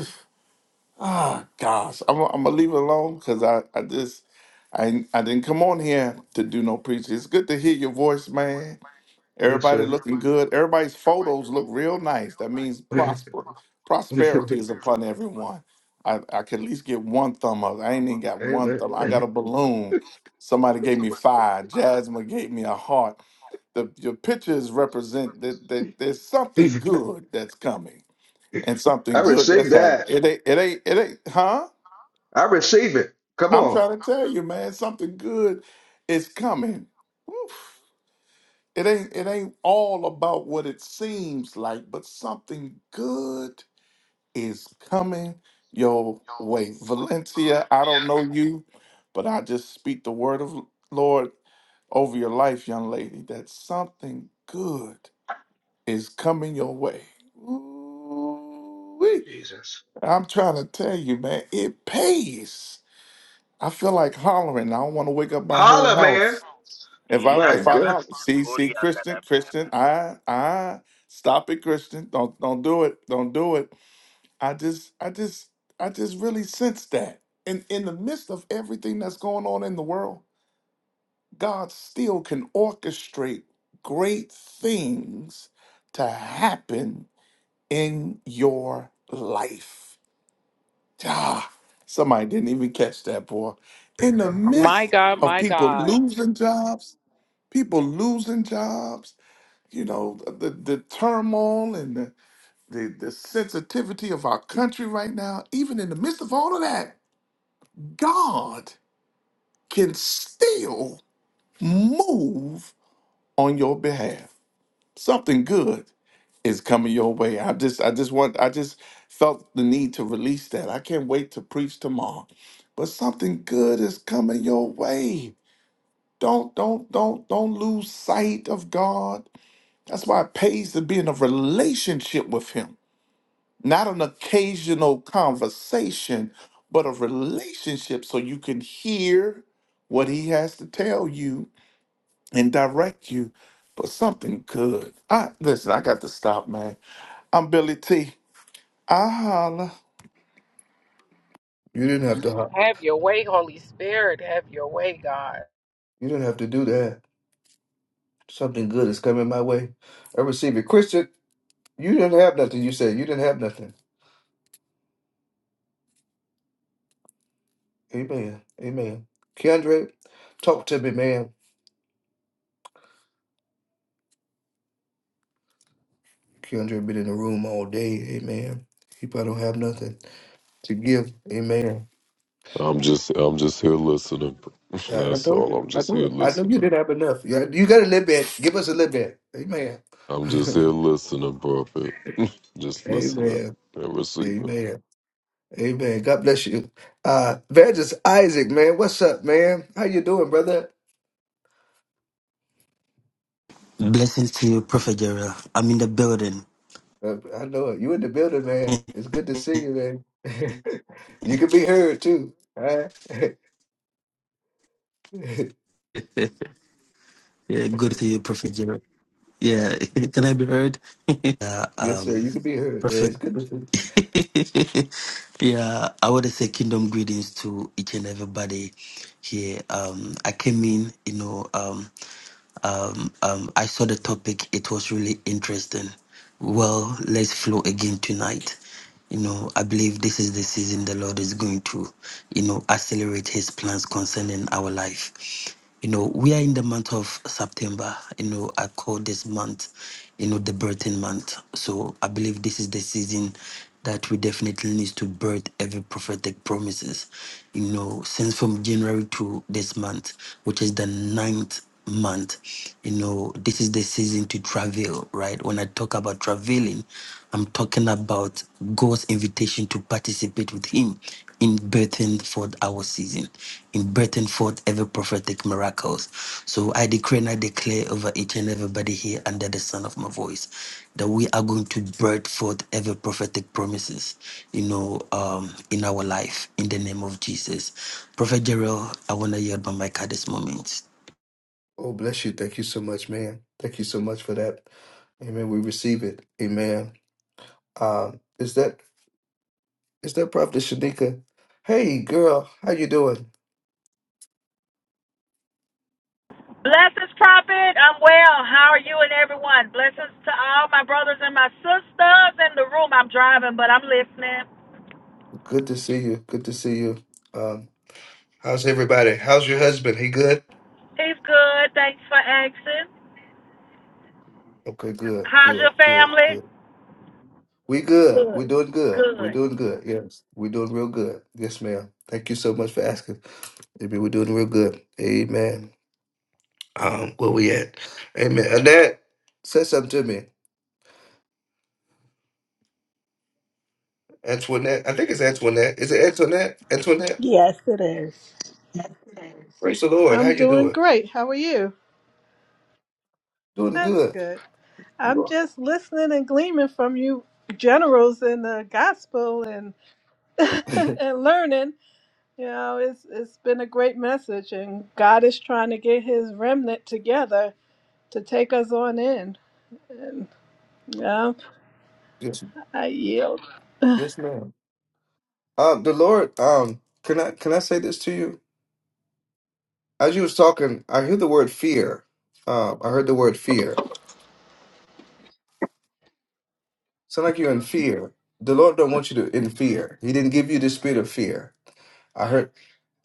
[SPEAKER 18] ah gosh, I'm, I'm gonna leave it alone because I I just I I didn't come on here to do no preaching. It's good to hear your voice, man
[SPEAKER 1] Yes,
[SPEAKER 18] Everybody
[SPEAKER 1] sir.
[SPEAKER 18] looking good. Everybody's photos look real nice. That means
[SPEAKER 1] Amen.
[SPEAKER 18] prosper. Prosperity is upon everyone. I, I could at least get one thumb up. I ain't even got one thumb. I got a balloon. Somebody gave me five. Jasmine gave me a heart. The your pictures represent that, that there's something good that's coming and
[SPEAKER 1] I
[SPEAKER 18] something good
[SPEAKER 1] receive
[SPEAKER 18] that's happening.
[SPEAKER 1] that.
[SPEAKER 18] It ain't it ain't it ain't huh?
[SPEAKER 1] I receive it. Come
[SPEAKER 18] I'm
[SPEAKER 1] on.
[SPEAKER 18] trying to tell you, man, something good is coming. It ain't it ain't all about what it seems like, but something good is coming your way. Valencia, I don't know you, but I just speak the word of Lord over your life, young lady, that something good is coming your way. Ooh-wee.
[SPEAKER 1] Jesus.
[SPEAKER 18] I'm trying to tell you, man, it pays. I feel like hollering. I don't want to wake up my whole
[SPEAKER 1] Holla,
[SPEAKER 18] house. If I
[SPEAKER 14] Shut
[SPEAKER 1] My
[SPEAKER 18] if
[SPEAKER 14] the
[SPEAKER 18] I
[SPEAKER 14] back.
[SPEAKER 18] holler, see see
[SPEAKER 14] up,
[SPEAKER 18] Christian Christian, I I stop it, Christian. Don't don't do it. Don't do it. I just I just I just really sense that. And in in the midst of everything that's going on in the world, God still can orchestrate great things to happen in your life. Ah, somebody didn't even catch that, boy. In the
[SPEAKER 19] My
[SPEAKER 18] midst
[SPEAKER 19] God,
[SPEAKER 18] of
[SPEAKER 19] my
[SPEAKER 18] people
[SPEAKER 19] God.
[SPEAKER 18] losing jobs, people losing jobs you know the the turmoil and the, the the sensitivity of our country right now even in the midst of all of that god can still move on your behalf something good is coming your way i just i just want i just felt the need to release that i can't wait to preach tomorrow but something good is coming your way don't don't don't don't lose sight of god that's why it pays to be in a relationship with him not an occasional conversation, but a relationship so you can hear what he has to tell you and direct you for something good. I listen, I got to stop, man. I'm Billy T. I holla.
[SPEAKER 1] You didn't have to. ho-
[SPEAKER 19] Have your way, Holy Spirit. Have your way, God.
[SPEAKER 1] You didn't have to do that. Something good is coming my way. I receive it, Christian. You didn't have nothing. You said you didn't have nothing. Amen. Amen. Keandre, talk to me, man. Keandre been in the room all day. Amen. He probably don't have nothing to give. Amen.
[SPEAKER 20] I'm just I'm just here listening.
[SPEAKER 1] I, I
[SPEAKER 20] That's
[SPEAKER 1] told
[SPEAKER 20] all.
[SPEAKER 1] you.
[SPEAKER 20] I'm
[SPEAKER 1] I
[SPEAKER 20] just
[SPEAKER 1] knew
[SPEAKER 20] here
[SPEAKER 1] it. I knew you
[SPEAKER 20] listening.
[SPEAKER 1] didn't have enough. You, you got a little bit. Give us a little bit. Amen.
[SPEAKER 20] I'm just here listening, Prophet. Just listening
[SPEAKER 1] Amen.
[SPEAKER 20] and receiving.
[SPEAKER 1] Amen. Amen. God bless you. Uh Evangelist Isaac, man. What's up, man? How you doing, brother?
[SPEAKER 21] Blessings to you, Prophet Gerald. I'm in the building.
[SPEAKER 1] Uh, I know it. You in the building, man. It's good to see you, man. you can be heard too. All right.
[SPEAKER 21] yeah, good to you, Prophet Gerald. Yeah, can I be heard? Yeah,
[SPEAKER 1] yes, sir.
[SPEAKER 21] um,
[SPEAKER 1] You can be heard, man. It's
[SPEAKER 21] Prophet.
[SPEAKER 1] good to see you.
[SPEAKER 21] yeah, I want to say kingdom greetings to each and everybody here. Um, I came in, you know, Um. Um, um, I saw the topic, it was really interesting. Well, let's flow again tonight. You know, I believe this is the season the Lord is going to, you know, accelerate his plans concerning our life. You know, we are in the month of September. You know, I call this month, you know, the birthing month. So I believe this is the season that we definitely need to birth every prophetic promises. You know, since from January to this month, which is the ninth month. You know, this is the season to travel, right? When I talk about traveling, I'm talking about God's invitation to participate with Him in birthing forth our season, in birthing forth every prophetic miracles. So I decree and I declare over each and everybody here under the sound of my voice that we are going to birth forth every prophetic promises, you know, um, in our life, in the name of Jesus. Prophet Gerald, I want to yield my mic at this moment.
[SPEAKER 1] Oh, bless you. Thank you so much, man. Thank you so much for that. Amen. We receive it. Amen. Um, is that is that Prophet Shanika? Hey girl, how you doing?
[SPEAKER 22] Blessings, Prophet. I'm well. How are you and everyone? Blessings to all my brothers and my sisters in the room. I'm driving, but I'm listening.
[SPEAKER 1] Good to see you. Good to see you. Um, How's everybody? How's your husband? He good?
[SPEAKER 22] He's good. Thanks for asking.
[SPEAKER 1] Okay, good,
[SPEAKER 22] How's
[SPEAKER 1] good,
[SPEAKER 22] your
[SPEAKER 1] good,
[SPEAKER 22] family?
[SPEAKER 1] good. We good. We're
[SPEAKER 22] Good.
[SPEAKER 1] doing good. We're
[SPEAKER 22] Good.
[SPEAKER 1] doing good. Yes, we're doing real good. Yes, ma'am. Thank you so much for asking. Maybe we're doing real good. Amen. Um, where we at? Amen. Annette, say something to me. Antoinette, I think it's Antoinette. Is it Antoinette? Antoinette,
[SPEAKER 23] Yes, it is.
[SPEAKER 1] praise the Lord. How
[SPEAKER 23] I'm
[SPEAKER 1] you
[SPEAKER 23] doing
[SPEAKER 1] doing?
[SPEAKER 23] great. How are you?
[SPEAKER 1] Doing
[SPEAKER 23] That's
[SPEAKER 1] good.
[SPEAKER 23] good. I'm
[SPEAKER 1] You
[SPEAKER 23] just listening and gleaming from you generals in the gospel and
[SPEAKER 1] are.
[SPEAKER 23] and learning. You know, it's it's been a great message and God is trying to get his remnant together to take us on in. And you know,
[SPEAKER 1] yes,
[SPEAKER 23] I yield.
[SPEAKER 1] yes, ma'am. Um, the Lord. Um, can I can I say this to you? As you was talking, I heard the word fear. Um, I heard the word fear. Sound like you're in fear. The Lord don't want you to in fear. He didn't give you the spirit of fear. I heard,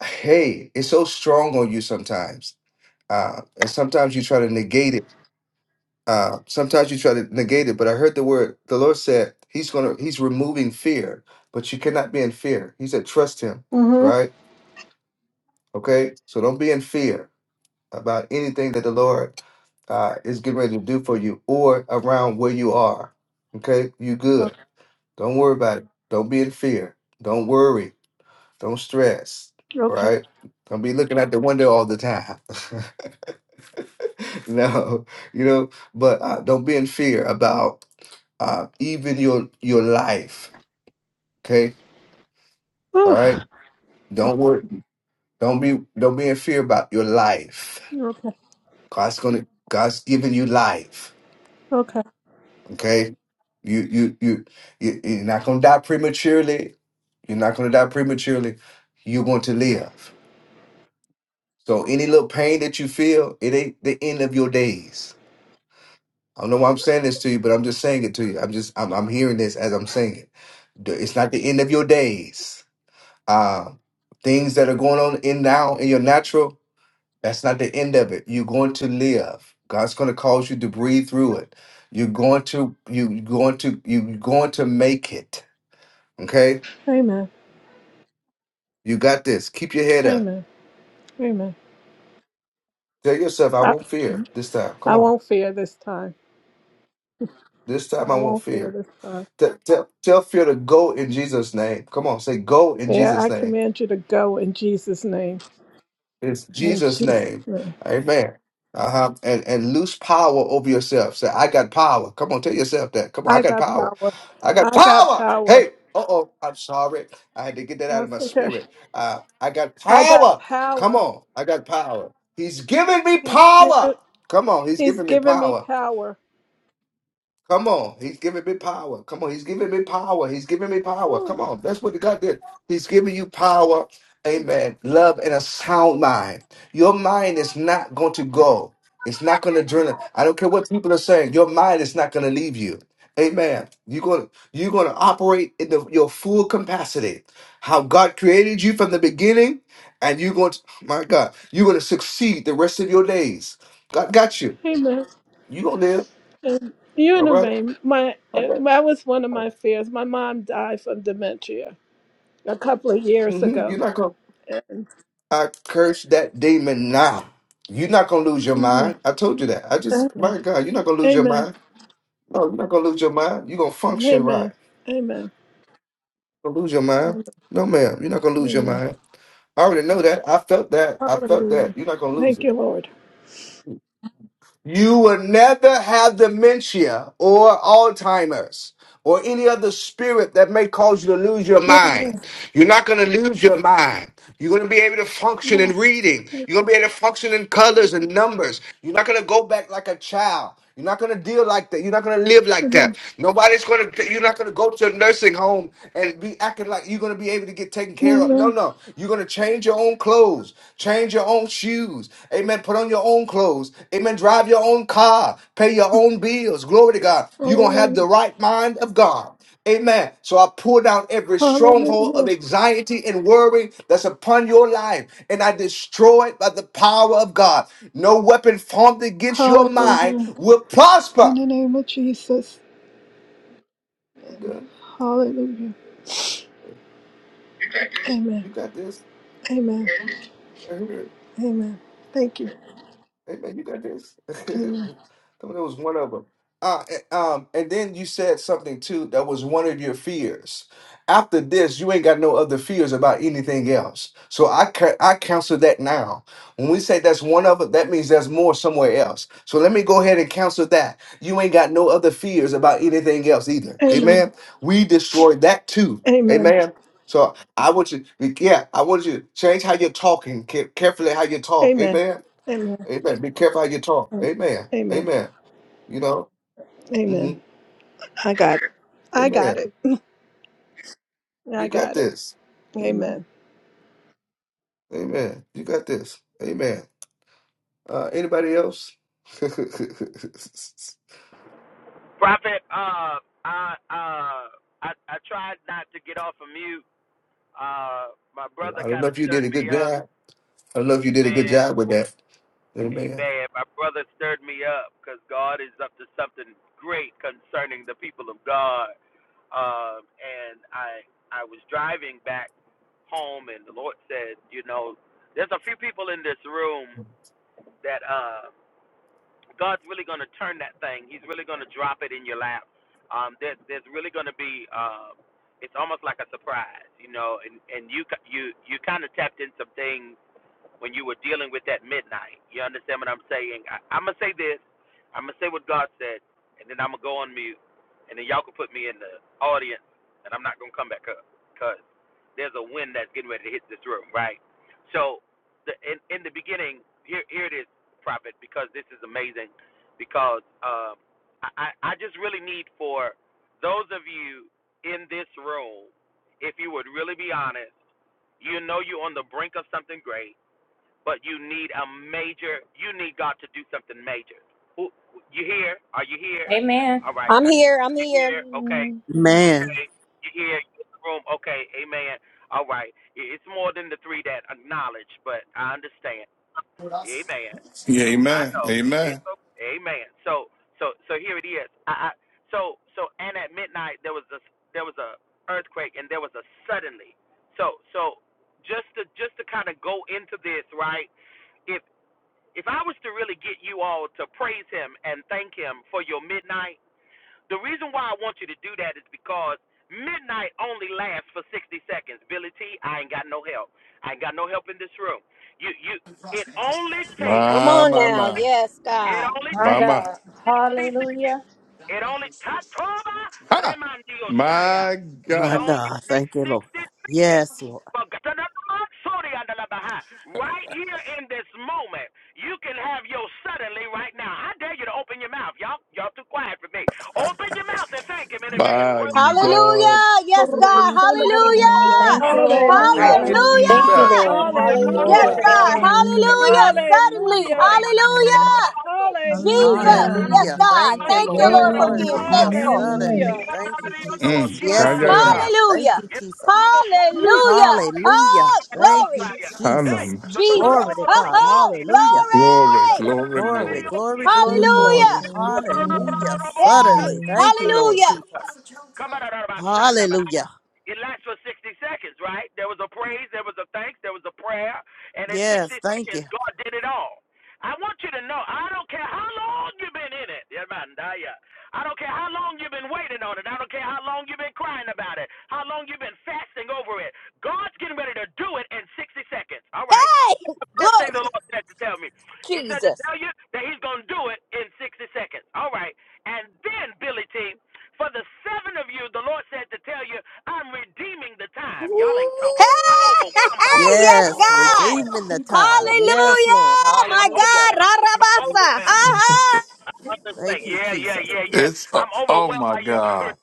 [SPEAKER 1] hey, it's so strong on you sometimes. Uh, and sometimes you try to negate it. Uh, sometimes you try to negate it. But I heard the word. The Lord said He's gonna. He's removing fear. But you cannot be in fear. He said, trust Him.
[SPEAKER 23] Mhm.
[SPEAKER 1] Right? Okay. So don't be in fear about anything that the Lord uh, is getting ready to do for you or around where you are. Okay, you
[SPEAKER 23] Oh,
[SPEAKER 1] good. Don't worry about it. Don't be in fear. Don't worry. Don't stress.
[SPEAKER 23] Okay.
[SPEAKER 1] Right? Don't be looking out the window all the time. no, you know, but uh, don't be in fear about uh, even your your life. Okay, all
[SPEAKER 23] Whew.
[SPEAKER 1] right. Don't worry. Don't be don't be in fear about your life.
[SPEAKER 23] Okay.
[SPEAKER 1] God's gonna God's giving you life.
[SPEAKER 23] Okay.
[SPEAKER 1] Okay. You you you, you you're not gonna die prematurely. You're not gonna die prematurely. You're going to live. So any little pain that you feel, it ain't the end of your days. I don't know why I'm saying this to you, but I'm just saying it to you. I'm just I'm, I'm hearing this as I'm saying it. The- It's not the end of your days. Um, things that are going on in now in your natural, that's not the end of it. You're going to live. God's going to cause you to breathe through it. You're going to you you're going to you're going to make it. Okay
[SPEAKER 23] Amen.
[SPEAKER 1] You got this. Keep your head up.
[SPEAKER 23] Amen. Amen.
[SPEAKER 1] Tell yourself, I
[SPEAKER 23] I,
[SPEAKER 1] won't fear this time. Come
[SPEAKER 23] I
[SPEAKER 1] on.
[SPEAKER 23] won't fear this time.
[SPEAKER 1] This time
[SPEAKER 23] I
[SPEAKER 1] I won't
[SPEAKER 23] won't fear
[SPEAKER 1] fear.
[SPEAKER 23] this time.
[SPEAKER 1] Tell, tell, tell fear to go in Jesus' name. Come on. Say, go in
[SPEAKER 23] Mayor,
[SPEAKER 1] Jesus'
[SPEAKER 23] I
[SPEAKER 1] name.
[SPEAKER 23] command you to go in Jesus' name.
[SPEAKER 1] It's
[SPEAKER 23] In
[SPEAKER 1] Jesus'
[SPEAKER 23] Jesus'
[SPEAKER 1] name.
[SPEAKER 23] name.
[SPEAKER 1] Amen. Uh huh. And, and lose power over yourself. Say, I got power. Come on. Tell yourself that. Come on. I
[SPEAKER 23] I
[SPEAKER 1] got
[SPEAKER 23] got
[SPEAKER 1] power.
[SPEAKER 23] power.
[SPEAKER 1] I got
[SPEAKER 23] I got
[SPEAKER 1] power.
[SPEAKER 23] power.
[SPEAKER 1] Hey. Uh oh. I'm sorry. I had to get that
[SPEAKER 23] And I
[SPEAKER 1] out of
[SPEAKER 23] was
[SPEAKER 1] my
[SPEAKER 23] thinking,
[SPEAKER 1] spirit. Uh, I got
[SPEAKER 23] I got
[SPEAKER 1] power. Come
[SPEAKER 23] power.
[SPEAKER 1] on. I got power. He's giving me
[SPEAKER 23] He's
[SPEAKER 1] power.
[SPEAKER 23] given
[SPEAKER 1] Come on. He's
[SPEAKER 23] He's
[SPEAKER 1] giving me
[SPEAKER 23] given me
[SPEAKER 1] power.
[SPEAKER 23] power.
[SPEAKER 1] Come on, he's giving me power. Come on, he's giving me power. He's giving me power. Come on, that's what God did. He's giving you power, amen, love, and a sound mind. Your mind is not going to go. It's not going to drain. I don't care what people are saying. Your mind is not going to leave you. Amen. You're going to, you're going to operate in the, your full capacity, how God created you from the beginning, and you're going to, oh my God, you're going to succeed the rest of your days. God got you.
[SPEAKER 23] Oh, amen.
[SPEAKER 1] You're going to live.
[SPEAKER 23] And you
[SPEAKER 1] All
[SPEAKER 23] in a
[SPEAKER 1] right.
[SPEAKER 23] vein. My
[SPEAKER 1] I
[SPEAKER 23] uh,
[SPEAKER 1] got
[SPEAKER 23] that was one of my fears. My mom died from dementia a couple of years
[SPEAKER 1] hmm You're
[SPEAKER 23] ago.
[SPEAKER 1] not gonna.
[SPEAKER 23] And
[SPEAKER 1] I curse that demon now. You're not gonna lose your
[SPEAKER 23] amen.
[SPEAKER 1] mind. I told you that. I just, my God, you're not gonna lose your
[SPEAKER 23] Amen.
[SPEAKER 1] mind. No, you're not gonna lose your mind. You're gonna function
[SPEAKER 23] Amen.
[SPEAKER 1] right.
[SPEAKER 23] Amen.
[SPEAKER 1] You're gonna lose your mind.
[SPEAKER 23] Amen.
[SPEAKER 1] No, ma'am, you're not gonna lose your
[SPEAKER 23] Amen.
[SPEAKER 1] mind. I already know that. I felt that. I felt that.
[SPEAKER 23] Hallelujah.
[SPEAKER 1] You're not gonna lose
[SPEAKER 23] Thank
[SPEAKER 1] it.
[SPEAKER 23] you, Lord.
[SPEAKER 1] You will never have dementia or Alzheimer's or any other spirit that may cause you to lose your mind. You're not going to lose your mind. You're going to be able to function
[SPEAKER 23] Amen.
[SPEAKER 1] in reading. You're going to be able to function in colors and numbers. You're not going to go back like a child. You're not going to deal like that. You're not going to live like that.
[SPEAKER 23] Amen.
[SPEAKER 1] Nobody's going to, you're not going to go to a nursing home and be acting like you're going to be able to get taken care of. No,
[SPEAKER 23] Amen.
[SPEAKER 1] no. You're going to change your own clothes, change your own shoes. Amen. Put on your own clothes. Amen. Drive your own car, pay your own bills. Glory to God. You're going to have the
[SPEAKER 23] Hallelujah.
[SPEAKER 1] right mind of God. Amen. So I pull down every stronghold of
[SPEAKER 23] Hallelujah.
[SPEAKER 1] anxiety and worry that's upon your life, and I destroy it by the power of God. No weapon formed against your mind
[SPEAKER 23] Hallelujah.
[SPEAKER 1] will
[SPEAKER 23] In
[SPEAKER 1] prosper.
[SPEAKER 23] the name of Jesus.
[SPEAKER 1] I'm done.
[SPEAKER 23] Hallelujah. Amen.
[SPEAKER 1] You got this.
[SPEAKER 23] Amen. Amen. Thank you.
[SPEAKER 1] Hey man, you got this. Tell
[SPEAKER 23] Amen.
[SPEAKER 1] me that was one of them. Uh, a- um, and then you said something too that was one of your fears. After this, you ain't got no other fears about anything else. So I ca- I counsel that now. When we say that's one of it, that means there's more somewhere else. So let me go ahead and counsel that. You ain't got no other fears about anything else either.
[SPEAKER 23] Amen.
[SPEAKER 1] Amen. We destroyed that too.
[SPEAKER 23] Amen.
[SPEAKER 1] Amen. So I want you, yeah, I want you to change how you're talking, care- carefully how you talk.
[SPEAKER 23] Amen.
[SPEAKER 1] Amen. Amen. Be careful how you talk.
[SPEAKER 23] Amen.
[SPEAKER 1] Amen.
[SPEAKER 23] Amen.
[SPEAKER 1] Amen. You know. hmm
[SPEAKER 23] Amen. I got it. I got
[SPEAKER 1] Amen.
[SPEAKER 23] it. I
[SPEAKER 1] You got
[SPEAKER 23] got it.
[SPEAKER 1] this. hmm
[SPEAKER 23] Amen.
[SPEAKER 1] Amen. You got this. Amen. Uh, anybody else? I
[SPEAKER 14] Prophet, uh, I, uh, I, I tried not to get off of mute. Uh, my brother
[SPEAKER 1] don't know
[SPEAKER 14] kind of
[SPEAKER 1] if you did
[SPEAKER 14] stirred
[SPEAKER 1] a
[SPEAKER 14] me
[SPEAKER 1] good
[SPEAKER 14] up.
[SPEAKER 1] job. I don't know if you did a good
[SPEAKER 14] Amen.
[SPEAKER 1] job with that. Amen.
[SPEAKER 14] Amen. My brother stirred me up because God is up to something great concerning the people of God. Um, and I I was driving back home, and the Lord said, you know, there's a few people in this room that uh, God's really going to turn that thing. He's really going to drop it in your lap. Um, there, there's really going to be. Uh, it's almost like a surprise, you know, and and you ca- you you kind of tapped in some things when you were dealing with that midnight. You understand what I'm saying? I, I'm gonna say this. I'm gonna say what God said, and then I'm gonna go on mute, and then y'all can put me in the audience, and I'm not gonna come back up because there's a wind that's getting ready to hit this room, right? So, the, in in the beginning, here here it is, prophet, because this is amazing, because um, I I I just really need for those of you in this room, if you would really be honest, you know you're on the brink of something great but you need a major. You need God to do something major. Who you here? Are you here? All right, I, you here? Okay,
[SPEAKER 24] Amen. Amen.
[SPEAKER 3] Man,
[SPEAKER 14] okay, you here? You in the room? Okay, Amen. All right, I- it's more than the three that acknowledge, but I understand. Amen.
[SPEAKER 18] Yeah,
[SPEAKER 14] Am- I
[SPEAKER 18] amen.
[SPEAKER 14] know. It's
[SPEAKER 18] Amen.
[SPEAKER 14] okay. Amen. So so so here it is. I, I so so and at midnight there was a there was a earthquake and there was a suddenly. So so just to just to kind of go into this, right? If if I was to really get you all to praise him and thank him for your midnight, the reason why I want you to do that is because midnight only lasts for 60 seconds. Billy T, I ain't got no help. I ain't got no help in this room. You you it only takes
[SPEAKER 18] My, my, my.
[SPEAKER 14] it only
[SPEAKER 4] My
[SPEAKER 18] My,
[SPEAKER 14] takes
[SPEAKER 18] my.
[SPEAKER 4] God.
[SPEAKER 14] 60 seconds.
[SPEAKER 4] Hallelujah.
[SPEAKER 14] It only Tatoba
[SPEAKER 18] Ha!
[SPEAKER 14] Remandio Shaya.
[SPEAKER 18] My
[SPEAKER 14] It
[SPEAKER 3] my
[SPEAKER 18] God.
[SPEAKER 14] only
[SPEAKER 3] God.
[SPEAKER 14] takes
[SPEAKER 3] Thank you, Lord.
[SPEAKER 14] 60 seconds.
[SPEAKER 3] Yes, Lord.
[SPEAKER 14] But God- Sorry, Andalabaha. Right here in this moment, you can have your suddenly right now. I dare you to open your mouth. Y'all y'all too quiet for me. Open your mouth and thank him in advance.
[SPEAKER 18] My
[SPEAKER 14] Praise him right
[SPEAKER 18] God.
[SPEAKER 24] Hallelujah. Praise the Lord.
[SPEAKER 23] Hallelujah.
[SPEAKER 24] Thank
[SPEAKER 4] Thank
[SPEAKER 24] you,
[SPEAKER 4] you, Lord.
[SPEAKER 24] Jesus.
[SPEAKER 17] Thank you,
[SPEAKER 4] Hallelujah.
[SPEAKER 24] Hallelujah.
[SPEAKER 11] Thank you,
[SPEAKER 17] Jesus.
[SPEAKER 11] Lord.
[SPEAKER 24] Hallelujah.
[SPEAKER 4] Glory
[SPEAKER 23] Hallelujah.
[SPEAKER 11] Hallelujah.
[SPEAKER 4] to God.
[SPEAKER 24] Hallelujah. We magnify you and exalt
[SPEAKER 23] Hallelujah.
[SPEAKER 24] you. Hallelujah.
[SPEAKER 7] Jesus.
[SPEAKER 23] Hallelujah.
[SPEAKER 12] Hallelujah.
[SPEAKER 7] Yes,
[SPEAKER 24] Hallelujah.
[SPEAKER 3] Hallelujah.
[SPEAKER 24] We give
[SPEAKER 7] God.
[SPEAKER 24] you
[SPEAKER 3] Thank
[SPEAKER 24] all
[SPEAKER 3] you,
[SPEAKER 7] Thank
[SPEAKER 23] Thank
[SPEAKER 7] you,
[SPEAKER 23] you,
[SPEAKER 3] Lord.
[SPEAKER 24] honor
[SPEAKER 7] Lord,
[SPEAKER 24] and
[SPEAKER 23] Lord.
[SPEAKER 7] for
[SPEAKER 24] glory,
[SPEAKER 7] being
[SPEAKER 12] Glory.
[SPEAKER 18] See.
[SPEAKER 14] now.
[SPEAKER 3] Hallelujah.
[SPEAKER 24] praise.
[SPEAKER 7] faithful.
[SPEAKER 24] Hallelujah.
[SPEAKER 12] Amen.
[SPEAKER 3] Suddenly.
[SPEAKER 23] Hallelujah.
[SPEAKER 3] Thank
[SPEAKER 24] Thank
[SPEAKER 3] you,
[SPEAKER 24] you,
[SPEAKER 3] Jesus.
[SPEAKER 18] Mm.
[SPEAKER 24] Jesus.
[SPEAKER 3] Yes, Lord
[SPEAKER 18] Kaya
[SPEAKER 24] Hallelujah.
[SPEAKER 3] God.
[SPEAKER 18] yamasi.
[SPEAKER 3] Thank
[SPEAKER 7] Hallelujah.
[SPEAKER 3] you, Jesus.
[SPEAKER 18] Yes.
[SPEAKER 7] Hallelujah.
[SPEAKER 14] Hey,
[SPEAKER 3] Hallelujah.
[SPEAKER 7] Oh,
[SPEAKER 3] Thank
[SPEAKER 7] glory.
[SPEAKER 3] you, Jesus.
[SPEAKER 18] Hanam.
[SPEAKER 14] so to
[SPEAKER 3] Glory
[SPEAKER 7] Jesus.
[SPEAKER 3] to
[SPEAKER 7] Oh,
[SPEAKER 3] God.
[SPEAKER 7] oh
[SPEAKER 3] Hallelujah.
[SPEAKER 18] Glory,
[SPEAKER 7] glory.
[SPEAKER 18] glory,
[SPEAKER 3] Glory,
[SPEAKER 18] glory.
[SPEAKER 3] glory, glory,
[SPEAKER 24] Hallelujah.
[SPEAKER 7] Hallelujah.
[SPEAKER 3] glory.
[SPEAKER 24] Glory to your
[SPEAKER 3] Hallelujah.
[SPEAKER 24] name.
[SPEAKER 7] Hey.
[SPEAKER 3] Suddenly.
[SPEAKER 24] Hallelujah.
[SPEAKER 3] Thank you, Lord
[SPEAKER 7] Hallelujah.
[SPEAKER 3] Jesus.
[SPEAKER 14] come on,
[SPEAKER 3] Hallelujah.
[SPEAKER 14] It lasts for 60 seconds, right? There was a praise, there was a thanks, there was a prayer, and in 60
[SPEAKER 3] Yes, thank
[SPEAKER 14] seconds,
[SPEAKER 3] you.
[SPEAKER 14] God did it all. I want you to know, I don't care how long you've been in it. Yeah, man, yeah. I don't care how long you've been waiting on it. I don't care how long you've been crying about it, how long you've been fasting over it. God's getting ready to do it in 60 seconds. All right. First thing the Lord said to tell me, He said to tell you that He's going to do it in 60 seconds. All right. And then, Billy T, for the seven of you, the Lord said to tell you, I'm redeeming the time.
[SPEAKER 18] It's
[SPEAKER 14] Y'all ain't talking. I'm overwhelmed by y'all.
[SPEAKER 3] Yes,
[SPEAKER 14] I'm overwhelmed.
[SPEAKER 3] redeeming the
[SPEAKER 14] I'm
[SPEAKER 3] time.
[SPEAKER 14] overwhelmed.
[SPEAKER 3] Yes, Lord.
[SPEAKER 14] I'm
[SPEAKER 3] Hallelujah.
[SPEAKER 14] overwhelmed. I'm
[SPEAKER 7] Ah, ah.
[SPEAKER 14] overwhelmed. I'm understand.
[SPEAKER 3] Thank you,
[SPEAKER 14] Yeah, yeah,
[SPEAKER 3] Jesus.
[SPEAKER 14] yeah, yeah.
[SPEAKER 18] oh,
[SPEAKER 14] I'm
[SPEAKER 18] oh
[SPEAKER 14] overwhelmed
[SPEAKER 18] my
[SPEAKER 14] by your
[SPEAKER 18] God,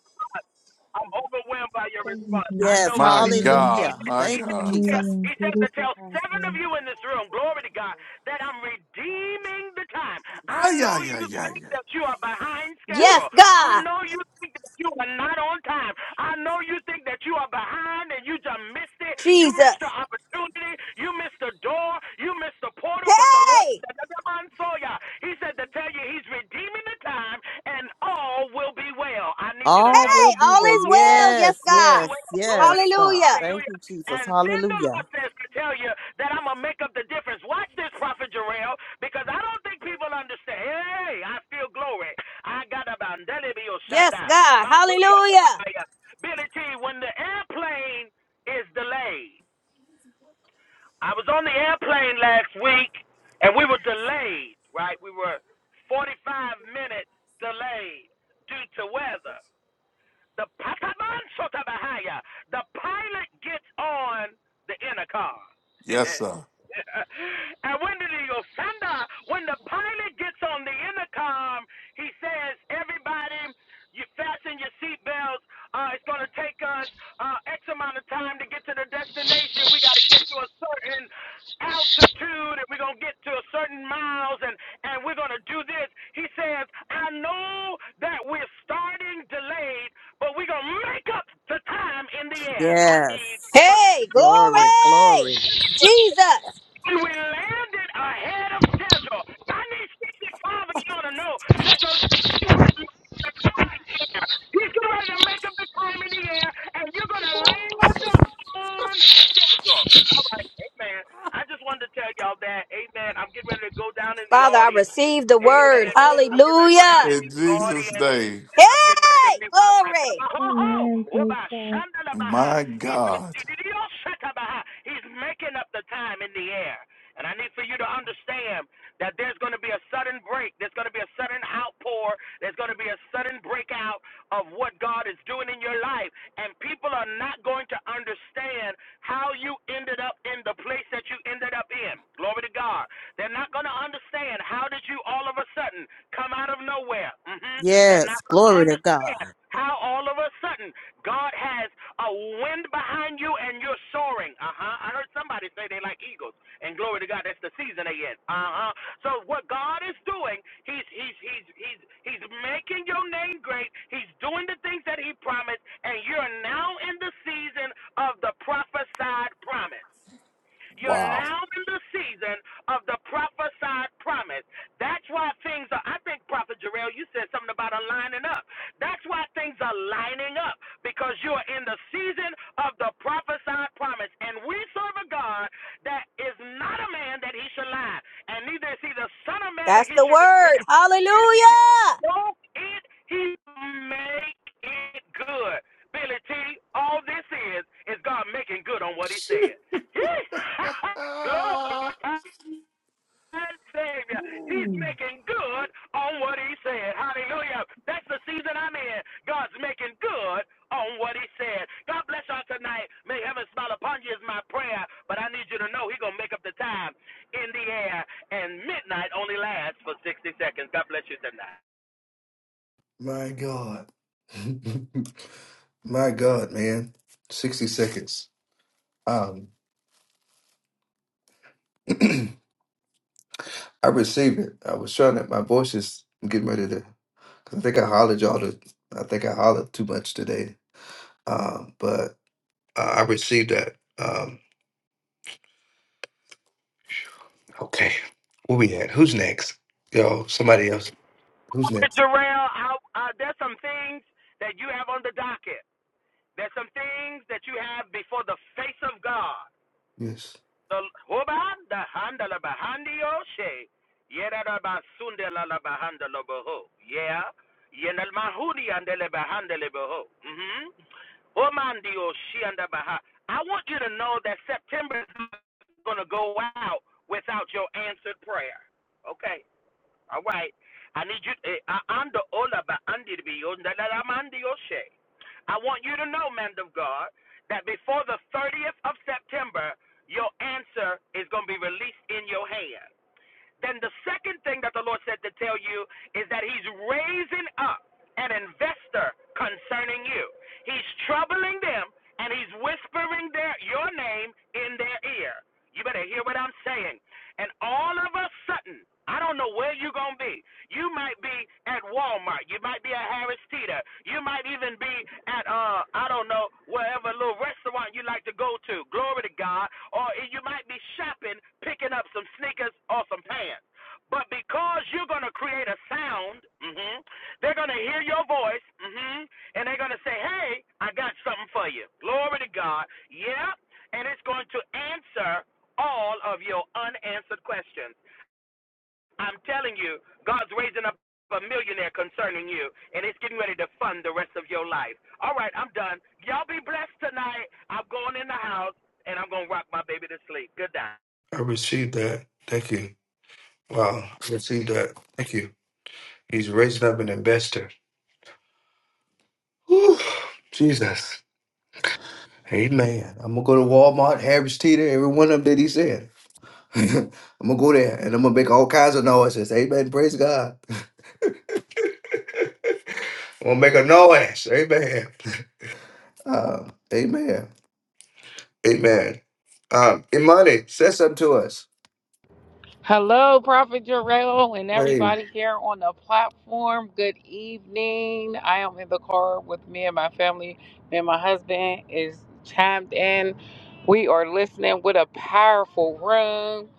[SPEAKER 14] I'm overwhelmed by your
[SPEAKER 24] Thank you,
[SPEAKER 14] response. I
[SPEAKER 24] Jesus.
[SPEAKER 3] Yes,
[SPEAKER 14] know,
[SPEAKER 18] my
[SPEAKER 14] baby.
[SPEAKER 24] Hallelujah.
[SPEAKER 14] He,
[SPEAKER 18] God,
[SPEAKER 3] hallelujah.
[SPEAKER 18] my
[SPEAKER 14] he
[SPEAKER 3] Thank you,
[SPEAKER 14] says
[SPEAKER 18] God.
[SPEAKER 14] to tell
[SPEAKER 3] Jesus.
[SPEAKER 24] Hallelujah.
[SPEAKER 14] he says to
[SPEAKER 24] Beauty for
[SPEAKER 14] tell seven of
[SPEAKER 24] ashes.
[SPEAKER 14] you in this room, glory to God, that I'm redeeming the time. I
[SPEAKER 18] Ah
[SPEAKER 14] know
[SPEAKER 18] yeah yeah
[SPEAKER 14] you
[SPEAKER 18] yeah
[SPEAKER 14] think
[SPEAKER 18] yeah.
[SPEAKER 14] that you are behind
[SPEAKER 7] Yes,
[SPEAKER 14] schedule. I
[SPEAKER 7] God.
[SPEAKER 14] know you think that you are not on time. I know you think that you are behind and you just missed it. You missed the
[SPEAKER 7] Jesus.
[SPEAKER 14] opportunity. You missed the door. You missed the portal. But the Lord
[SPEAKER 7] Hey.
[SPEAKER 14] said, "Another man saw ya." He said to tell you He's redeeming the time and all will be well. I need you to
[SPEAKER 3] All
[SPEAKER 14] know
[SPEAKER 3] will
[SPEAKER 7] Hey,
[SPEAKER 3] be
[SPEAKER 7] all
[SPEAKER 3] well.
[SPEAKER 14] all
[SPEAKER 7] is well.
[SPEAKER 14] the
[SPEAKER 7] Yes,
[SPEAKER 3] Yes,
[SPEAKER 7] God.
[SPEAKER 3] yes,
[SPEAKER 14] way. Glory
[SPEAKER 3] yes,
[SPEAKER 14] to God.
[SPEAKER 3] God.
[SPEAKER 7] Hallelujah.
[SPEAKER 3] Thank
[SPEAKER 14] Hallelujah.
[SPEAKER 3] you, Jesus.
[SPEAKER 14] And then the Lord
[SPEAKER 3] Hallelujah.
[SPEAKER 14] says to tell you that I'm going to make up the difference. Watch this, Prophet Jarrell, because I don't think people understand. Hey, I feel glory. I got a Bandelibio
[SPEAKER 7] Yeah.
[SPEAKER 14] Shanda. Montoya
[SPEAKER 7] yeah.
[SPEAKER 14] Nebahaya. Billy T, when the airplane is delayed, I was on the airplane last week and we were delayed, right? We were 45 minutes delayed due to weather. The Pataman Sotabahaya. The pilot gets on the intercom.
[SPEAKER 18] Yes sir.
[SPEAKER 14] and when the he when the pilot gets on the intercom, he says, Everybody, you fasten your seatbelts. Uh, it's going to take us uh, X amount of time to get to the destination. We got to get to a certain altitude and we're going to get to a certain miles and, and we're going to do this. He says, I know that we're starting delayed but we're going to make up the time in the air. I need
[SPEAKER 3] Yes.
[SPEAKER 14] but
[SPEAKER 7] Hey,
[SPEAKER 3] Glory,
[SPEAKER 7] glory.
[SPEAKER 3] glory.
[SPEAKER 7] Jesus.
[SPEAKER 14] we landed ahead of schedule. I need 65 of you to know that the He's getting ready to make up the time in the air, and you're going to land on schedule. All right, amen. I just wanted to tell y'all that, amen. I'm getting ready to go down in the
[SPEAKER 7] Father, I
[SPEAKER 14] audience,
[SPEAKER 7] receive the word.
[SPEAKER 14] amen. I'm getting ready to go down
[SPEAKER 7] Hallelujah.
[SPEAKER 14] in
[SPEAKER 18] In
[SPEAKER 14] the
[SPEAKER 18] Jesus'
[SPEAKER 14] audience.
[SPEAKER 18] name,
[SPEAKER 14] I'm getting ready to
[SPEAKER 7] Hey,
[SPEAKER 14] mute my mic.
[SPEAKER 7] glory.
[SPEAKER 14] Ho ho!
[SPEAKER 24] Amen. Praise
[SPEAKER 14] Oba
[SPEAKER 24] God.
[SPEAKER 14] shandala baha.
[SPEAKER 18] my
[SPEAKER 14] He's
[SPEAKER 18] God.
[SPEAKER 14] Didio shaka baha. He's making up the time in the air. And I need for you to understand that there's going to be a sudden break. There's going to be a sudden outpour. There's going to be a sudden breakout of what God is doing in your life. And people are not going to understand how you ended up in the place that you ended up in. Glory to God. They're not going to understand how did you all of a sudden come out of nowhere. hmm They're not
[SPEAKER 3] Yes,
[SPEAKER 14] going to
[SPEAKER 3] glory to God.
[SPEAKER 14] understand how all of a sudden God has a wind behind you and you're soaring. Uh huh. I heard somebody say they like eagles, and glory to God, that's the season they in. Uh huh. So what God is doing, He's He's He's He's He's making your name great. He's doing the things that He promised, and you're now in the season of the prophesied promise. You're
[SPEAKER 18] Wow.
[SPEAKER 14] now in the season of the prophesied promise. That's why things are, I think, Prophet Jarrell, you said something about aligning up. That's why things are lining up because you are in the season of the prophesied promise. And we serve a God that is not a man that he should lie, and neither is he the Son of Man that he should repent. Won't it he make it good? Billy T, all this is is God making good on what he said.
[SPEAKER 18] Ah.
[SPEAKER 14] Glory and Savior. He's
[SPEAKER 18] Ooh.
[SPEAKER 14] making good on what he said. Hallelujah. That's the season I'm in. God's making good on what he said. God bless y'all tonight. May heaven smile upon you is my prayer. But I need you to know he's gonna make up the time in the air and midnight only lasts for sixty seconds. God bless you tonight.
[SPEAKER 1] My God. My God, man. Sixty seconds. Um, I received it. I was trying to. My voice is getting ready to. Cause I think I hollered y'all to. I think I hollered too much today Um, but uh, I received that. Um, okay, where we at? Who's next? Yo, somebody else. Who's
[SPEAKER 14] But
[SPEAKER 1] next?
[SPEAKER 14] Jarrell, I, uh, there's some things that you have on the docket. There's some things that you have before the face of God.
[SPEAKER 1] Yes,
[SPEAKER 14] The Hobanda Handala Bahandi Oshe. Yerada Basundela La Bahanda Yeah. Yenel Mahudi Andele Bahanda Leboho. Mm-hmm. Omandi Oshi and Baha. I want you to know that September is not going to go out without your answered prayer. Okay. All right. I need you. eh, I- I'm the owner, but I'm the bill. that- I'm under your share. I want you to know, man of God, that before the 30th of September, your answer is going to be released in your hand. Then the second thing that the Lord said to tell you is that He's raising up an investor concerning you. He's troubling them and He's whispering their, your name in their ear. You better hear what I'm saying. And all of a sudden, I don't know where you're going to be. You might be at Walmart. You might be at Harris Teeter. You might even be at uh I don't know wherever little restaurant you like to go to. Glory to God. Or you might be shopping, picking up some sneakers or some pants. But because you're going to create a sound, hmm they're going to hear your voice, hmm and they're going to say, hey, I got something for you. Glory to God. Yep. Yeah. And it's going to answer all of your unanswered questions. I'm telling you, God's raising up a millionaire concerning you, and it's getting ready to fund the rest of your life. All right, I'm done. Y'all be blessed tonight. I'm going in the house, and I'm going to rock my baby to sleep. Good night.
[SPEAKER 1] I received that. Thank you. Wow, I received that. Thank you. He's raising up an investor. Whew. Jesus. Amen. I'm gonna go to Walmart, Harris Teeter, every one of them that he said. I'm gonna go there and I'm gonna make all kinds of noises. Amen. Praise God. I'm gonna make a noise. Amen. Uh, amen. Amen. Um, Imani, say something to us.
[SPEAKER 19] Hello, Prophet Jarrell, and
[SPEAKER 1] Hey,
[SPEAKER 19] everybody here on the platform. Good evening. I am in the car with me and my family. Me and my husband is chimed in. We are listening with a powerful room.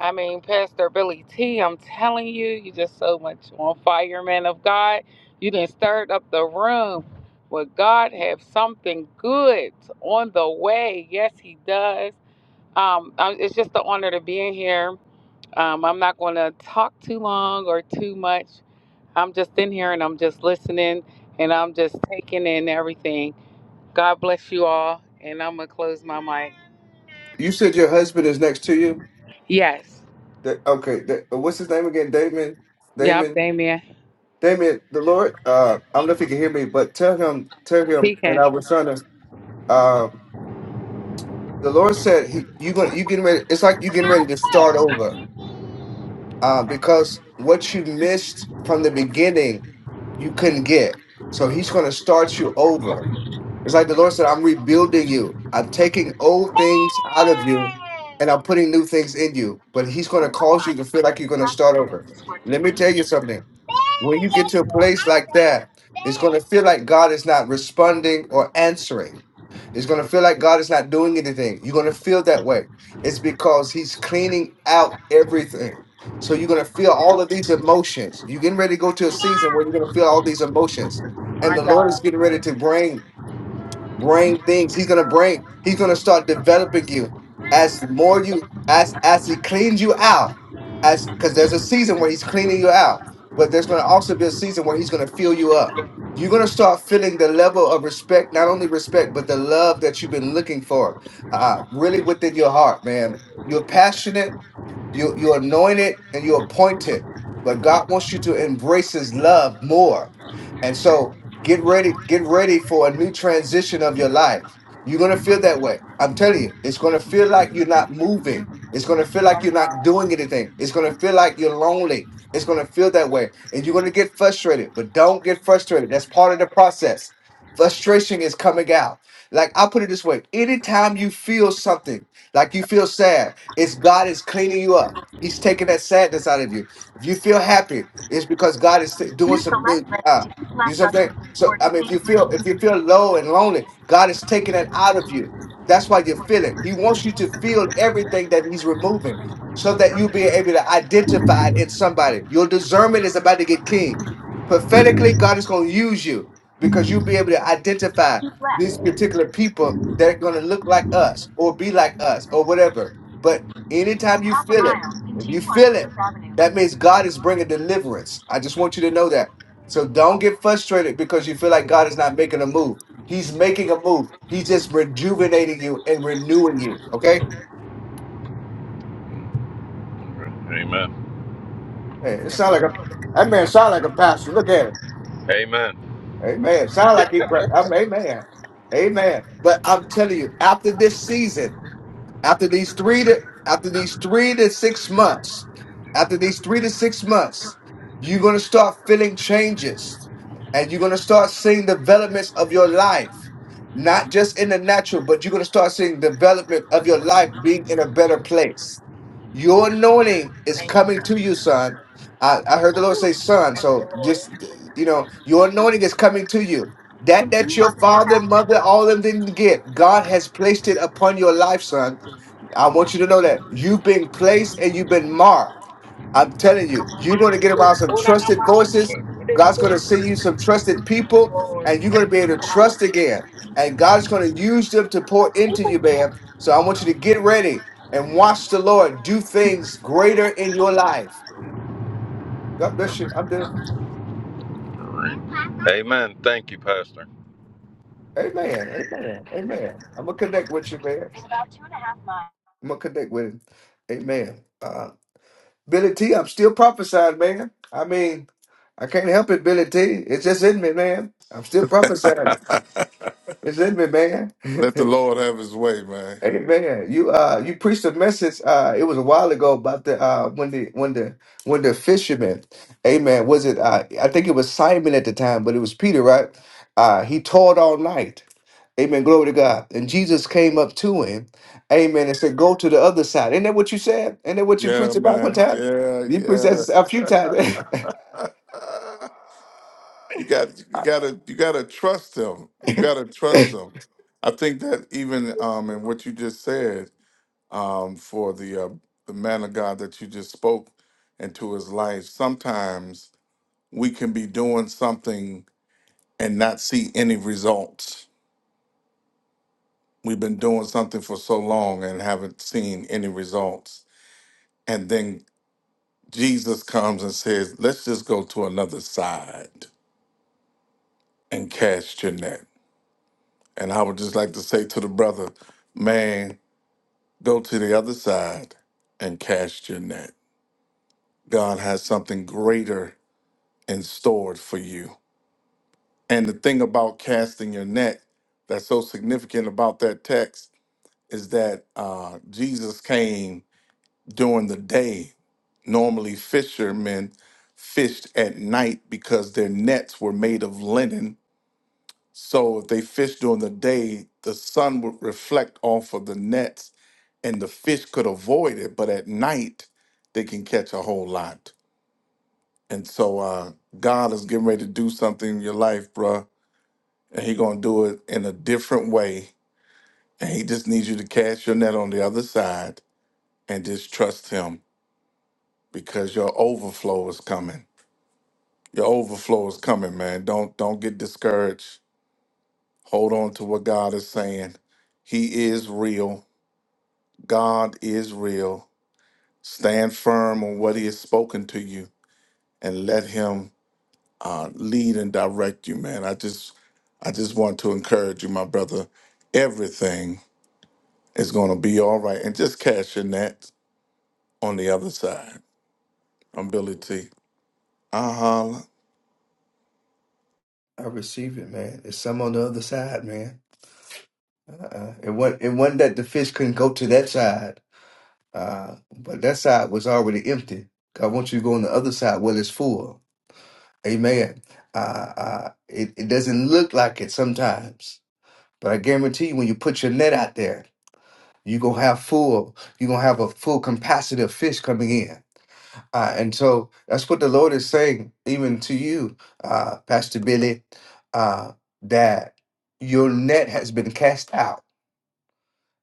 [SPEAKER 19] I mean, Pastor Billy T, I'm telling you, you just so much on fire, man of God. You done stirred up the room. Well, God have something good on the way. Yes, He does. Um, I- it's just an honor to be in here. Um, I'm not going to talk too long or too much. I'm just in here and I'm just listening and I'm just taking in everything. God bless you all. And I'm going to close my mic.
[SPEAKER 1] you said your husband is next to you.
[SPEAKER 19] Yes.
[SPEAKER 1] That, okay, that, uh, what's his name again? Damon.
[SPEAKER 19] Yep,
[SPEAKER 1] Damon.
[SPEAKER 19] Damien.
[SPEAKER 1] Damon. The Lord. Uh, I don't know if he can hear me, but tell him, tell him,
[SPEAKER 19] He
[SPEAKER 1] and
[SPEAKER 19] can.
[SPEAKER 1] I was trying to. Um, the Lord said, "He, you going you getting ready? It's like you getting ready to start over, uh, because what you missed from the beginning, you couldn't get. So He's going to start you over." It's like the Lord said, I'm rebuilding you. I'm taking old things out of you and I'm putting new things in you. But He's going to cause you to feel like you're going to start over. Let me tell you something. When you get to a place like that, it's going to feel like God is not responding or answering. It's going to feel like God is not doing anything. You're going to feel that way. It's because He's cleaning out everything. So you're going to feel all of these emotions. You're getting ready to go to a season where you're going to feel all these emotions. And
[SPEAKER 19] My
[SPEAKER 1] the Lord is
[SPEAKER 19] God.
[SPEAKER 1] getting ready to bring bring things. He's gonna bring. He's gonna start developing you as the more you as as he cleans you out. As because there's a season where he's cleaning you out, but there's gonna also be a season where he's gonna fill you up. You're gonna start feeling the level of respect, not only respect, but the love that you've been looking for, uh, really within your heart, man. You're passionate you you're anointed and you're appointed, but God wants you to embrace His love more. And so get ready, get ready for a new transition of your life. You're gonna feel that way. I'm telling you, it's gonna feel like you're not moving. It's gonna feel like you're not doing anything. It's gonna feel like you're lonely. It's gonna feel that way, and you're gonna get frustrated. But don't get frustrated. That's part of the process. Frustration is coming out. Like I put it this way: anytime you feel something like you feel sad, it's God is cleaning you up. He's taking that sadness out of you. If you feel happy, it's because God is doing
[SPEAKER 19] Use the
[SPEAKER 1] some big.
[SPEAKER 19] left lane
[SPEAKER 1] Uh,
[SPEAKER 19] to keep
[SPEAKER 1] you see
[SPEAKER 19] left
[SPEAKER 1] what I'm
[SPEAKER 19] on
[SPEAKER 1] saying? So
[SPEAKER 19] toward
[SPEAKER 1] I mean, if
[SPEAKER 19] King
[SPEAKER 1] you feel
[SPEAKER 19] Route.
[SPEAKER 1] if you feel low and lonely, God is taking that out of you. That's why you're feeling. He wants you to feel everything that He's removing, so that you'll be able to identify it in somebody. Your discernment is about to get keen. Prophetically, God is going to use you because you'll be able to identify
[SPEAKER 19] Keep
[SPEAKER 1] these
[SPEAKER 19] left.
[SPEAKER 1] particular people that are going to look like us or be like us or whatever. But anytime
[SPEAKER 19] In
[SPEAKER 1] you
[SPEAKER 19] half a
[SPEAKER 1] feel it,
[SPEAKER 19] mile,
[SPEAKER 1] if you
[SPEAKER 19] continue on
[SPEAKER 1] feel it,
[SPEAKER 19] Fifth Avenue.
[SPEAKER 1] that means God is bringing deliverance. I just want you to know that. So don't get frustrated because you feel like God is not making a move. He's making a move. He's just rejuvenating you and renewing you. Okay?
[SPEAKER 19] Amen.
[SPEAKER 1] Hey, it sound like a that man sound like a pastor. Look at him.
[SPEAKER 19] Amen.
[SPEAKER 1] Amen. Sound like he praying. Amen. Amen. But I'm telling you, after this season, After these three to after these three to six months, after these three to six months, you're gonna start feeling changes and you're gonna start seeing developments of your life. Not just in the natural, but you're gonna start seeing development of your life being in a better place. Your anointing is coming to you, son. I, I heard the Lord say, son. So just, you know, your anointing is coming to you. That that
[SPEAKER 19] Continue
[SPEAKER 1] your
[SPEAKER 19] on to the fifth
[SPEAKER 1] father and
[SPEAKER 19] avenue.
[SPEAKER 1] mother, all of them didn't get, God has placed it upon your life, son. I want you to know that you've been placed and you've been marked. I'm telling you, you're going to get around some trusted voices. God's going to send you some trusted people, and you're going to be able to trust again. And God's going to use them to pour into you, man. So I want you to get ready and watch the Lord do things greater in your life. God bless you. I'm there.
[SPEAKER 19] Amen. Thank you, Pastor.
[SPEAKER 1] Amen. Amen. Amen. I'm going to connect with you, man.
[SPEAKER 19] In about two and a half miles.
[SPEAKER 1] I'm going to connect with him. Amen. Uh, Billy T, I'm still prophesying, man. I mean, I can't help it, Billy T. It's just in me, man. I'm still prophesying. It's in me, man.
[SPEAKER 18] Let the Lord have His way, man.
[SPEAKER 1] Amen. You uh you preached a message uh it was a while ago about the uh when the when the when the fisherman, amen, was it uh I think it was Simon at the time, but it was Peter, right? Uh he toiled all night. Amen. Glory to God. And Jesus came up to him, amen, and said, Go to the other side. Ain't that what you said? Ain't that what you
[SPEAKER 18] Yeah,
[SPEAKER 1] preached about one
[SPEAKER 18] man.
[SPEAKER 1] time?
[SPEAKER 18] Yeah,
[SPEAKER 1] You preached that a few times.
[SPEAKER 18] yeah. you got you gotta you gotta trust them. You gotta trust them. I think that even um in what you just said, um, for the uh, the man of God that you just spoke into his life, sometimes we can be doing something and not see any results. We've been doing something for so long and haven't seen any results. And then Jesus comes and says, Let's just go to another side and cast your net. And I would just like to say to the brother, man, go to the other side and cast your net. God has something greater in store for you. And the thing about casting your net that's so significant about that text is that uh, Jesus came during the day. Normally, fishermen fished at night because their nets were made of linen So if they fished during the day, the sun would reflect off of the nets and the fish could avoid it. But at night, they can catch a whole lot. And so uh, God is getting ready to do something in your life, bruh. And he going to do it in a different way. And he just needs you to cast your net on the other side and just trust him because your overflow is coming. Your overflow is coming, man. Don't don't get discouraged. Hold on to what God is saying. He is real God is real. Stand firm on what He has spoken to you, and let Him uh, lead and direct you, man. I just, I just want to encourage you, my brother. Everything is going to be all right, and just cash your net on the other side. I'm Billy T. I holler.
[SPEAKER 1] I receive it, man. There's some on the other side, man. Uh-uh. It wasn't it wasn't that the fish couldn't go to that side. Uh, but that side was already empty. God wants you to go on the other side where it's full. Amen. Uh, uh, it, it doesn't look like it sometimes, but I guarantee you, when you put your net out there, you're going to have full, you're going to have a full capacity of fish coming in. Uh, and so that's what the Lord is saying, even to you, uh, Pastor Billy, uh, that your net has been cast out.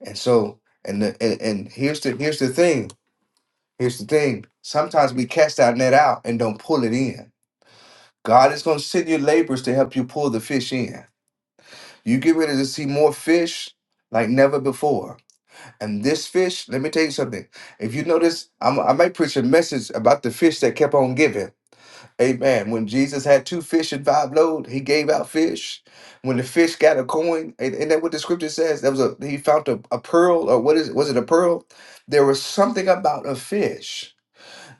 [SPEAKER 1] And so, and, the, and and here's the here's the thing Here's the thing sometimes we cast our net out and don't pull it in. God is going to send you laborers to help you pull the fish in. You get ready to see more fish like never before. And this fish, let me tell you something. If you notice, I'm, I might preach a message about the fish that kept on giving. Amen. When Jesus had two fish and five loaves, he gave out fish. When the fish got a coin, and, and that what the scripture says, that was a he found a, a pearl, or what is it? Was it a pearl? There was something about a fish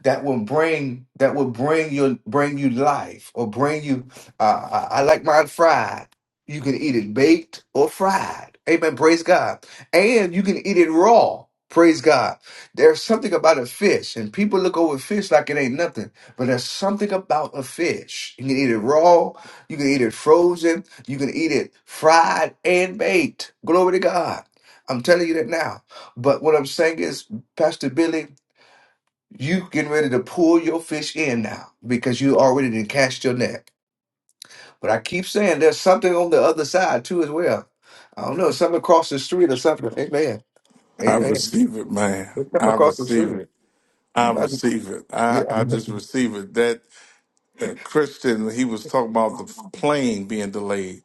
[SPEAKER 1] that will bring that will bring you bring you life or bring you. Uh, I, I like mine fried. You can eat it baked or fried. Amen. Praise God. And you can eat it raw. Praise God. There's something about a fish, and people look over fish like it ain't nothing. But there's something about a fish. You can eat it raw. You can eat it frozen. You can eat it fried and baked. Glory to God. I'm telling you that now. But what I'm saying is, Pastor Billy. You getting ready to pull your fish in now because you already did cast your net. But I keep saying there's something on the other side too as well. I don't know, something across the street or something. Amen.
[SPEAKER 18] I
[SPEAKER 1] Amen.
[SPEAKER 18] receive it, man.
[SPEAKER 1] There's Something
[SPEAKER 18] I
[SPEAKER 1] across the
[SPEAKER 18] receive
[SPEAKER 1] street.
[SPEAKER 18] it.
[SPEAKER 1] You
[SPEAKER 18] I
[SPEAKER 1] might be,
[SPEAKER 18] receive it.
[SPEAKER 1] yeah.
[SPEAKER 18] I, I just receive it. That uh, Christian, he was talking about the plane being delayed.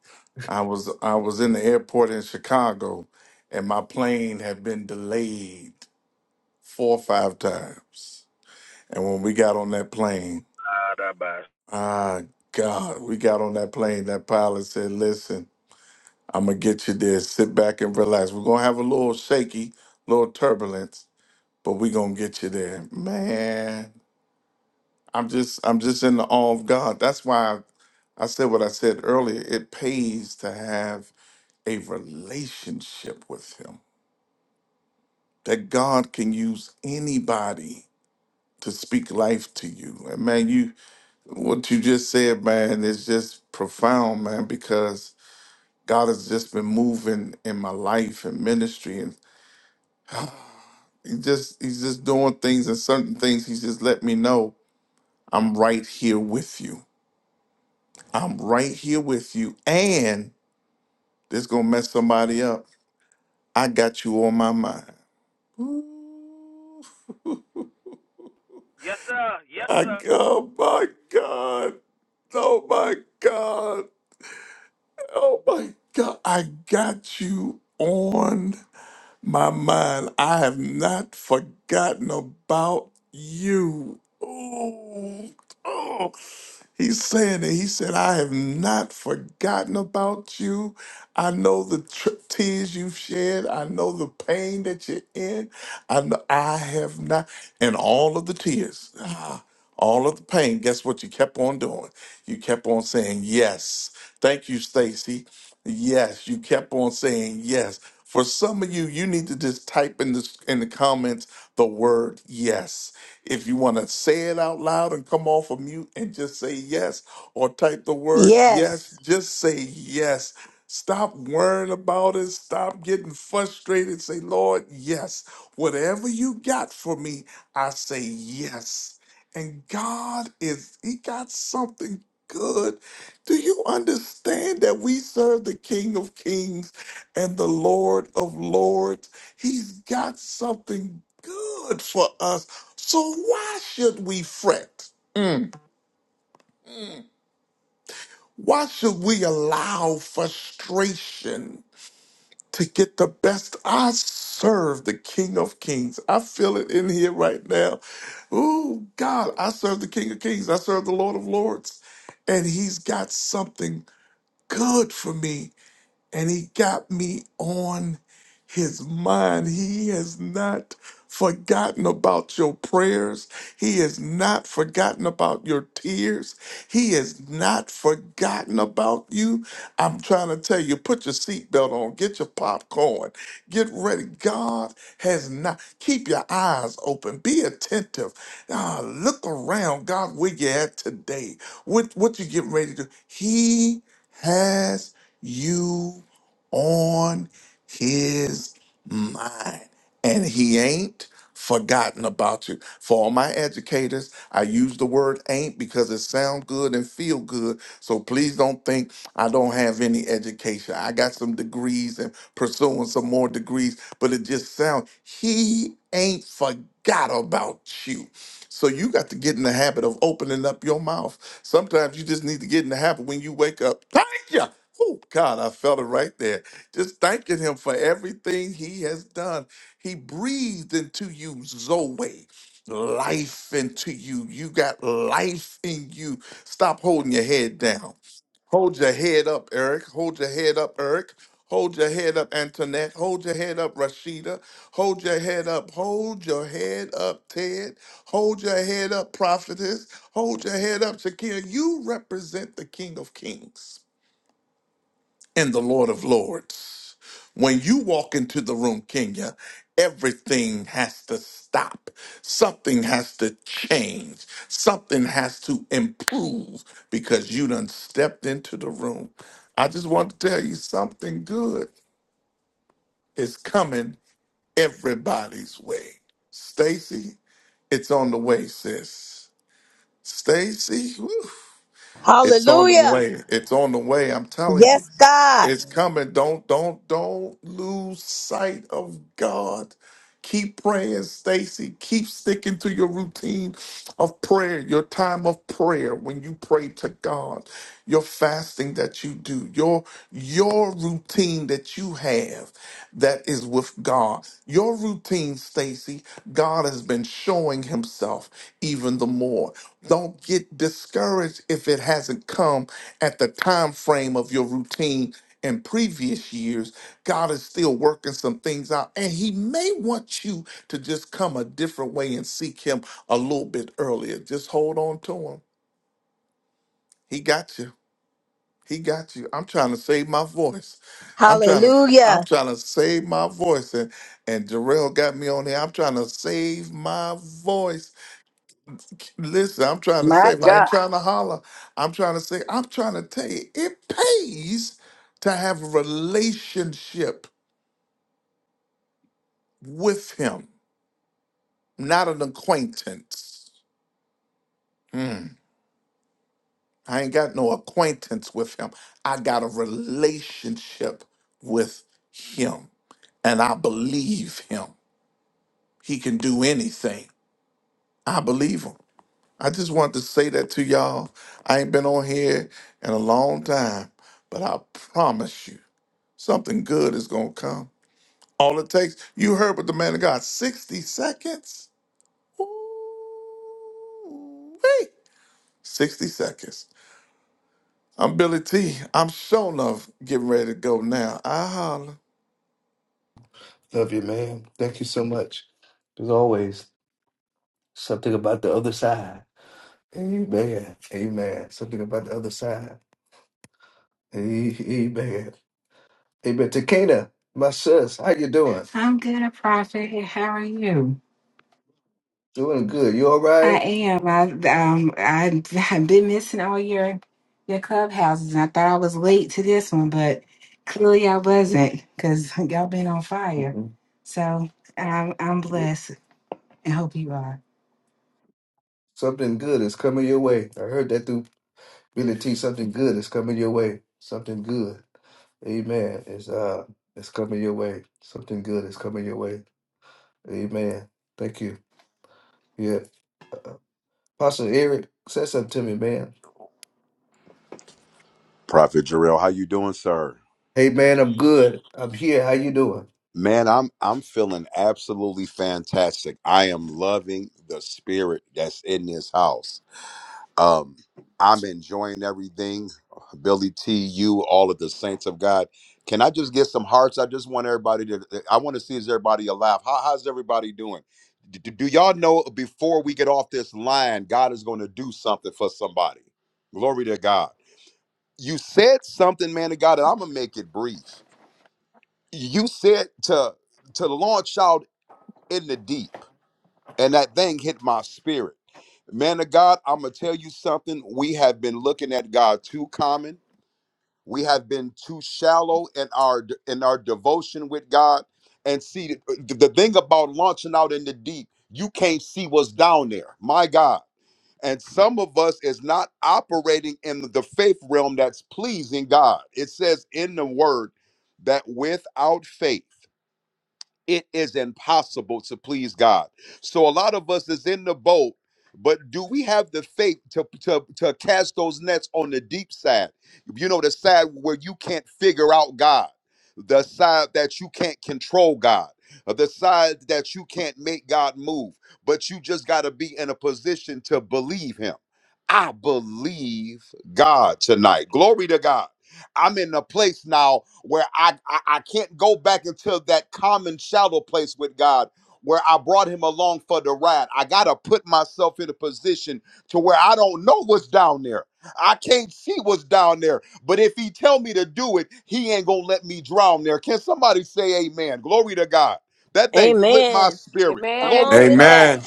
[SPEAKER 18] I was I was in the airport in Chicago, and my plane had been delayed four or five times. And when we got on that plane,
[SPEAKER 14] Ah, that bad.
[SPEAKER 18] ah, God, we got on that plane. That pilot said, "Listen, I'm gonna get you there. Sit back and relax. We're gonna have a little shaky, little turbulence, but we're gonna get you there, man." I'm just I'm just in the awe of God. That's why I, I said what I said earlier. It pays to have a relationship with him. That God can use anybody to speak life to you. And man, you what you just said, man, is just profound, man, because God has just been moving in my life and ministry and he just he's just doing things and certain things he's just let me know I'm right here with you. I'm right here with you. And This gonna mess somebody up. I got you on my mind. Ooh,
[SPEAKER 14] Yes, sir. Yes,
[SPEAKER 18] I,
[SPEAKER 14] sir.
[SPEAKER 18] oh my God. Oh my God. Oh my God. I got you on my mind. I have not forgotten about you. Ooh, oh. He's saying that he said, I have not forgotten about you. I know the tr- tears you've shed. I know the pain that you're in. I know I have not, and all of the tears, ah, all of the pain. Guess what? You kept on doing. You kept on saying yes. Thank you, Stacy. Yes, you kept on saying yes. For some of you, you need to just type in this in the comments the word yes if you want to say it out loud and come off of mute and just say yes or type the word yes, just say yes. Stop worrying about it. Stop getting frustrated. Say, Lord, yes. Whatever you got for me, I say yes. And God is, He got something good. Do you understand that we serve the King of Kings and the Lord of Lords? He's got something good for us so why should we fret? Why should we allow frustration to get the best? I serve the King of Kings. I feel it in here right now. Oh God, I serve the King of Kings. I serve the Lord of Lords. And he's got something good for me and he got me on his mind. He has not forgotten about your prayers. He has not forgotten about your tears. He has not forgotten about you. I'm trying to tell you, put your seatbelt on, get your popcorn, get ready. God has not. Keep your eyes open, be attentive. Ah, look around, God, where you at today? What, what you getting ready to do? He has you on his mind. And he ain't forgotten about you. For all my educators, I use the word ain't because it sounds good and feel good. So please don't think I don't have any education. I got some degrees and pursuing some more degrees, but it just sounds he ain't forgot about you. So you got to get in the habit of opening up your mouth. Sometimes you just need to get in the habit when you wake up. Thank you. Oh God, I felt it right there. Just thanking him for everything he has done. He breathed into you Zoe, life into you. You got life in you. Stop holding your head down. Hold your head up, Eric. Hold your head up, Eric. Hold your head up, Antoinette. Hold your head up, Rashida. Hold your head up. Hold your head up, Ted. Hold your head up, Prophetess. Hold your head up, Shakira. You represent the King of Kings and the Lord of Lords. When you walk into the room, Kenya, everything has to stop. Something has to change. Something has to improve because you done stepped into the room. I just want to tell you something good is coming everybody's way. Stacy, it's on the way, sis. Stacy, whew, it's on the
[SPEAKER 7] Hallelujah.
[SPEAKER 18] way. It's on the way. I'm telling you. It's coming. Don't don't don't lose sight of God. Keep praying, Stacy. Keep sticking to your routine of prayer, your time of prayer when you pray to God, your fasting that you do, your your routine that you have that is with God. Your routine, Stacy, God has been showing himself even the more. Don't get discouraged if it hasn't come at the time frame of your routine in previous years, God is still working some things out. And He may want you to just come a different way and seek Him a little bit earlier. Just hold on to Him. He got you. He got you. I'm trying to save my voice. I'm trying to. I'm trying to save my voice, and and Jarrell got me on here. I'm trying to save my voice. Listen, I'm trying to
[SPEAKER 6] My
[SPEAKER 18] save. I ain't
[SPEAKER 6] God.
[SPEAKER 18] trying to holler. I'm trying to say. I'm trying to tell you, it pays to have a relationship with him, not an acquaintance. Mm, I ain't got no acquaintance with him. I got a relationship with him, and I believe him. He can do anything. I believe him. I just wanted to say that to y'all. I ain't been on here in a long time, but I promise you, something good is going to come. All it takes, you heard what the man of God, 60 seconds? Ooh, 60 seconds. I'm Billy T. I'm show love getting ready to go now. I holla.
[SPEAKER 1] Love you, man. Thank you so much. As always, something about the other side. Amen. Amen. Something about the other side. Amen. Amen. Takena, my sis, how you doing?
[SPEAKER 25] I'm good, a prophet. and How are you?
[SPEAKER 1] Doing good. You all right?
[SPEAKER 25] I am. I um I have been missing all your your clubhouses. I thought I was late to this one, but clearly I wasn't because y'all been on fire.
[SPEAKER 1] Mhm.
[SPEAKER 25] So I'm I'm blessed and hope you are.
[SPEAKER 1] Something good is coming your way. I heard that through Billy T. Something good is coming your way. Something good. Amen. It's uh it's coming your way. Something good is coming your way. Amen. Thank you. Yeah. Uh, Pastor Eric, say something to me, man.
[SPEAKER 26] Prophet Jarrell, how you doing, sir?
[SPEAKER 1] Hey man, I'm good. I'm here. How you doing?
[SPEAKER 26] Man, I'm I'm feeling absolutely fantastic. I am loving the spirit that's in this house. Um, I'm enjoying everything. Billy T, you, all of the saints of God. Can I just get some hearts? I just want everybody to. I want to see is everybody alive. How, how's everybody doing? D- d- do y'all know before we get off this line, God is going to do something for somebody? Glory to God. You said something, man of God, and I'm gonna make it brief you said to to launch out in the deep and that thing hit my spirit man of god i'm gonna tell you something we have been looking at god too common we have been too shallow in our in our devotion with god and see th- the thing about launching out in the deep you can't see what's down there my god and some of us is not operating in the faith realm that's pleasing god it says in the word that without faith it is impossible to please God. So a lot of us is in the boat, but do we have the faith to, to, to cast those nets on the deep side? You know, the side where you can't figure out God, the side that you can't control God, uh, the side that you can't make God move, but you just got to be in a position to believe Him. I believe God tonight. Glory to God. I'm in a place now where I, I I can't go back into that common shallow place with God where I brought him along for the ride. I gotta put myself in a position to where I don't know what's down there. I can't see what's down there. But if he tell me to do it, he ain't gonna let me drown there. Can somebody say amen? Glory to God. That thing flipped my spirit.
[SPEAKER 15] Amen.
[SPEAKER 26] Glory to God.
[SPEAKER 27] Amen.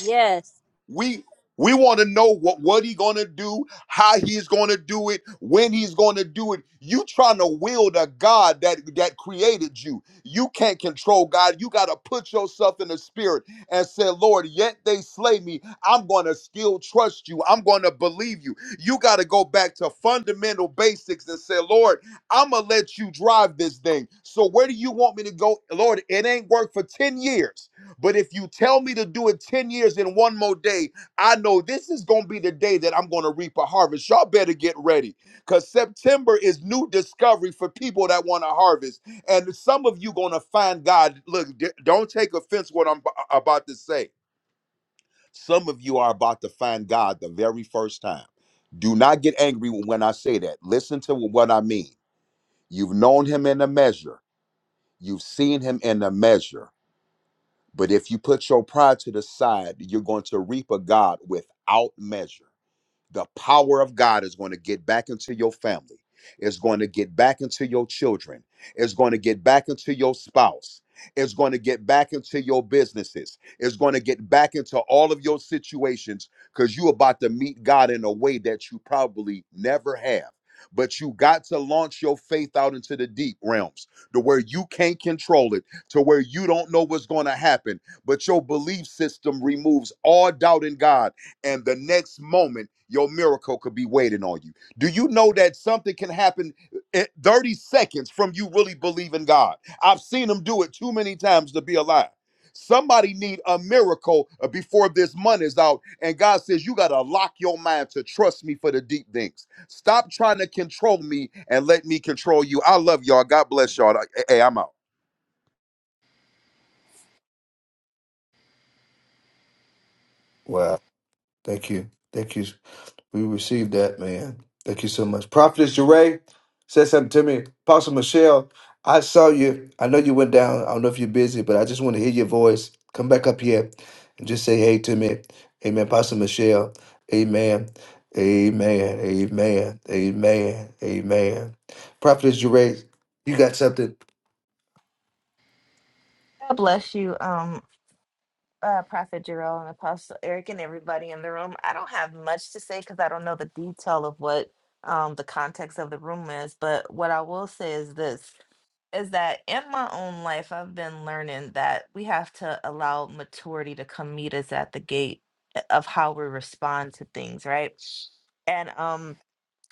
[SPEAKER 26] We we want to know what what he gonna do, how he's gonna do it, when he's gonna do it. You trying to wield a God that that created you. You can't control God. You gotta put yourself in the spirit and say, Lord, yet they slay me. I'm gonna still trust you. I'm gonna believe you. You gotta go back to fundamental basics and say, Lord, I'm gonna let you drive this thing. So where do you want me to go? Lord, it ain't worked for 10 years. But if you tell me to do it 10 years in one more day, I know this is going to be the day that I'm going to reap a harvest. Y'all better get ready because September is new discovery for people that want to harvest. And some of you going to find God. Look, d- don't take offense what I'm b- about to say. Some of you are about to find God the very first time. Do not get angry when I say that. Listen to what I mean. You've known him in a measure. You've seen him in a measure but if you put your pride to the side, you're going to reap a God without measure the power of God is going to get back into your family. It's going to get back into your children. It's going to get back into your spouse. It's going to get back into your businesses. It's going to get back into all of your situations because you're about to meet God in a way that you probably never have. But you got to launch your faith out into the deep realms to where you can't control it, to where you don't know what's going to happen. But your belief system removes all doubt in God and the next moment your miracle could be waiting on you. Do you know that something can happen in 30 seconds from you really believing God? I've seen them do it too many times to be a lie. Somebody need a miracle uh, before this month is out, and God says you gotta lock your mind to trust me for the deep things. Stop trying to control me and let me control you. I love y'all. God bless y'all. Hey, I'm out.
[SPEAKER 1] Wow. Thank you. Thank you. We received that, man. Thank you so much. Prophetess Jeray said something to me. Apostle Michelle, I saw you. I know you went down. I don't know if you're busy, but I just want to hear your voice. Come back up here and just say hey to me. Amen. Apostle Michelle. Amen. Amen. Amen. Amen. Amen. Prophetess Jeray, you got something.
[SPEAKER 28] God bless you, um, uh, Prophet Jarrell and Apostle Eric and everybody in the room. I don't have much to say because I don't know the detail of what um, the context of the room is. But what I will say is this is that in my own life, I've been learning that we have to allow maturity to come meet us at the gate eh, of how we respond to things, right? And um,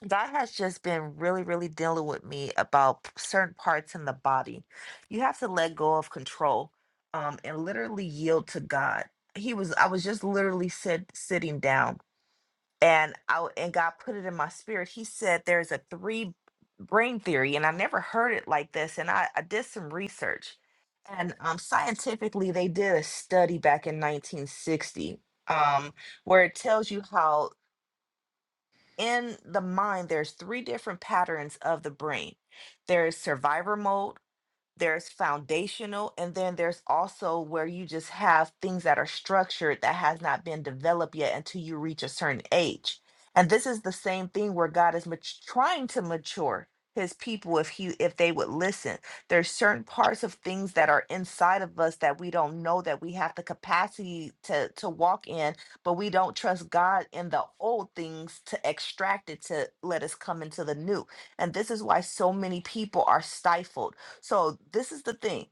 [SPEAKER 28] God has just been really, really dealing with me about p- certain parts in the body. You have to let go of control um, and literally yield to God. He was, I was just literally sit, sitting down and I, w- and God put it in my spirit. He said, there's a three brain theory and I never heard it like this. And I, I did some research and um, scientifically they did a study back in 1960 um, where it tells you how in the mind there's three different patterns of the brain there is survivor mode there's foundational and then there's also where you just have things that are structured that has not been developed yet until you reach a certain age and this is the same thing where god is mat- trying to mature his people if he if they would listen there's certain parts of things that are inside of us that we don't know that we have the capacity to to walk in but we don't trust god in the old things to extract it to let us come into the new and this is why so many people are stifled so this is the thing.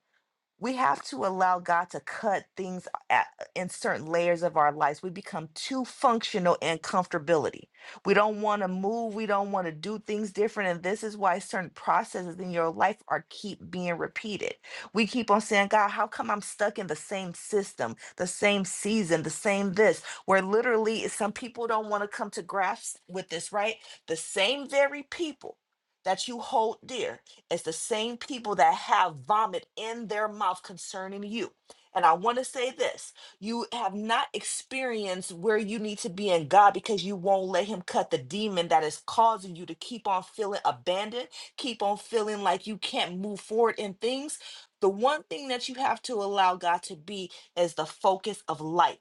[SPEAKER 28] We have to allow God to cut things at, in certain layers of our lives. We become too functional in comfortability. We don't want to move. We don't want to do things different. And this is why certain processes in your life are keep being repeated. We keep on saying, God, how come I'm stuck in the same system, the same season, the same this, where literally some people don't want to come to grasp with this, right? The same very people that you hold dear it's the same people that have vomit in their mouth concerning you. And I want to say this you have not experienced where you need to be in God because you won't let Him cut the demon that is causing you to keep on feeling abandoned, keep on feeling like you can't move forward in things. The one thing that you have to allow God to be is the focus of light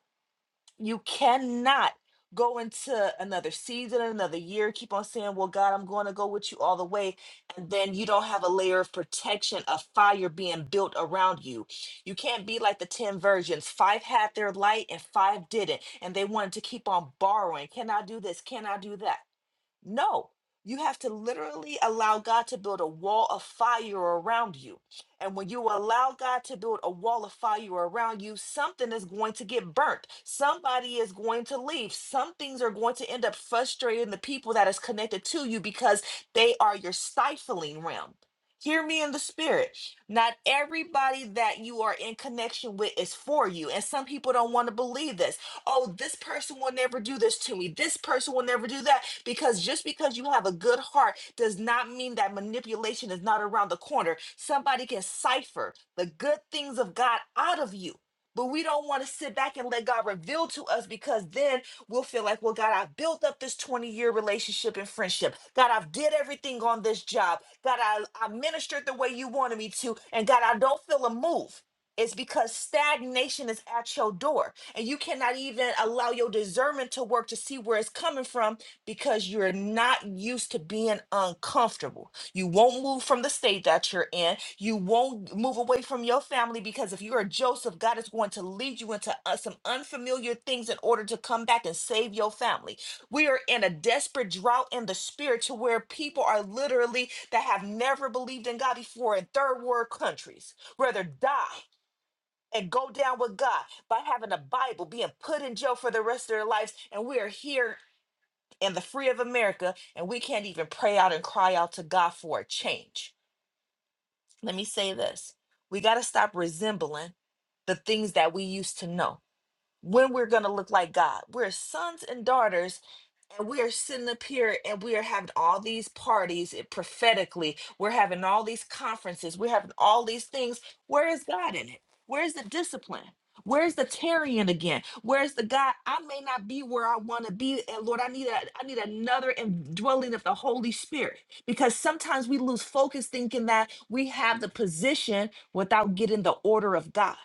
[SPEAKER 28] you cannot go into another season, another year, keep on saying, Well, God, I'm going to go with you all the way. And then you don't have a layer of protection, a fire being built around you. You can't be like the 10 virgins. Five had their light and five didn't. And they wanted to keep on borrowing. Can I do this? Can I do that? No, you have to literally allow God to build a wall of fire around you. And when you allow God to build a wall of fire around you, something is going to get burnt. Somebody is going to leave. Some things are going to end up frustrating the people that is connected to you because they are your stifling realm. Hear me in the spirit. Not everybody that you are in connection with is for you. And some people don't want to believe this oh, this person will never do this to me. This person will never do that. Because just because you have a good heart does not mean that manipulation is not around the corner. Somebody can cipher the good things of God out of you. But we don't want to sit back and let God reveal to us because then we'll feel like, well, God, I've built up this 20 year relationship and friendship. God, I've did everything on this job. God, I, I ministered the way you wanted me to. And God, I don't feel a move. It's because stagnation is at your door and you cannot even allow your discernment to work to see where it's coming from because you're not used to being uncomfortable. You won't move from the state that you're in. You won't move away from your family because if you're a Joseph, God is going to lead you into uh, some unfamiliar things in order to come back and save your family. We are in a desperate drought in the spirit to where people are literally that have never believed in God before in third world countries, rather die and go down with God by having a Bible being put in jail for the rest of their lives. And we are here in the free of America and we can't even pray out and cry out to God for a change. Let me say this we got to stop resembling the things that we used to know. When we're going to look like God, we're sons and daughters and we are sitting up here and we are having all these parties eh, prophetically. We're having all these conferences. We're having all these things. Where is God in it? Where is the discipline? Where's the tarrying again? Where's the God? I may not be where I want to be, and Lord, I need a, I need another indwelling of the Holy Spirit because sometimes we lose focus thinking that we have the position without getting the order of God.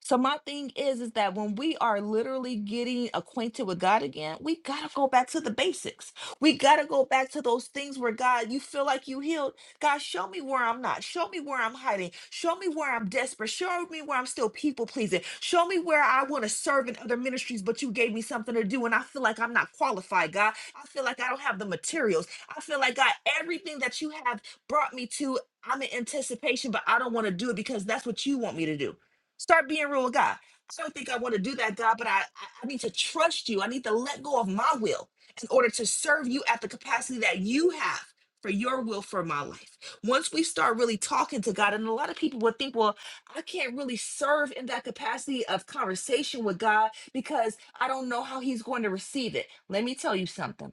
[SPEAKER 28] So my thing is is that when we are literally getting acquainted with God again, we got to go back to the basics. We got to go back to those things where God, you feel like you healed. God, show me where I'm not. Show me where I'm hiding. Show me where I'm desperate. Show me where I'm still people pleasing. Show me where I want to serve in other ministries, but you gave me something to do and I feel like I'm not qualified, God. I feel like I don't have the materials. I feel like God, everything that you have brought me to I'm in anticipation, but I don't want to do it because that's what you want me to do. Start being real with God. I don't think I want to do that, God, but I, I I need to trust you. I need to let go of my will in order to serve you at the capacity that you have for your will for my life. Once we start really talking to God, and a lot of people will think, well, I can't really serve in that capacity of conversation with God because I don't know how He's going to receive it. Let me tell you something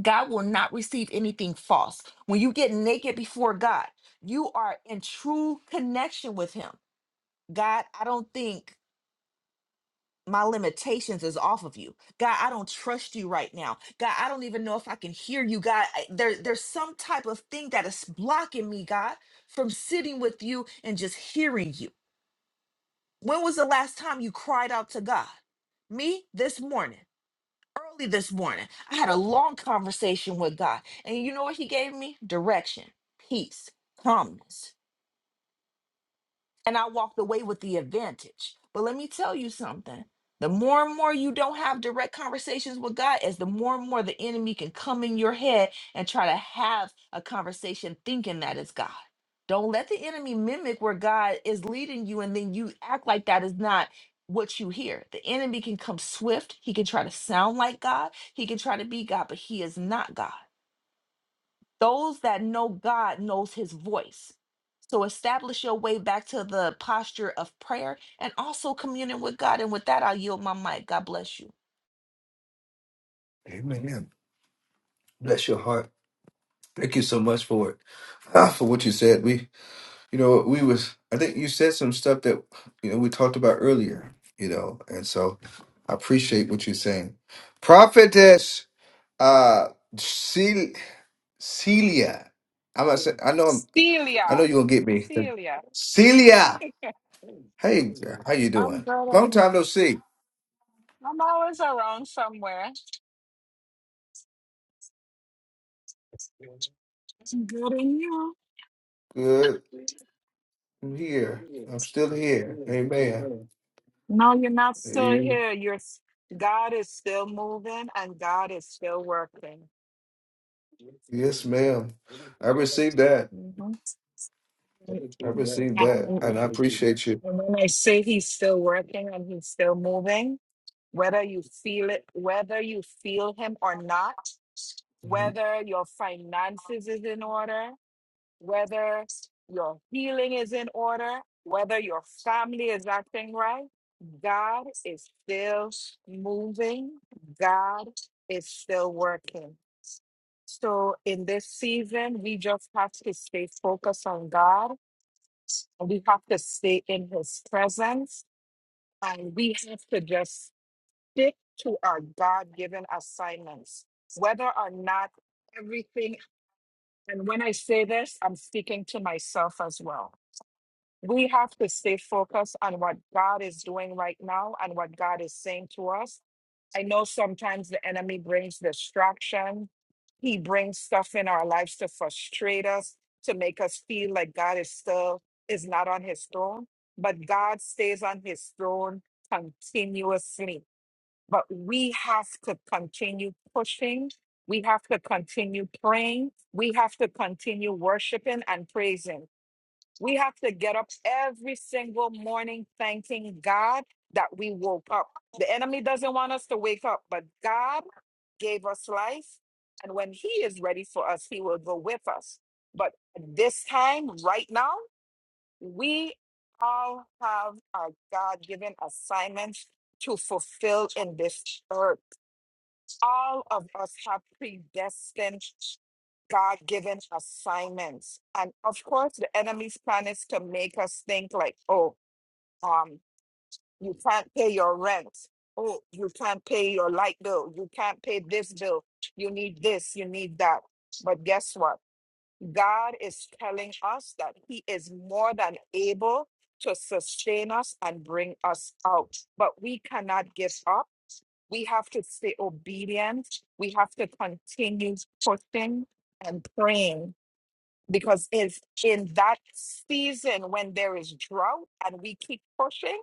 [SPEAKER 28] God will not receive anything false. When you get naked before God, you are in true connection with Him God, I don't think my limitations is off of you. God, I don't trust you right now. God, I don't even know if I can hear you. God, I- there, there's some type of thing that is blocking me, God, from sitting with you and just hearing you. When was the last time you cried out to God? Me this morning, early this morning. I had a long conversation with God. And you know what he gave me? Direction, peace, calmness. and I walked away with the advantage. But let me tell you something. The more and more you don't have direct conversations with God, as the more and more the enemy can come in your head and try to have a conversation thinking that is God. Don't let the enemy mimic where God is leading you and then you act like that is not what you hear. The enemy can come swift. He can try to sound like God. He can try to be God, but he is not God those that know God knows his voice. So establish your way back to the posture of prayer and also communing with God. And with that, I yield my mic. God bless you.
[SPEAKER 1] Amen. Bless your heart. Thank you so much for it. Ah, for what you said. We You know, we was I think you said some stuff that you know we talked about earlier, you know, and so I appreciate what you're saying. Prophetess uh Cel- Celia. I'm not saying I know I'm, I know
[SPEAKER 29] Celia.
[SPEAKER 1] you're gonna get me.
[SPEAKER 29] Celia.
[SPEAKER 1] Celia. Hey, how you
[SPEAKER 29] I'm
[SPEAKER 1] doing?
[SPEAKER 29] good.
[SPEAKER 1] Long
[SPEAKER 29] on-
[SPEAKER 1] time no see.
[SPEAKER 29] I'm always around somewhere. I'm good in you.
[SPEAKER 1] Good. I'm here. I'm still here. Amen.
[SPEAKER 29] No, you're not still
[SPEAKER 1] Eh,
[SPEAKER 29] here. You're s- God is still moving and God is still working.
[SPEAKER 1] Yes, ma'am. I received that.
[SPEAKER 29] Mhm.
[SPEAKER 1] I received that. And I
[SPEAKER 29] And
[SPEAKER 1] appreciate you.
[SPEAKER 29] and when I say he's still working and he's still moving, whether you feel it, whether you feel him or not,
[SPEAKER 1] Mhm.
[SPEAKER 29] whether your finances is in order, whether your healing is in order, whether your family is acting right, God is still moving. God is still working. So in this season, we just have to stay focused on God and we have to stay in his presence and we have to just stick to our God given assignments, whether or not everything. And when I say this, I'm speaking to myself as well we have to stay focused on what God is doing right now and what God is saying to us. I know sometimes the enemy brings distraction. He brings stuff in our lives to frustrate us, to make us feel like God is still is not on his throne, but God stays on his throne continuously. But we have to continue pushing. We have to continue praying. We have to continue worshiping and praising we have to get up every single morning thanking God that we woke up. The enemy doesn't want us to wake up, but God gave us life. And when He is ready for us, He will go with us. But this time, right now, we all have our God given assignments to fulfill in this earth. All of us have predestined, God given assignments. And of course, the enemy's plan is to make us think like, oh, um, you can't pay your rent. Oh, you can't pay your light bill. You can't pay this bill. You need this. You need that. But guess what? God is telling us that He is more than able to sustain us and bring us out. But we cannot give up we have to stay obedient. We have to continue pushing and praying because it's in that season when there is drought and we keep pushing,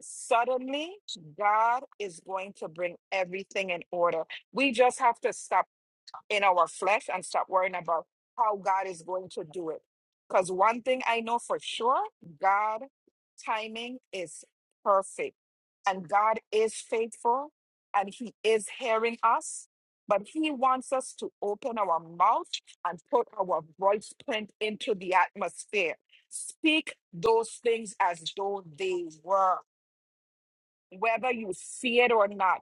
[SPEAKER 29] suddenly God is going to bring everything in order. We just have to stop in our flesh and stop worrying about how God is going to do it. Because one thing I know for sure God timing is perfect, and God is faithful, and He is hearing us. But He wants us to open our mouth and put our voice print into the atmosphere. Speak those things as though they were, whether you see it or not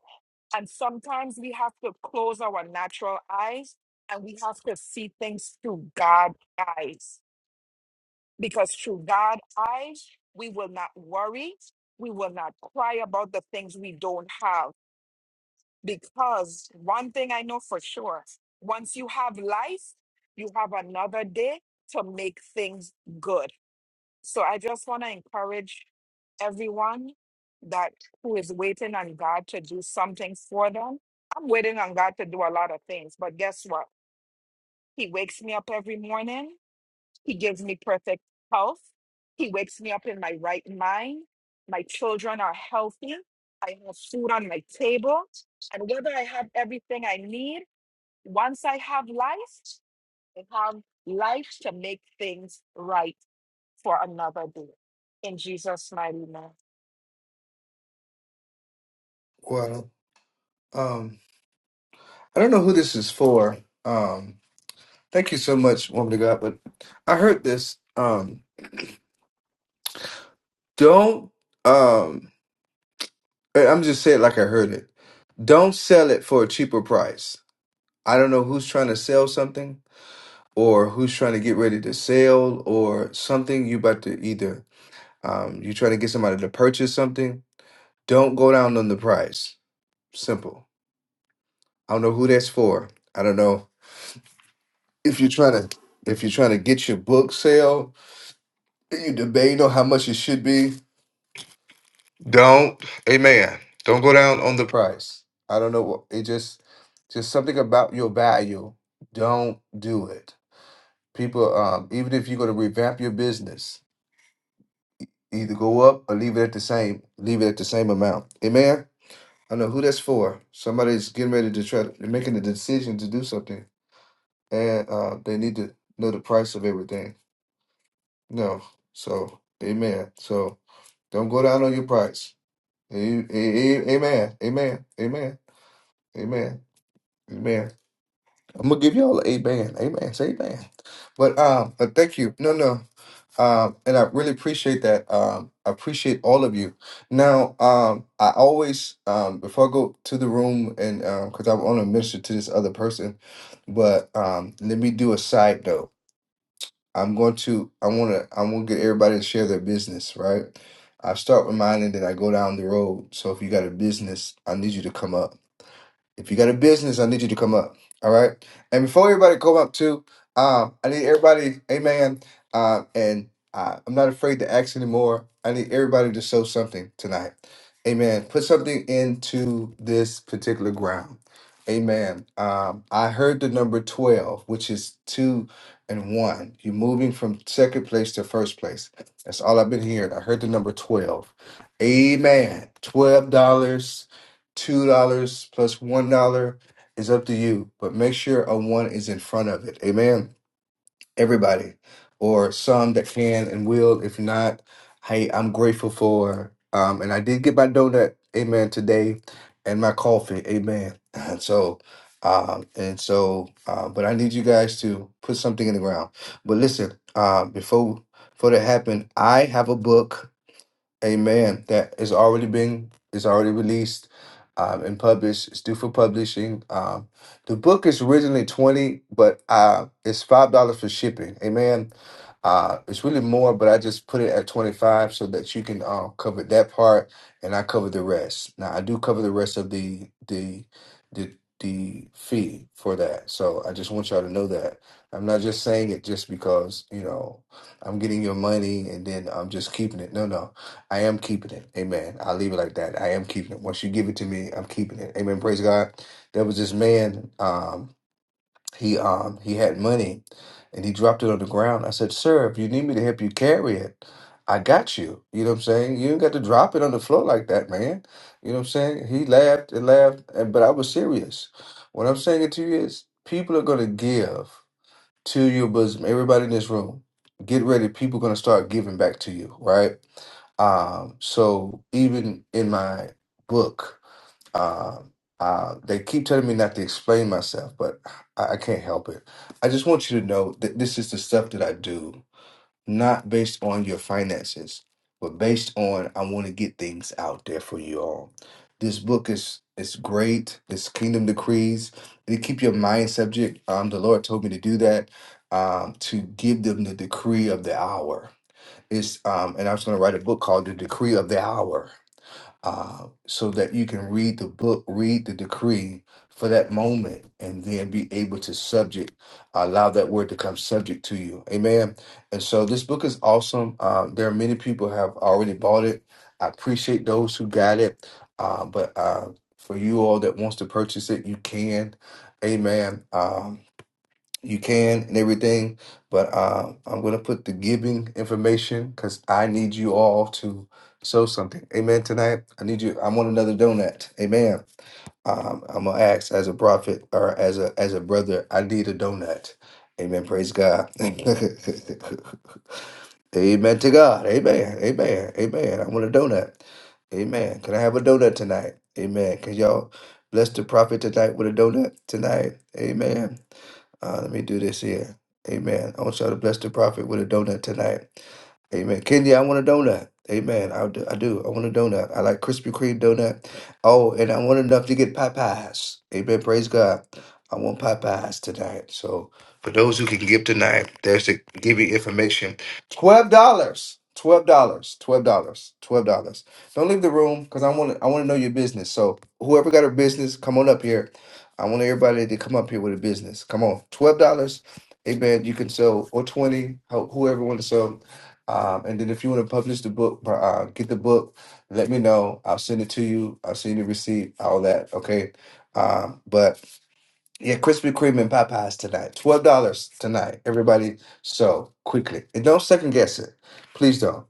[SPEAKER 29] and sometimes we have to close our natural eyes and we have to see things through God's eyes. Because through God's eyes, we will not worry. We will not cry about the things we don't have. Because one thing I know for sure once you have life, you have another day to make things good. So I just want to encourage everyone that who is waiting on God to do something for them. I'm waiting on God to do a lot of things, but guess what? He wakes me up every morning. He gives me perfect health. He wakes me up in my right mind. My children are healthy. I have food on my table. And whether I have everything I need, once I have life, I have life to make things right for another day. In Jesus' mighty name.
[SPEAKER 1] Wow. I don't know who this is for. Um, thank you so much, woman of God. But I heard this. Um, don't. Um, I- I'm just saying it like I heard it. Don't sell it for a cheaper price. I don't know who's trying to sell something or who's trying to get ready to sell or something. You about to either um, you're trying to get somebody to purchase something. Don't go down on the price. Simple. I don't know who that's for. I don't know if you're trying to if you're trying to get your book sale Then you debate on how much it should be. Don't, amen. Don't go down on the price. I don't know what it just just something about your value. Don't do it. People, um, even if you're gonna revamp your business, either go up or leave it at the same, leave it at the same amount. Amen. I know who that's for. Somebody's getting ready to try to making a decision to do something. And uh they need to know the price of everything. No. So amen. So don't go down on your price. A- a- a- Amen. Amen. Amen. Amen. Amen. I'm gonna give y'all an amen. Amen. Say amen. But um, but thank you. No, no. Um, and I really appreciate that. Um, I appreciate all of you. Now, um, I always um before I go to the room and um because I want to minister to this other person, but um let me do a side note. I'm going to I want to I want to get everybody to share their business, right? I start with mine and then I go down the road. So if you got a business, I need you to come up. If you got a business, I need you to come up. All right. And before everybody come up too, um, I need everybody, amen. Uh, and uh, I'm not afraid to ask anymore. I need everybody to sow something tonight. Amen. Put something into this particular ground. Amen. Um, I heard the number 12, which is two and one. You're moving from second place to first place. That's all I've been hearing. I heard the number 12. Amen. $12. two dollars plus one dollar is up to you but make sure a one is in front of it amen everybody or some that can and will if not hey i'm grateful for um and i did get my donut amen today and my coffee amen and so um and so uh, but i need you guys to put something in the ground but listen uh before before that happened i have a book Amen. That is already been is already released um, and published. It's due for publishing. Um, the book is originally twenty, but uh, it's five dollars for shipping. Amen. Uh, it's really more, but I just put it at twenty five so that you can uh, cover that part, and I cover the rest. Now I do cover the rest of the the the the fee for that. So I just want y'all to know that I'm not just saying it just because you know I'm getting your money and then I'm just keeping it. No, no. I am keeping it. Amen. I'll leave it like that. I am keeping it. Once you give it to me, I'm keeping it. Amen. Praise God. There was this man, um, he um he had money and he dropped it on the ground. I said, Sir, if you need me to help you carry it, I got you. You know what I'm saying? You ain't got to drop it on the floor like that, man. You know what I'm saying? He laughed and laughed, and but I was serious. What I'm saying to you is people are gonna give to your bosom. Everybody in this room, get ready. People gonna start giving back to you, right? Um, so even in my book, um, uh, they keep telling me not to explain myself, but I, I can't help it. I just want you to know that this is the stuff that I do not based on your finances, but based on I want to get things out there for you all. This book is is great. It's Kingdom Decrees. And to keep your mind subject. Um, the Lord told me to do that. Um, to give them the decree of the hour. It's um, and I was going to write a book called The Decree of the Hour uh, so that you can read the book, read the decree for that moment, and then be able to subject, allow that word to come subject to you. Amen. And so this book is awesome. Uh, there are many people have already bought it. I appreciate those who got it. Uh, but uh, for you all that wants to purchase it, you can. Amen. Um, you can and everything. But uh, I'm going to put the giving information because I need you all to sow something. Amen. Tonight, I need you. I want another donut. Amen um, I'm gonna ask as a prophet or as a as a brother. I need a donut. Amen. Praise God. Amen to God. Amen. Amen. Amen. I want a donut. Amen. Can I have a donut tonight? Amen. Can y'all bless the prophet tonight with a donut tonight? Amen. Uh, let me do this here. Amen. I want y'all to bless the prophet with a donut tonight. Amen. Kenya, I want a donut. Amen. I do. I do. I want a donut. I like Krispy Kreme donut. Oh, and I want enough to get pie pies. Amen. Praise God. I want pie pies tonight. So for those who can give tonight, there's the giving information. Twelve dollars. Twelve dollars. Twelve dollars. Twelve dollars. Don't leave the room because I want to. I want to know your business. So whoever got a business, come on up here. I want everybody to come up here with a business. Come on. Twelve dollars. Amen. You can sell or twenty. Whoever want to sell. Um, and then if you want to publish the book, uh, get the book. Let me know. I'll send it to you. I'll send you the receipt, all that. Okay. Um, but yeah, Krispy Kreme and Popeyes tonight. Twelve dollars tonight. Everybody, so quickly. And don't second guess it. Please don't.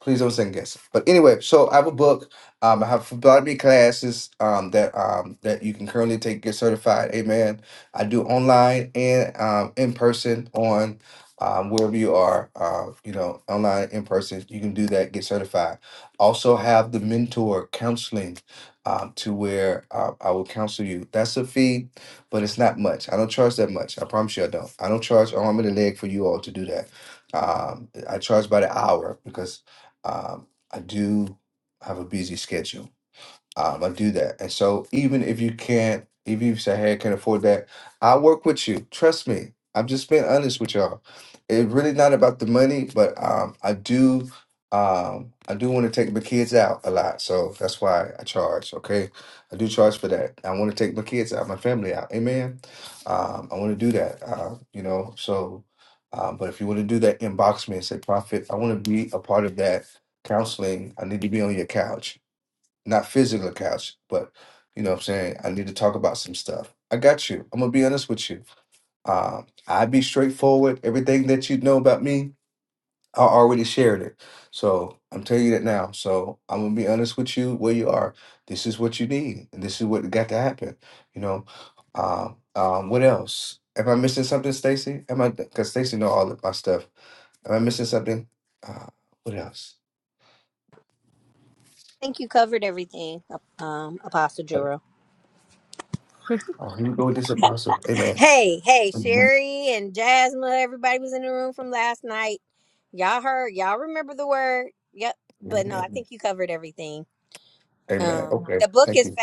[SPEAKER 1] Please don't second guess it. But anyway, so I have a book. Um, I have photography classes um, that um, that you can currently take get certified. Amen. I do online and um, in person on um, wherever you are. Uh, you know, online in person, you can do that. Get certified. Also have the mentor counseling um, to where uh, I will counsel you. That's a fee, but it's not much. I don't charge that much. I promise you, I don't. I don't charge an arm and a leg for you all to do that. Um, I charge by the hour because um, I do have a busy schedule. Um, I do that. And so even if you can't, if you say, hey, I can't afford that, I'll work with you. Trust me. I'm just being honest with y'all. It's really not about the money, but um, I do um, I do want to take my kids out a lot. So that's why I charge, okay? I do charge for that. I want to take my kids out, my family out. Amen. Um, I want to do that. Uh, you know, so um, but if you want to do that, inbox me and say, Prophet, I want to be a part of that counseling. I need to be on your couch not physical couch, but you know what I'm saying? I need to talk about some stuff. I got you. I'm gonna be honest with you. Um, I be straightforward. Everything that you know about me, I already shared it. So I'm telling you that now. So I'm gonna be honest with you where you are. This is what you need, and this is what got to happen. You know, um, um, what else? Am I missing something, Stacy? Am I? Because Stacy know all of my stuff. Am I missing something? Uh, what else? Oh, here we go with this apostle. Amen. Mm-hmm. Amen. Amen. Okay. Thank you.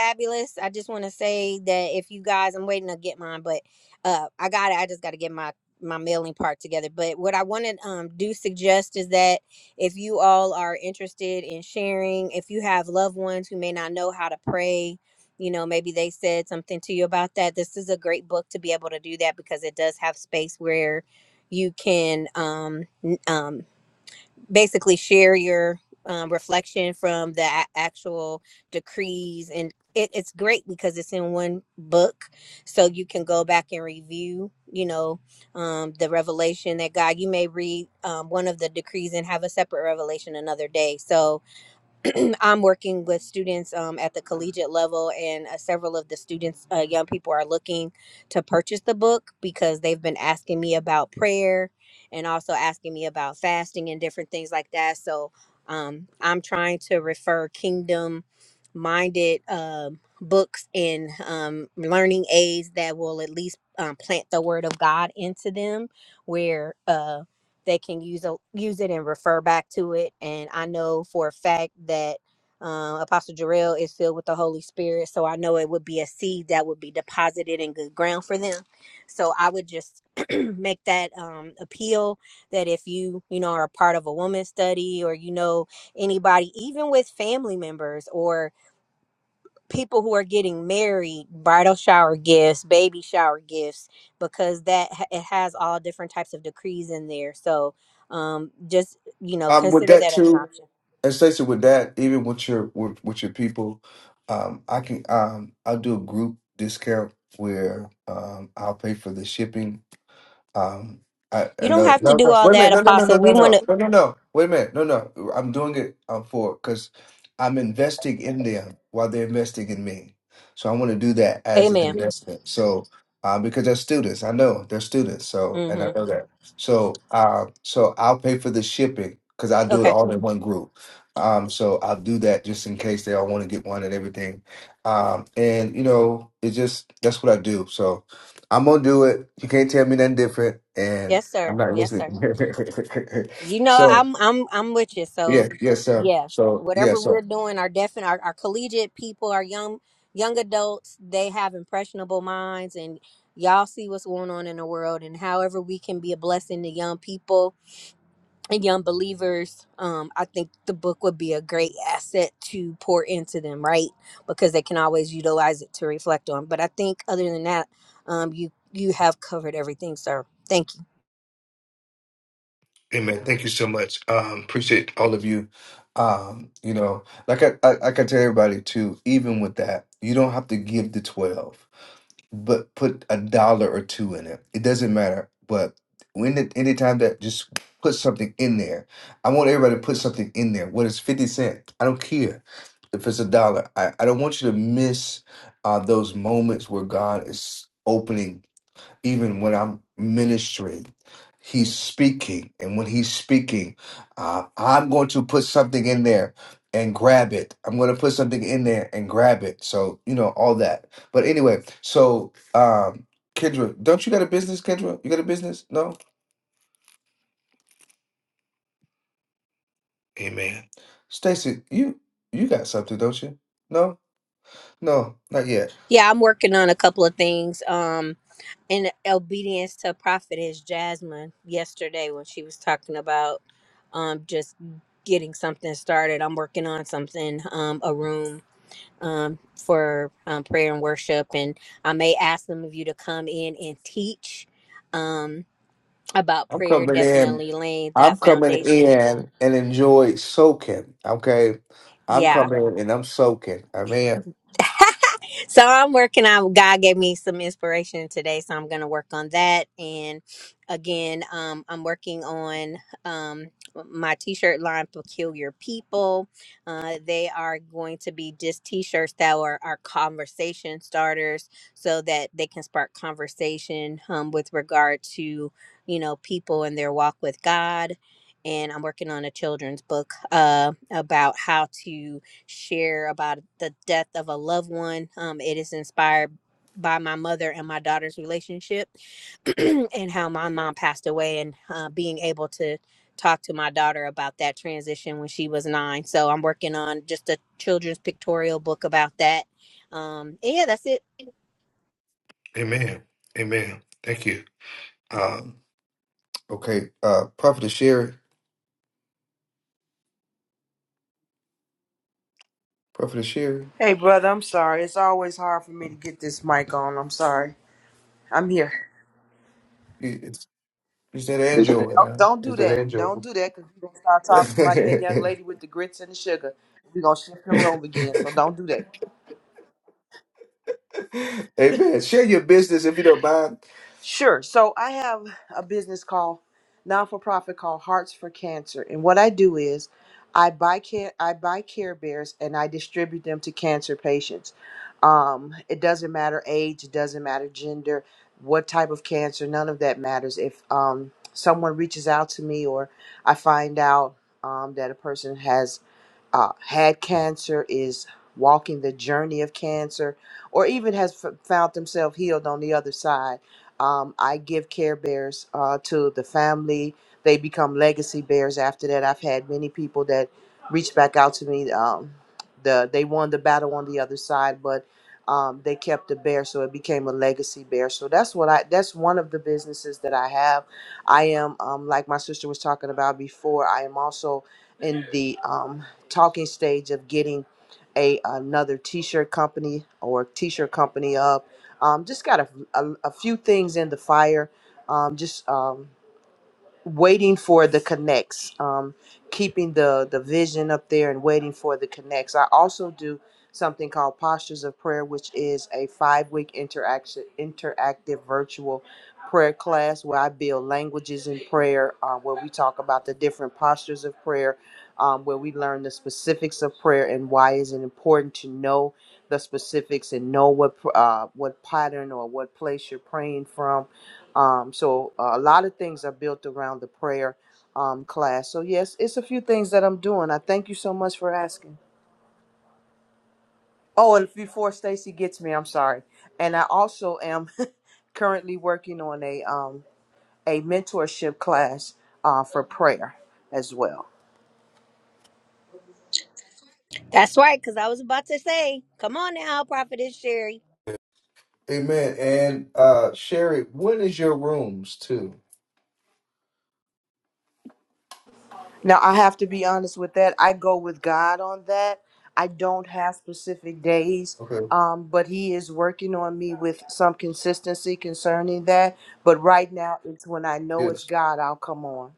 [SPEAKER 1] Um, with that too, and Stacey, with that, even with your with, with your people, um, I can um, I'll do a group discount where um, I'll pay for the shipping Um, I, I know. No, no. Wait a minute. No, no, no, no, no, no, no, no, no. Wait a minute. No, no. I'm doing it um, for because I'm investing in them while they're investing in me. So I want to do that as an investment. So uh, because they're students, I know they're students. So and I know that. So uh, so I'll pay for the shipping because i do it all in one group. Um, so I'll do that just in case they all want to get one and everything. Um, and you know, it just that's what I do. So. I'm gonna do it. You can't tell me nothing different, and I'm not listening. so yeah, yes, sir. So yeah, so amen. Thank you so much. Um, appreciate all of you. Um, you know, like I, I like I tell everybody too. Even with that, you don't have to give the twelve. but put a dollar or two in it. It doesn't matter. But when the, anytime that just put something in there, I want everybody to put something in there. What is fifty cent? I don't care if it's a dollar. I, I don't want you to miss uh, those moments where God is opening even when I'm ministering. He's speaking, and when he's speaking, uh, I'm going to put something in there and grab it. I'm going to put something in there and grab it. So you know all that. But anyway, so um, Kendra, don't you got a business, Kendra? You got a business? No. Amen. Stacy, you you got something, don't you? No, no, not yet. I'm coming in. I'm coming in and enjoy soaking. Okay. I'm coming and I'm soaking. Amen. Amen. Amen. Thank you. Um, okay. Uh, Prophet Sherry. Prophet Sherry.
[SPEAKER 10] Hey brother, I'm sorry. It's always hard for me to get this mic on. I'm sorry. I'm here.
[SPEAKER 1] You, it's, you said enjoy.
[SPEAKER 10] Don't,
[SPEAKER 1] Now.
[SPEAKER 10] don't
[SPEAKER 1] You
[SPEAKER 10] do
[SPEAKER 1] said
[SPEAKER 10] that.
[SPEAKER 1] enjoy.
[SPEAKER 10] Don't do that because you're gonna start talking like that young lady with the grits and the sugar. We're gonna shift the room again. So don't do that.
[SPEAKER 1] Amen. Share your business if you don't mind.
[SPEAKER 10] Sure. So I have a business called non for profit called Hearts for Cancer, and what I do is I buy care I buy Care Bears and I distribute them to cancer patients. Um, it doesn't matter age, it doesn't matter gender, what type of cancer, none of that matters. If um, someone reaches out to me or I find out um, that a person has uh, had cancer, is walking the journey of cancer, or even has f- found themselves healed on the other side. Um, I give care bears uh, to the family. They become legacy bears after that. I've had many people that reached back out to me. Um, the they won the battle on the other side, but um, they kept the bear, so it became a legacy bear. So that's what I. That's one of the businesses that I have. I am um, like my sister was talking about before. I am also in the um, talking stage of getting a another t-shirt company or t-shirt company up. Um, just got a, a, a few things in the fire. Um, just um, waiting for the connects um, keeping the the vision up there and waiting for the connects i also do something called postures of prayer which is a five week interaction interactive virtual prayer class where i build languages in prayer uh, where we talk about the different postures of prayer um, where we learn the specifics of prayer and why is it important to know the specifics and know what pr- uh, what pattern or what place you're praying from um, so uh, a lot of things are built around the prayer um, class. So yes, it's a few things that I'm doing. I thank you so much for asking. Oh, and before Stacy gets me, I'm sorry. And I also am currently working on a um, a mentorship class uh, for prayer as well.
[SPEAKER 1] Amen. And uh, Sherry, when is your rooms too?
[SPEAKER 10] Now, I have to be honest with that. I go with God on that. I don't have specific days,
[SPEAKER 1] Okay.
[SPEAKER 10] um, but He is working on me with some consistency concerning that. But right now, it's when I know
[SPEAKER 1] yes.
[SPEAKER 10] it's God, I'll come on.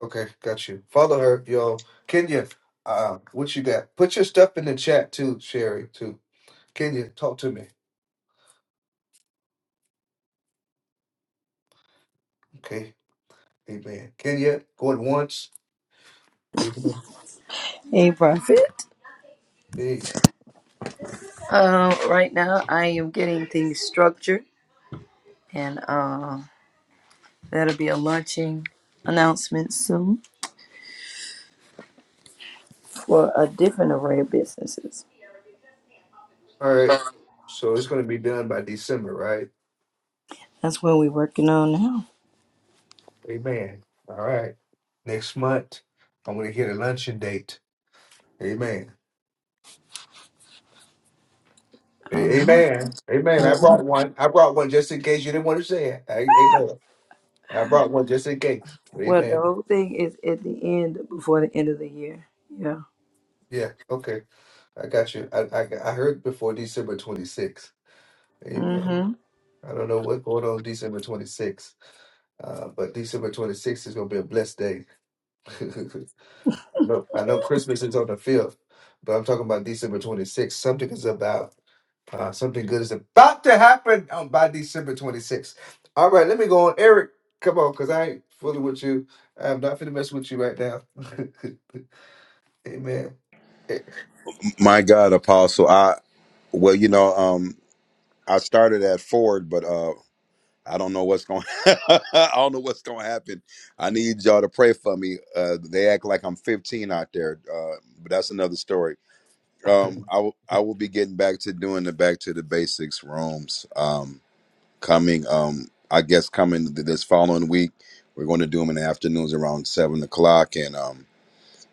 [SPEAKER 1] Okay, got you. Follow her, yo. Kenya, uh, what you got? Put your stuff in the chat too, Sherry, too. Kenya, talk to me. Okay, amen. Kenya, going once. Amen.
[SPEAKER 6] Hey, Prophet.
[SPEAKER 1] Hey,
[SPEAKER 6] Um, right now, I am getting things structured, and uh, that'll be a launching announcement soon for a different array of businesses.
[SPEAKER 1] All right. So it's going to be done by December, right?
[SPEAKER 6] That's what we're working on now.
[SPEAKER 1] Amen. All right. Next month, I'm going to hit a luncheon date. Amen.
[SPEAKER 6] All
[SPEAKER 1] A-
[SPEAKER 6] right.
[SPEAKER 1] Amen. Amen.
[SPEAKER 6] All
[SPEAKER 1] I
[SPEAKER 6] right.
[SPEAKER 1] brought one. I brought one just in case you didn't want to say it. A- Amen. I brought one just in case.
[SPEAKER 6] Well, the
[SPEAKER 1] Amen.
[SPEAKER 6] whole thing is at the end, before the end of the year. Yeah.
[SPEAKER 1] Yeah. Okay. I got you. I, I I heard before December 26th. Amen.
[SPEAKER 6] hmm
[SPEAKER 1] I don't know what's going on December 26th, uh, but December 26th is going to be a blessed day. I know I know Christmas is on the 5th, but I'm talking about December 26th. Something is about, uh, something good is about to happen on, by December 26th. All right, let me go on. Eric, come on, because I ain't fooling with you. I'm not finna mess with you right now. Amen.
[SPEAKER 26] My God, Apostle, I well, you know, um, I started at Ford, but uh, I don't know what's going. I don't know what's going to happen. I need y'all to pray for me. Uh, they act like I'm 15 out there, uh, but that's another story. Um, I will. I will be getting back to doing the back to the basics rooms. Um, coming. Um, I guess coming th- this following week. We're going to do them in the afternoons around seven o'clock, and um,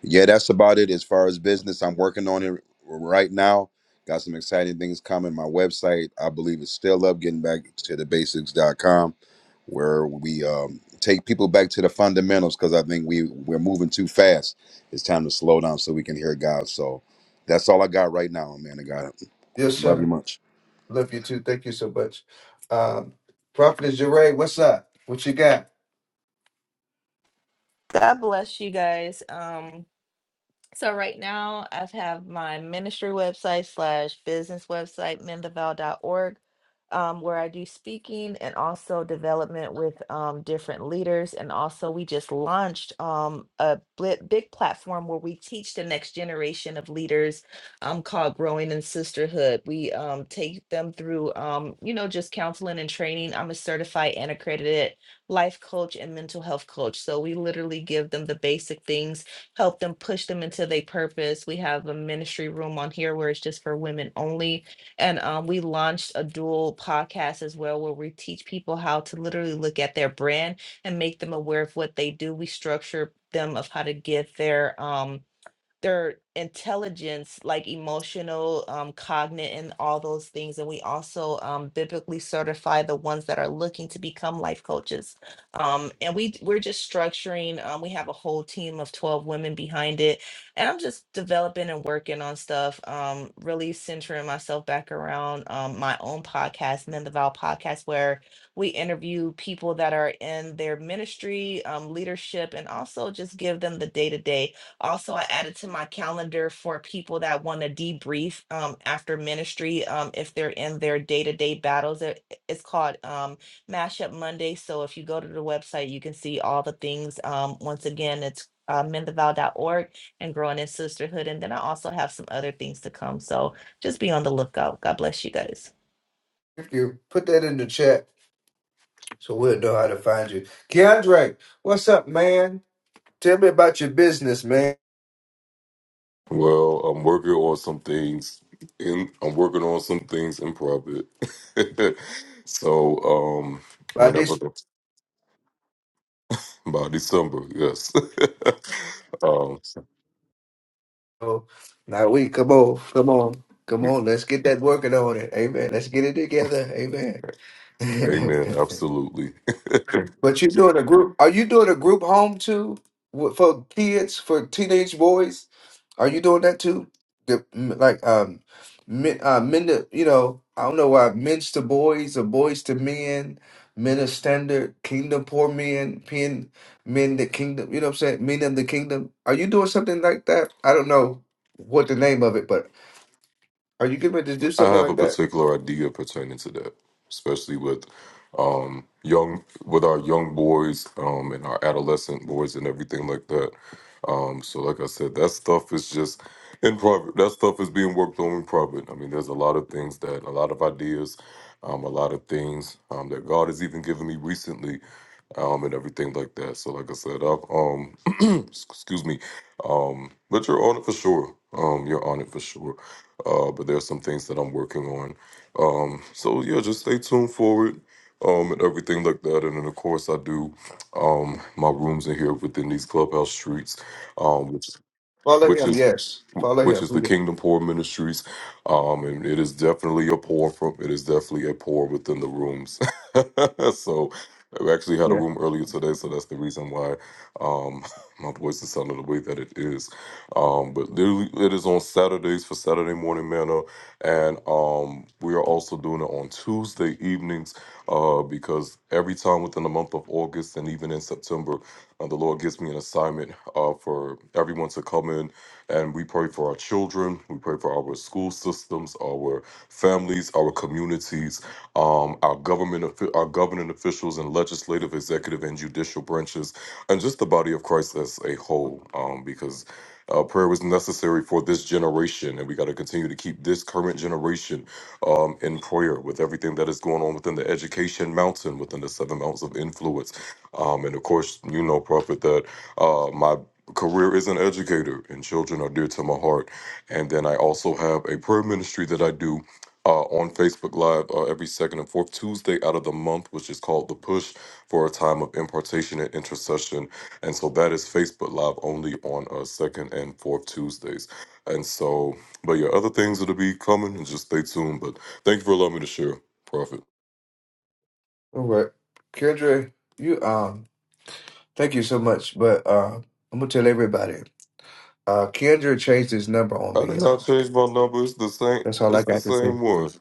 [SPEAKER 26] yeah, that's about it as far as business. I'm working on it right now. Got some exciting things coming. My website, I believe, is still up. Getting back to the basics dot com, where we um, take people back to the fundamentals because I think we we're moving too fast. It's time to slow down so we can hear God. So that's all I got right now, man. I got it.
[SPEAKER 1] Yes,
[SPEAKER 26] Love
[SPEAKER 1] sir.
[SPEAKER 26] you much.
[SPEAKER 1] Love you too. Thank you so much. Um, Prophet Jeray, what's up? What you got?
[SPEAKER 28] God bless you guys. Um, So right now I have my ministry website slash business website, mendaval.org, um, where I do speaking and also development with um, different leaders. And also we just launched um, a bli- big platform where we teach the next generation of leaders um, called Growing in Sisterhood. We um, take them through, um, you know, just counseling and training. I'm a certified and accredited life coach and mental health coach. So we literally give them the basic things help them push them into their purpose. We have a ministry room on here where it's just for women only. And um, we launched a dual podcast as well where we teach people how to literally look at their brand and make them aware of what they do. We structure them of how to get their um their intelligence, like emotional, um, cognate, and all those things. And we also um, biblically certify the ones that are looking to become life coaches. Um, and we we're just structuring. Um, we have a whole team of twelve women behind it, and I'm just developing and working on stuff. Um, really centering myself back around um, my own podcast, Men the Vow Podcast, where we interview people that are in their ministry, um, leadership, and also just give them the day to day also, I added to my calendar for people that want to debrief um, after ministry um, if they're in their day to day battles. It- It's called um, Mashup Monday. So if you go to the website, you can see all the things. Um, once again, it's uh, menthevow.org and growing in sisterhood. And then I also have some other things to come. So just be on the lookout. God bless you guys.
[SPEAKER 1] If you put that in the chat, so we'll know how to find you. Keandre, what's up, man? Tell me about your business, man.
[SPEAKER 20] Well, I'm working on some things in I'm working on some things in profit. so um
[SPEAKER 1] About
[SPEAKER 20] whenever
[SPEAKER 1] this.
[SPEAKER 20] the, by December, yes. um
[SPEAKER 1] oh, Now we come on, come on, come on. Let's get that working on it. Amen. Let's get it together. Amen.
[SPEAKER 20] amen, absolutely.
[SPEAKER 1] But you're doing a group. Are you doing a group home too Wh- for kids, for teenage boys? Are you doing that too? The, m- like um, men, uh, men to you know, I don't know why men's to boys or boys to men, men of standard, kingdom poor men, pen men the kingdom. You know what I'm saying? Men of the kingdom. Are you doing something like that? I don't know what the name of it, but are you getting ready to do
[SPEAKER 20] I
[SPEAKER 1] something
[SPEAKER 20] have a
[SPEAKER 1] like that?
[SPEAKER 20] particular idea pertaining to that, especially with um, young with our young boys um, and our adolescent boys and everything like that. Um, so, like I said, that stuff is just in private. That stuff is being worked on in private. I mean, there's a lot of things that, a lot of ideas, um, a lot of things um, that God has even given me recently, um, and everything like that. So, like I said, I've um, excuse me, um, but you're on it for sure. Um, you're on it for sure uh, but there's some things that I'm working on. Um, so yeah, just stay tuned for it um, and everything like that. And then of course I do um, my rooms in here within these clubhouse streets, um, which
[SPEAKER 1] Follow
[SPEAKER 20] which
[SPEAKER 1] him.
[SPEAKER 20] is
[SPEAKER 1] Yes, follow
[SPEAKER 20] which
[SPEAKER 1] him.
[SPEAKER 20] is the
[SPEAKER 1] Yeah.
[SPEAKER 20] Kingdom Poor Ministries, um, and it is definitely a pour from it is definitely a pour within the rooms. so. I actually had a room earlier today, so that's the reason why um, my voice is sounding the way that it is. Um, but literally, it is on Saturdays for Saturday Morning manna, and um, we are also doing it on Tuesday evenings uh, because every time within the month of August and even in September, uh, the Lord gives me an assignment uh, for everyone to come in and we pray for our children, we pray for our school systems, our families, our communities, um, our government, offi- our governing officials, and legislative, executive, and judicial branches, and just the body of Christ as a whole, um, because. Uh, prayer was necessary for this generation, and we got to continue to keep this current generation um, in prayer with everything that is going on within the education mountain, within the seven mountains of influence. Um, and of course, you know, Prophet, that uh, my career is an educator, and children are dear to my heart. And then I also have a prayer ministry that I do. Uh, on Facebook Live uh, every second and fourth Tuesday out of the month, which is called The Push for a time of impartation and intercession and so that is Facebook Live only on uh, second and fourth Tuesdays. And so, but yeah, other things that'll be coming and just stay tuned. But thank you for allowing me to share, Prophet.
[SPEAKER 1] All right. Kendra, you um thank you so much. But uh I'm gonna tell everybody. Uh Kendra changed his number on
[SPEAKER 20] I
[SPEAKER 1] me,
[SPEAKER 20] did not
[SPEAKER 1] y'all.
[SPEAKER 20] change my number. It's the same.
[SPEAKER 1] That's all I
[SPEAKER 20] It's the
[SPEAKER 1] got to say.
[SPEAKER 20] same one.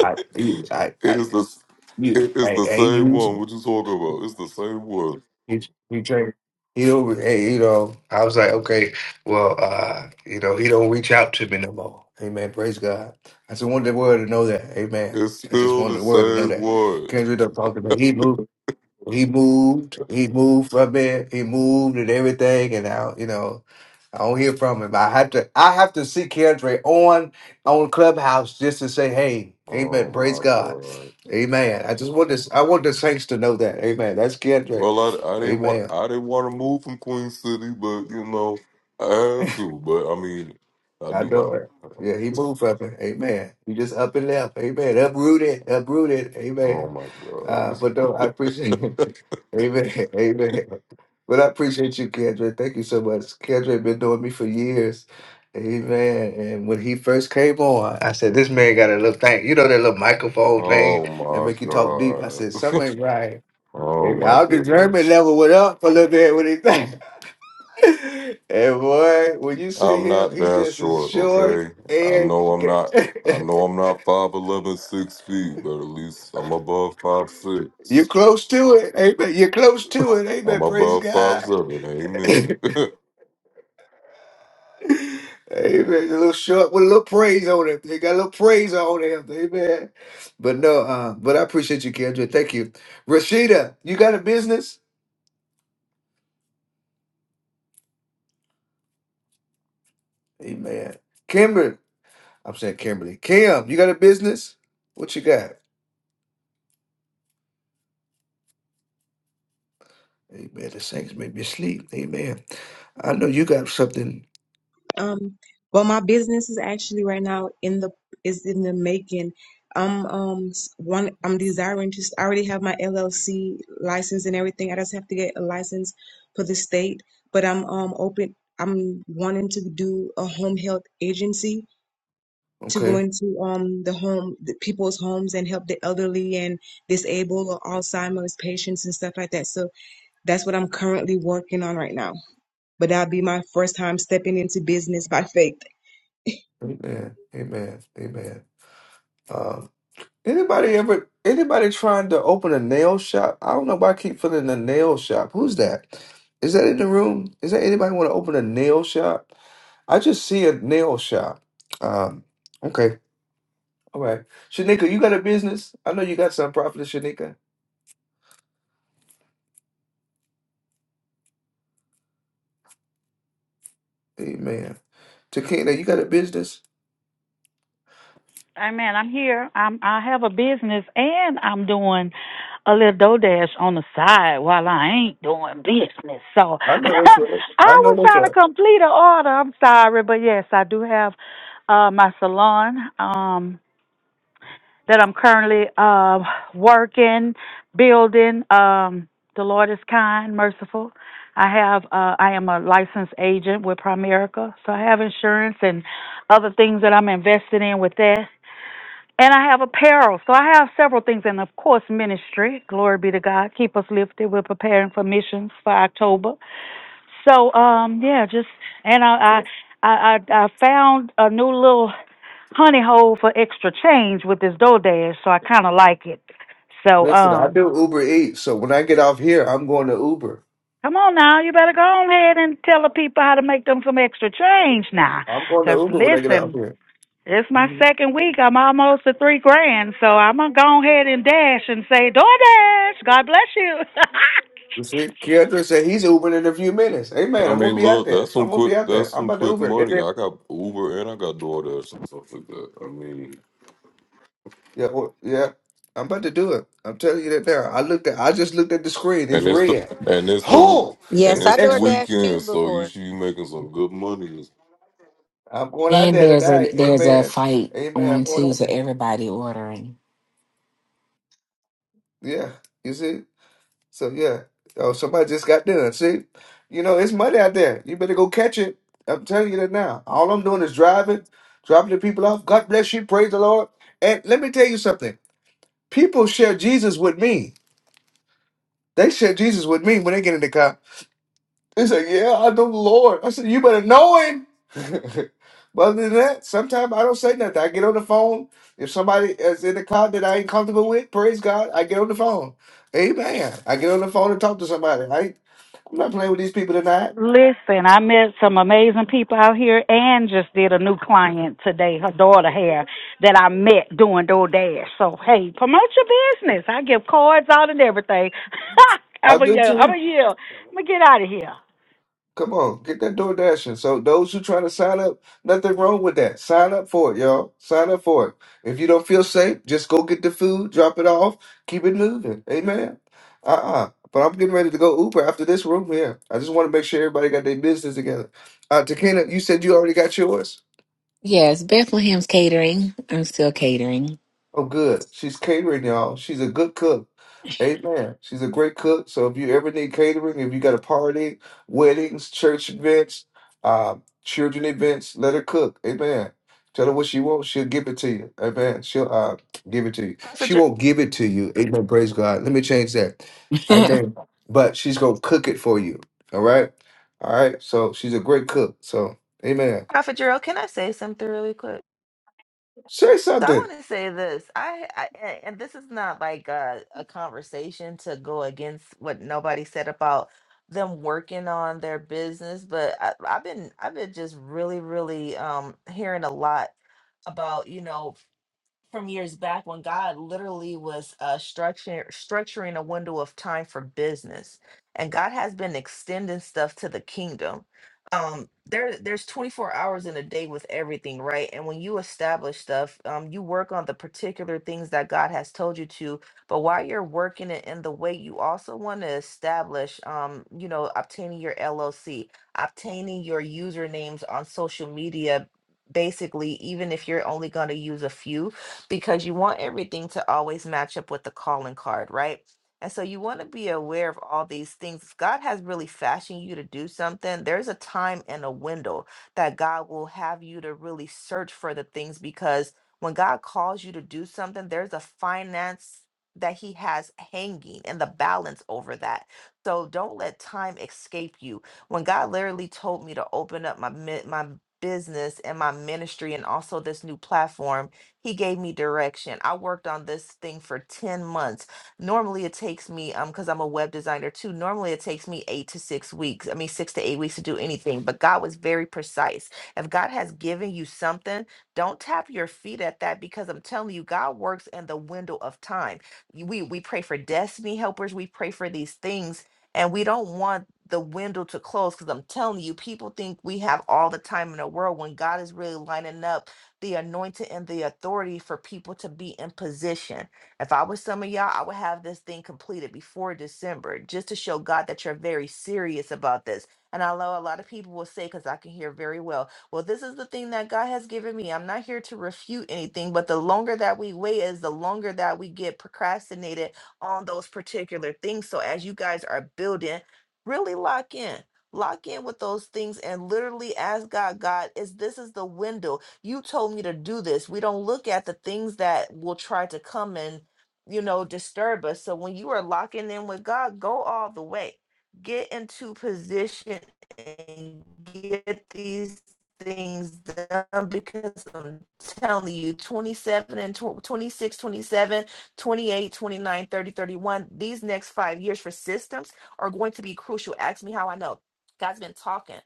[SPEAKER 1] I you I,
[SPEAKER 20] It
[SPEAKER 1] I
[SPEAKER 20] is the.
[SPEAKER 1] you
[SPEAKER 20] It is
[SPEAKER 1] I
[SPEAKER 20] the
[SPEAKER 1] ain't
[SPEAKER 20] same one.
[SPEAKER 1] you,
[SPEAKER 20] What you talking about? It's the same one.
[SPEAKER 1] he he changed he over hey, you know, I was like, okay, well uh, you know, he don't reach out to me no more. Amen. Praise God. I just wanted the world to know that. Amen.
[SPEAKER 20] It's
[SPEAKER 1] I just
[SPEAKER 20] still the
[SPEAKER 1] wanted the world to know
[SPEAKER 20] same
[SPEAKER 1] that.
[SPEAKER 20] one.
[SPEAKER 1] Kendra don't talk to me. He moved. He moved. He moved from there. He moved and everything. And I, you know, I don't hear from him. I have to. I have to see Kendra on on Clubhouse just to say, "Hey,
[SPEAKER 20] Oh
[SPEAKER 1] Amen. Praise
[SPEAKER 20] my
[SPEAKER 1] God,
[SPEAKER 20] god.
[SPEAKER 1] Amen." I just want this. I want the saints to know that, Amen. That's Kendra,
[SPEAKER 20] Well, I, I didn't want
[SPEAKER 1] Amen.
[SPEAKER 20] I didn't want to move from Queen City, but you know I had to. But I mean, I
[SPEAKER 1] I know it.
[SPEAKER 20] do.
[SPEAKER 1] Yeah, he moved from it. Amen. He just up and left. Amen. Uprooted. Uprooted.
[SPEAKER 20] Oh
[SPEAKER 1] Amen.
[SPEAKER 20] my god.
[SPEAKER 1] Uh, but no, I appreciate it. Amen. Amen. But I appreciate you, Kendra. Thank you so much. Kendra been doing me for years. Amen. And when he first came on, I said, this man got a little thing. You know that little microphone thing
[SPEAKER 20] Oh
[SPEAKER 1] that
[SPEAKER 20] my
[SPEAKER 1] make you talk deep. I
[SPEAKER 20] god.
[SPEAKER 1] said, something ain't right.
[SPEAKER 20] Oh
[SPEAKER 1] Amen.
[SPEAKER 20] my
[SPEAKER 1] Out the German
[SPEAKER 20] goodness.
[SPEAKER 1] level went up a little bit when he And boy, when you see
[SPEAKER 20] I'm
[SPEAKER 1] him,
[SPEAKER 20] not
[SPEAKER 1] he
[SPEAKER 20] that
[SPEAKER 1] just is
[SPEAKER 20] short,
[SPEAKER 1] short
[SPEAKER 20] okay? I
[SPEAKER 1] and
[SPEAKER 20] know I'm
[SPEAKER 1] ga-
[SPEAKER 20] not I know I'm not five eleven, six feet, but at least I'm above five
[SPEAKER 1] you're
[SPEAKER 20] six.
[SPEAKER 1] close to it. Amen. You're close to it.
[SPEAKER 20] I'm
[SPEAKER 1] Amen. Praise
[SPEAKER 20] above five
[SPEAKER 1] God.
[SPEAKER 20] seven. amen.
[SPEAKER 1] Amen. A little short with a little praise on it. They got a little praise on him. Amen. But no, uh, but I appreciate you, Kendra. Thank you. Rashida, you got a business? Amen. Kimber, I'm saying Kimberly. Kim, you got a business? What you got? Amen. The saints may be asleep. Amen. I know you got something.
[SPEAKER 12] Um, well, my business is actually right now in the is in the making. I'm um s- one. I'm desiring to. I already have my LLC license and everything. I just have to get a license for the state. But I'm um open. I'm wanting to do a home health agency to go
[SPEAKER 1] Okay.
[SPEAKER 12] into um the home the people's homes and help the elderly and disabled or Alzheimer's patients and stuff like that. So that's what I'm currently working on right now. But that'll be my first time stepping into business by faith.
[SPEAKER 1] Amen. Amen. Amen. Um, anybody ever anybody trying to open a nail shop? I don't know why I keep feeling a nail shop. Who's that? Is that in the room? Is that anybody want to open a nail shop? I just see a nail shop. Um, okay. All right. Shanika, you got a business? I know you got some profit, Shanika. Amen. Takina, you got a business?
[SPEAKER 22] Amen. I'm here. I'm I have a business and I'm doing a little DoorDash on the side while I ain't doing business. So
[SPEAKER 1] I know that's right.
[SPEAKER 22] I
[SPEAKER 1] I know
[SPEAKER 22] was
[SPEAKER 1] that's right.
[SPEAKER 22] trying to complete an order. I'm sorry, but yes, I do have uh my salon. Um that I'm currently um, working, building. Um, the Lord is kind, merciful. I have uh, I am a licensed agent with Primerica, so I have insurance and other things that I'm invested in with that. And I have apparel, so I have several things, and of course ministry. Glory be to God. Keep us lifted. We're preparing for missions for October. So um yeah, just and I I I, I I found a new little honey hole for extra change with this DoorDash, so I kind of like it. So,
[SPEAKER 1] Listen, I
[SPEAKER 22] um,
[SPEAKER 1] do Uber Eats, so when I get off here, I'm going to Uber.
[SPEAKER 22] come on now, you better go on ahead and tell the people how to make them some extra change now.
[SPEAKER 1] I'm going to
[SPEAKER 22] 'Cause
[SPEAKER 1] Uber when I get off
[SPEAKER 22] listen,
[SPEAKER 1] here.
[SPEAKER 22] it's my
[SPEAKER 1] hmm
[SPEAKER 22] second week. I'm almost at three grand, so I'm gonna go ahead and dash and say DoorDash. God bless you.
[SPEAKER 1] You see, Keandre said he's Ubering in a few minutes. Hey
[SPEAKER 20] I
[SPEAKER 1] man, I'm gonna
[SPEAKER 20] mean
[SPEAKER 1] be out
[SPEAKER 20] look,
[SPEAKER 1] there.
[SPEAKER 20] that's some
[SPEAKER 1] I'm gonna
[SPEAKER 20] quick
[SPEAKER 1] be out there.
[SPEAKER 20] that's
[SPEAKER 1] I'm
[SPEAKER 20] some
[SPEAKER 1] about to
[SPEAKER 20] quick
[SPEAKER 1] Uber. Get
[SPEAKER 20] money.
[SPEAKER 1] there.
[SPEAKER 20] I got Uber and I got DoorDash and stuff like that. I mean
[SPEAKER 1] Yeah, well, yeah. I'm about to do it. I'm telling you that now. I looked at. I just looked at the screen. It's
[SPEAKER 20] and it's the
[SPEAKER 1] red.
[SPEAKER 20] and it's the
[SPEAKER 1] Oh,
[SPEAKER 20] and
[SPEAKER 1] it's
[SPEAKER 20] it's the
[SPEAKER 1] extra.
[SPEAKER 20] weekend, so you should be making some good money
[SPEAKER 1] I'm going out
[SPEAKER 25] And
[SPEAKER 1] there
[SPEAKER 25] there's a
[SPEAKER 1] tonight.
[SPEAKER 25] there's a
[SPEAKER 1] Amen.
[SPEAKER 25] fight
[SPEAKER 1] Amen. I'm
[SPEAKER 25] on
[SPEAKER 1] going
[SPEAKER 25] too,
[SPEAKER 1] out
[SPEAKER 25] so
[SPEAKER 1] there.
[SPEAKER 25] everybody ordering.
[SPEAKER 1] Yeah. You see. So yeah, oh somebody just got done. See, you know it's money out there. You better go catch it. I'm telling you that now. All I'm doing is driving, dropping the people off. God bless you. Praise the Lord. And let me tell you something. People share Jesus with me. They share Jesus with me when they get in the car. They say, "Yeah, I know the Lord." I said, "You better know Him." but other than that, sometimes I don't say nothing. I get on the phone. If somebody is in the car that I ain't comfortable with, praise God, I get on the phone. Amen. I get on the phone and talk to somebody. I'm not playing with these people tonight.
[SPEAKER 22] Listen, I met some amazing people out here and just did a new client today. Her daughter here that I met doing DoorDash. So hey, promote your business. I give cards out and everything.
[SPEAKER 1] I
[SPEAKER 22] I'm a
[SPEAKER 1] do
[SPEAKER 22] yeah, I'm a
[SPEAKER 1] too.
[SPEAKER 22] yeah. I'm gonna get out of here.
[SPEAKER 1] Come on, get that door dashing. So those who trying to sign up, nothing wrong with that. Sign up for it, y'all. Sign up for it. If you don't feel safe, just go get the food, drop it off, keep it moving. Amen. Uh-uh. But I'm getting ready to go Uber after this room here. I just want to make sure everybody got their business together. Uh Takina, you said you already got yours?
[SPEAKER 25] Yes, Bethlehem's catering. I'm still catering.
[SPEAKER 1] Oh, good. She's catering, y'all. She's a good cook. Amen. She's a great cook. So if you ever need catering, if you got a party, weddings, church events, uh, children events, let her cook. Amen. Tell her what she wants. She'll give it to you. Amen. She'll uh, give it to you.
[SPEAKER 28] Prophet,
[SPEAKER 1] She
[SPEAKER 28] Jer-
[SPEAKER 1] won't give it to you. Amen. Praise God. Let me change that. Amen. But she's going to cook it for you. All right. All right. So she's a great cook. So, amen.
[SPEAKER 28] Prophet Gerald, can I say something really quick?
[SPEAKER 1] Say
[SPEAKER 28] So I
[SPEAKER 1] something.
[SPEAKER 28] want to say this. I, I a- and this is not like a, a conversation to go against what nobody said about them working on their business, but I, I've been I've been just really really um hearing a lot about you know from years back when God literally was uh, structuring structuring a window of time for business, and God has been extending stuff to the kingdom. Um, there, there's 24 hours in a day with everything, right? And when you establish stuff, um, you work on the particular things that God has told you to. But while you're working it in the way, you also want to establish, um, you know, obtaining your LLC, obtaining your usernames on social media. Basically, even if you're only going to use a few, because you want everything to always match up with the calling card, right? And so you want to be aware of all these things. If God has really fashioned you to do something, there's a time and a window that God will have you to really search for the things because when God calls you to do something, there's a finance that he has hanging and the balance over that. So don't let time escape you. When God literally told me to open up my mi- my business and my ministry and also this new platform, he gave me direction. I worked on this thing for 10 months. Normally it takes me, um, because I'm a web designer too, normally it takes me eight to six weeks. I mean, six to eight weeks to do anything, but God was very precise. If God has given you something, don't tap your feet at that because I'm telling you, God works in the window of time. You- We we pray for destiny helpers, we pray for these things, and we don't want the window to close because I'm telling you, people think we have all the time in the world when God is really lining up the anointing and the authority for people to be in position. If I was some of y'all, I would have this thing completed before December just to show God that you're very serious about this. And I know a lot of people will say, because I can hear very well, well, this is the thing that God has given me. I'm not here to refute anything, but the longer that we wait is the longer that we get procrastinated on those particular things. So as you guys are building, really lock in lock in with those things and literally ask God, God, is this is the window? you told me to do this. We don't look at the things that will try to come and, you know, disturb us. So when you are locking in with God, go all the way. Get into position and get these things done because I'm telling you, 27 and tw- 26, 27, 28, 29, 30, 31, these next five years for systems are going to be crucial. Ask me how I know. God's been talking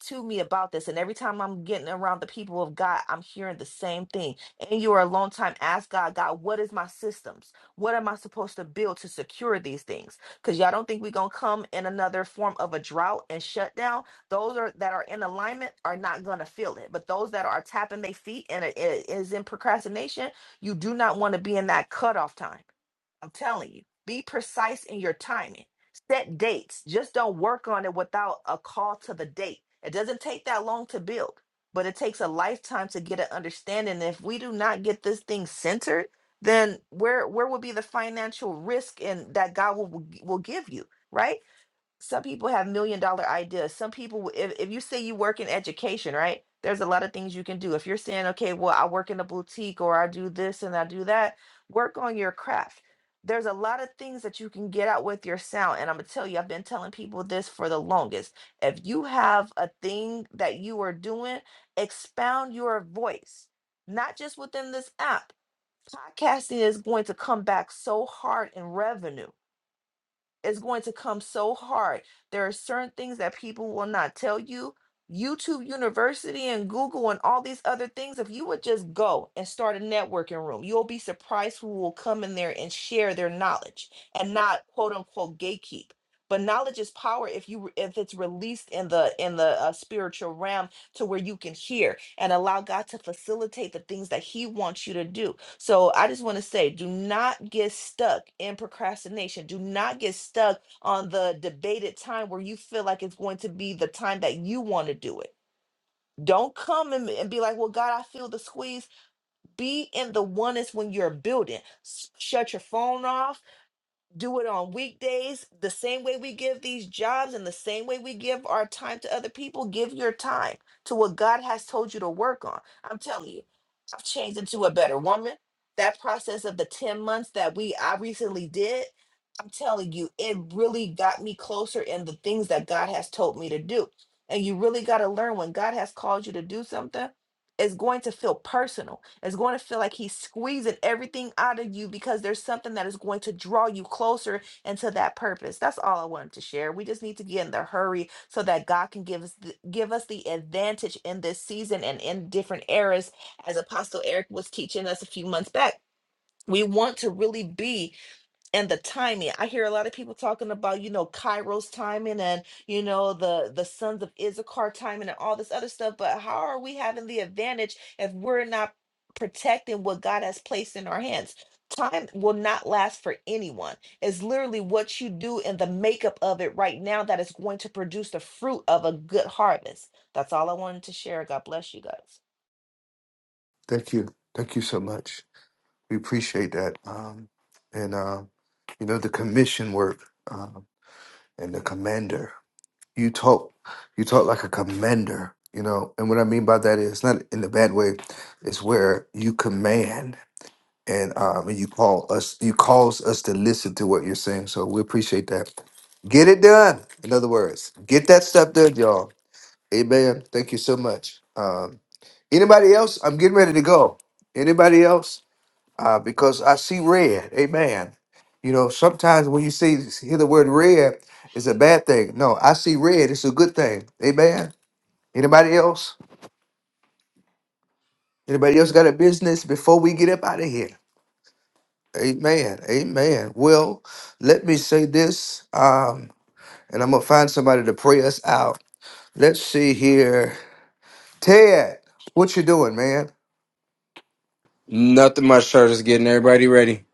[SPEAKER 28] to me about this and every time i'm getting around the people of god i'm hearing the same thing and you are a long time ask god god what is my systems what am i supposed to build to secure these things because y'all don't think we're gonna come in another form of a drought and shutdown those are that are in alignment are not gonna feel it but those that are tapping their feet and it it is in procrastination you do not want to be in that cutoff time i'm telling you be precise in your timing Set dates. Just don't work on it without a call to the date. It doesn't take that long to build, but it takes a lifetime to get an understanding. If we do not get this thing centered, then where where will be the financial risk and that God will will give you, right? some people have million dollar ideas. Some people, w- if, if you say you work in education, right? There's a lot of things you can do. If you're saying, okay, well, I work in a boutique or I do this and I do that, work on your craft. There's a lot of things that you can get out with your sound. And I'm going to tell you, I've been telling people this for the longest. If you have a thing that you are doing, expound your voice, not just within this app. Podcasting is going to come back so hard in revenue is going to come so hard. There are certain things that people will not tell you. YouTube University and Google and all these other things, if you would just go and start a networking room, you'll be surprised who will come in there and share their knowledge and not quote unquote gatekeep. But knowledge is power if you if it's released in the in the uh, spiritual realm to where you can hear and allow God to facilitate the things that He wants you to do so I just want to say do not get stuck in procrastination. Do not get stuck on the debated time where you feel like it's going to be the time that you want to do it. Don't come and, and be like, well, God, I feel the squeeze. Be in the oneness when you're building. S- Shut your phone off do it on weekdays the same way we give these jobs and the same way we give our time to other people give your time to what god has told you to work on i'm telling you i've changed into a better woman that process of the 10 months that we i recently did i'm telling you it really got me closer in the things that god has told me to do and you really got to learn when god has called you to do something is going to feel personal. It's going to feel like he's squeezing everything out of you because there's something that is going to draw you closer into that purpose. That's all I wanted to share. We just need to get in the hurry so that God can give us the, give us the advantage in this season and in different eras as Apostle Eric was teaching us a few months back. We want to really be and the timing i hear a lot of people talking about you know kairos timing and you know the the sons of issachar timing and all this other stuff but how are we having the advantage if we're not protecting what god has placed in our hands time will not last for anyone it's literally what you do and the makeup of it right now that is going to produce the fruit of a good harvest that's all i wanted to share god bless you guys
[SPEAKER 1] Thank you. Thank you so much. We appreciate that. Um, and, uh, you know, the commission work um, and the commander. You talk, you talk like a commander, you know. And what I mean by that is not in a bad way. It's where you command and um, and you call us, you cause us to listen to what you're saying. So we appreciate that. Get it done. In other words, get that stuff done, y'all. Amen. Thank you so much. Um, anybody else? I'm getting ready to go. Anybody else? uh, because I see red. Amen. You know, sometimes when you see hear the word red, it's a bad thing. No, I see red. It's a good thing. Amen. Anybody else? Anybody else got a business before we get up out of here? Amen. Amen. Well, let me say this, um, and I'm gonna find somebody to pray us out. Let's see here, Ted. What you doing, man?
[SPEAKER 27] Nothing much, sir. Just getting everybody ready.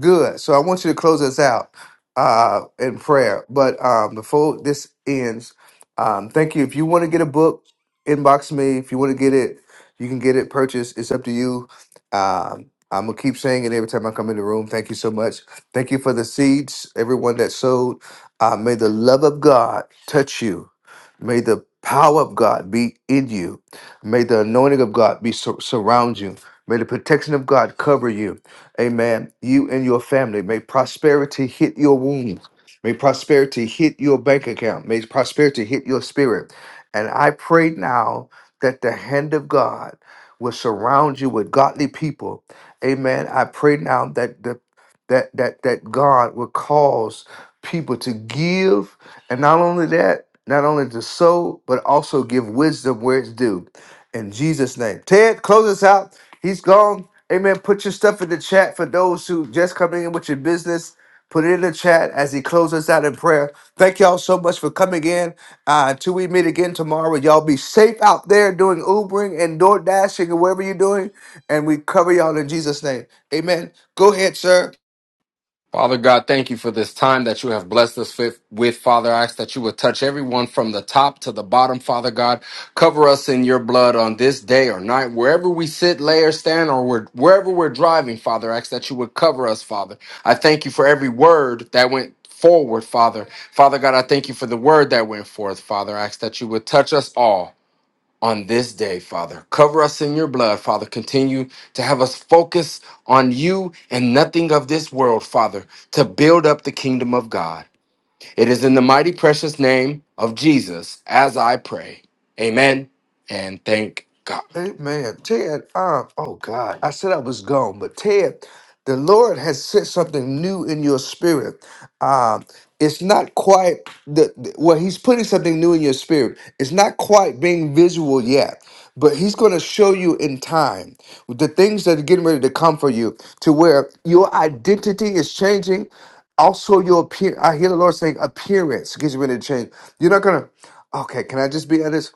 [SPEAKER 1] Good. So I want you to close us out uh, in prayer. But um, before this ends, um, thank you. If you want to get a book, inbox me. If you want to get it, you can get it purchased. It's up to you. Um, I'm going to keep saying it every time I come in the room. Thank you so much. Thank you for the seeds, everyone that sowed. Uh, may the love of God touch you. May the power of God be in you. May the anointing of God be sur- surround you. May the protection of God cover you. Amen. You and your family. May prosperity hit your womb. May prosperity hit your bank account. May prosperity hit your spirit. And I pray now that the hand of God will surround you with godly people. Amen. I pray now that the that that that God will cause people to give and not only that, not only to sow, but also give wisdom where it's due. In Jesus' name. Ted, close us out. He's gone. Amen. Put your stuff in the chat for those who just coming in with your business. Put it in the chat as he closes us out in prayer. Thank y'all so much for coming in. Uh, until we meet again tomorrow, y'all be safe out there doing Ubering and door dashing and whatever you're doing. And we cover y'all in Jesus' name. Amen. Go ahead, sir.
[SPEAKER 27] Father God, thank you for this time that you have blessed us with, with. Father, I ask that you would touch everyone from the top to the bottom, Father God. Cover us in your blood on this day or night, wherever we sit, lay, or stand, or we're, wherever we're driving, Father. I ask that you would cover us, Father. I thank you for every word that went forward, Father. Father God, I thank you for the word that went forth, Father. I ask that you would touch us all. on this day, Father. Cover us in your blood, Father. Continue to have us focus on you and nothing of this world, Father, to build up the kingdom of God. It is in the mighty precious name of Jesus as I pray. Amen and thank God.
[SPEAKER 1] Hey man, Ted, um, oh God, I said I was gone, but Ted, the Lord has said something new in your spirit. Um, it's not quite the, the- well, he's putting something new in your spirit. It's not quite being visual yet, but he's gonna show you in time the things that are getting ready to come for you to where your identity is changing. Also, your appear I hear the Lord saying appearance gets ready to change. You're not gonna okay, can I just be honest?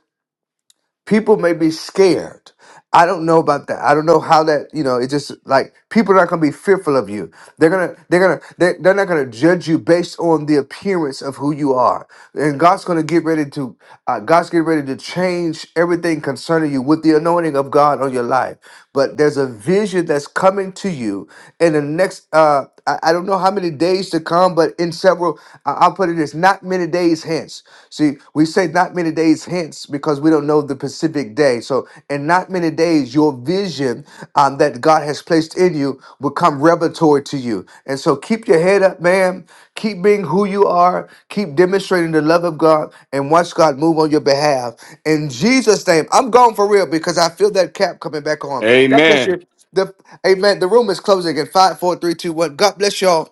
[SPEAKER 1] people may be scared. I don't know about that. I don't know how that, you know, it just like people are not gonna be fearful of you. They're gonna, they're gonna, they're, they're not gonna judge you based on the appearance of who you are. And God's gonna get ready to, uh, God's getting ready to change everything concerning you with the anointing of God on your life but there's a vision that's coming to you in the next uh I, I don't know how many days to come, but in several I, I'll put it as not many days hence. See, we say not many days hence because we don't know the specific day. So in not many days, your vision um, that God has placed in you will come revelatory to you. And so keep your head up, man. Keep being who you are. Keep demonstrating the love of God and watch God move on your behalf. In Jesus' name, I'm going for real because I feel that cap coming back on. God bless
[SPEAKER 27] Amen.
[SPEAKER 1] you. The Amen. The room is closing in five, four, three, two, one. God bless y'all.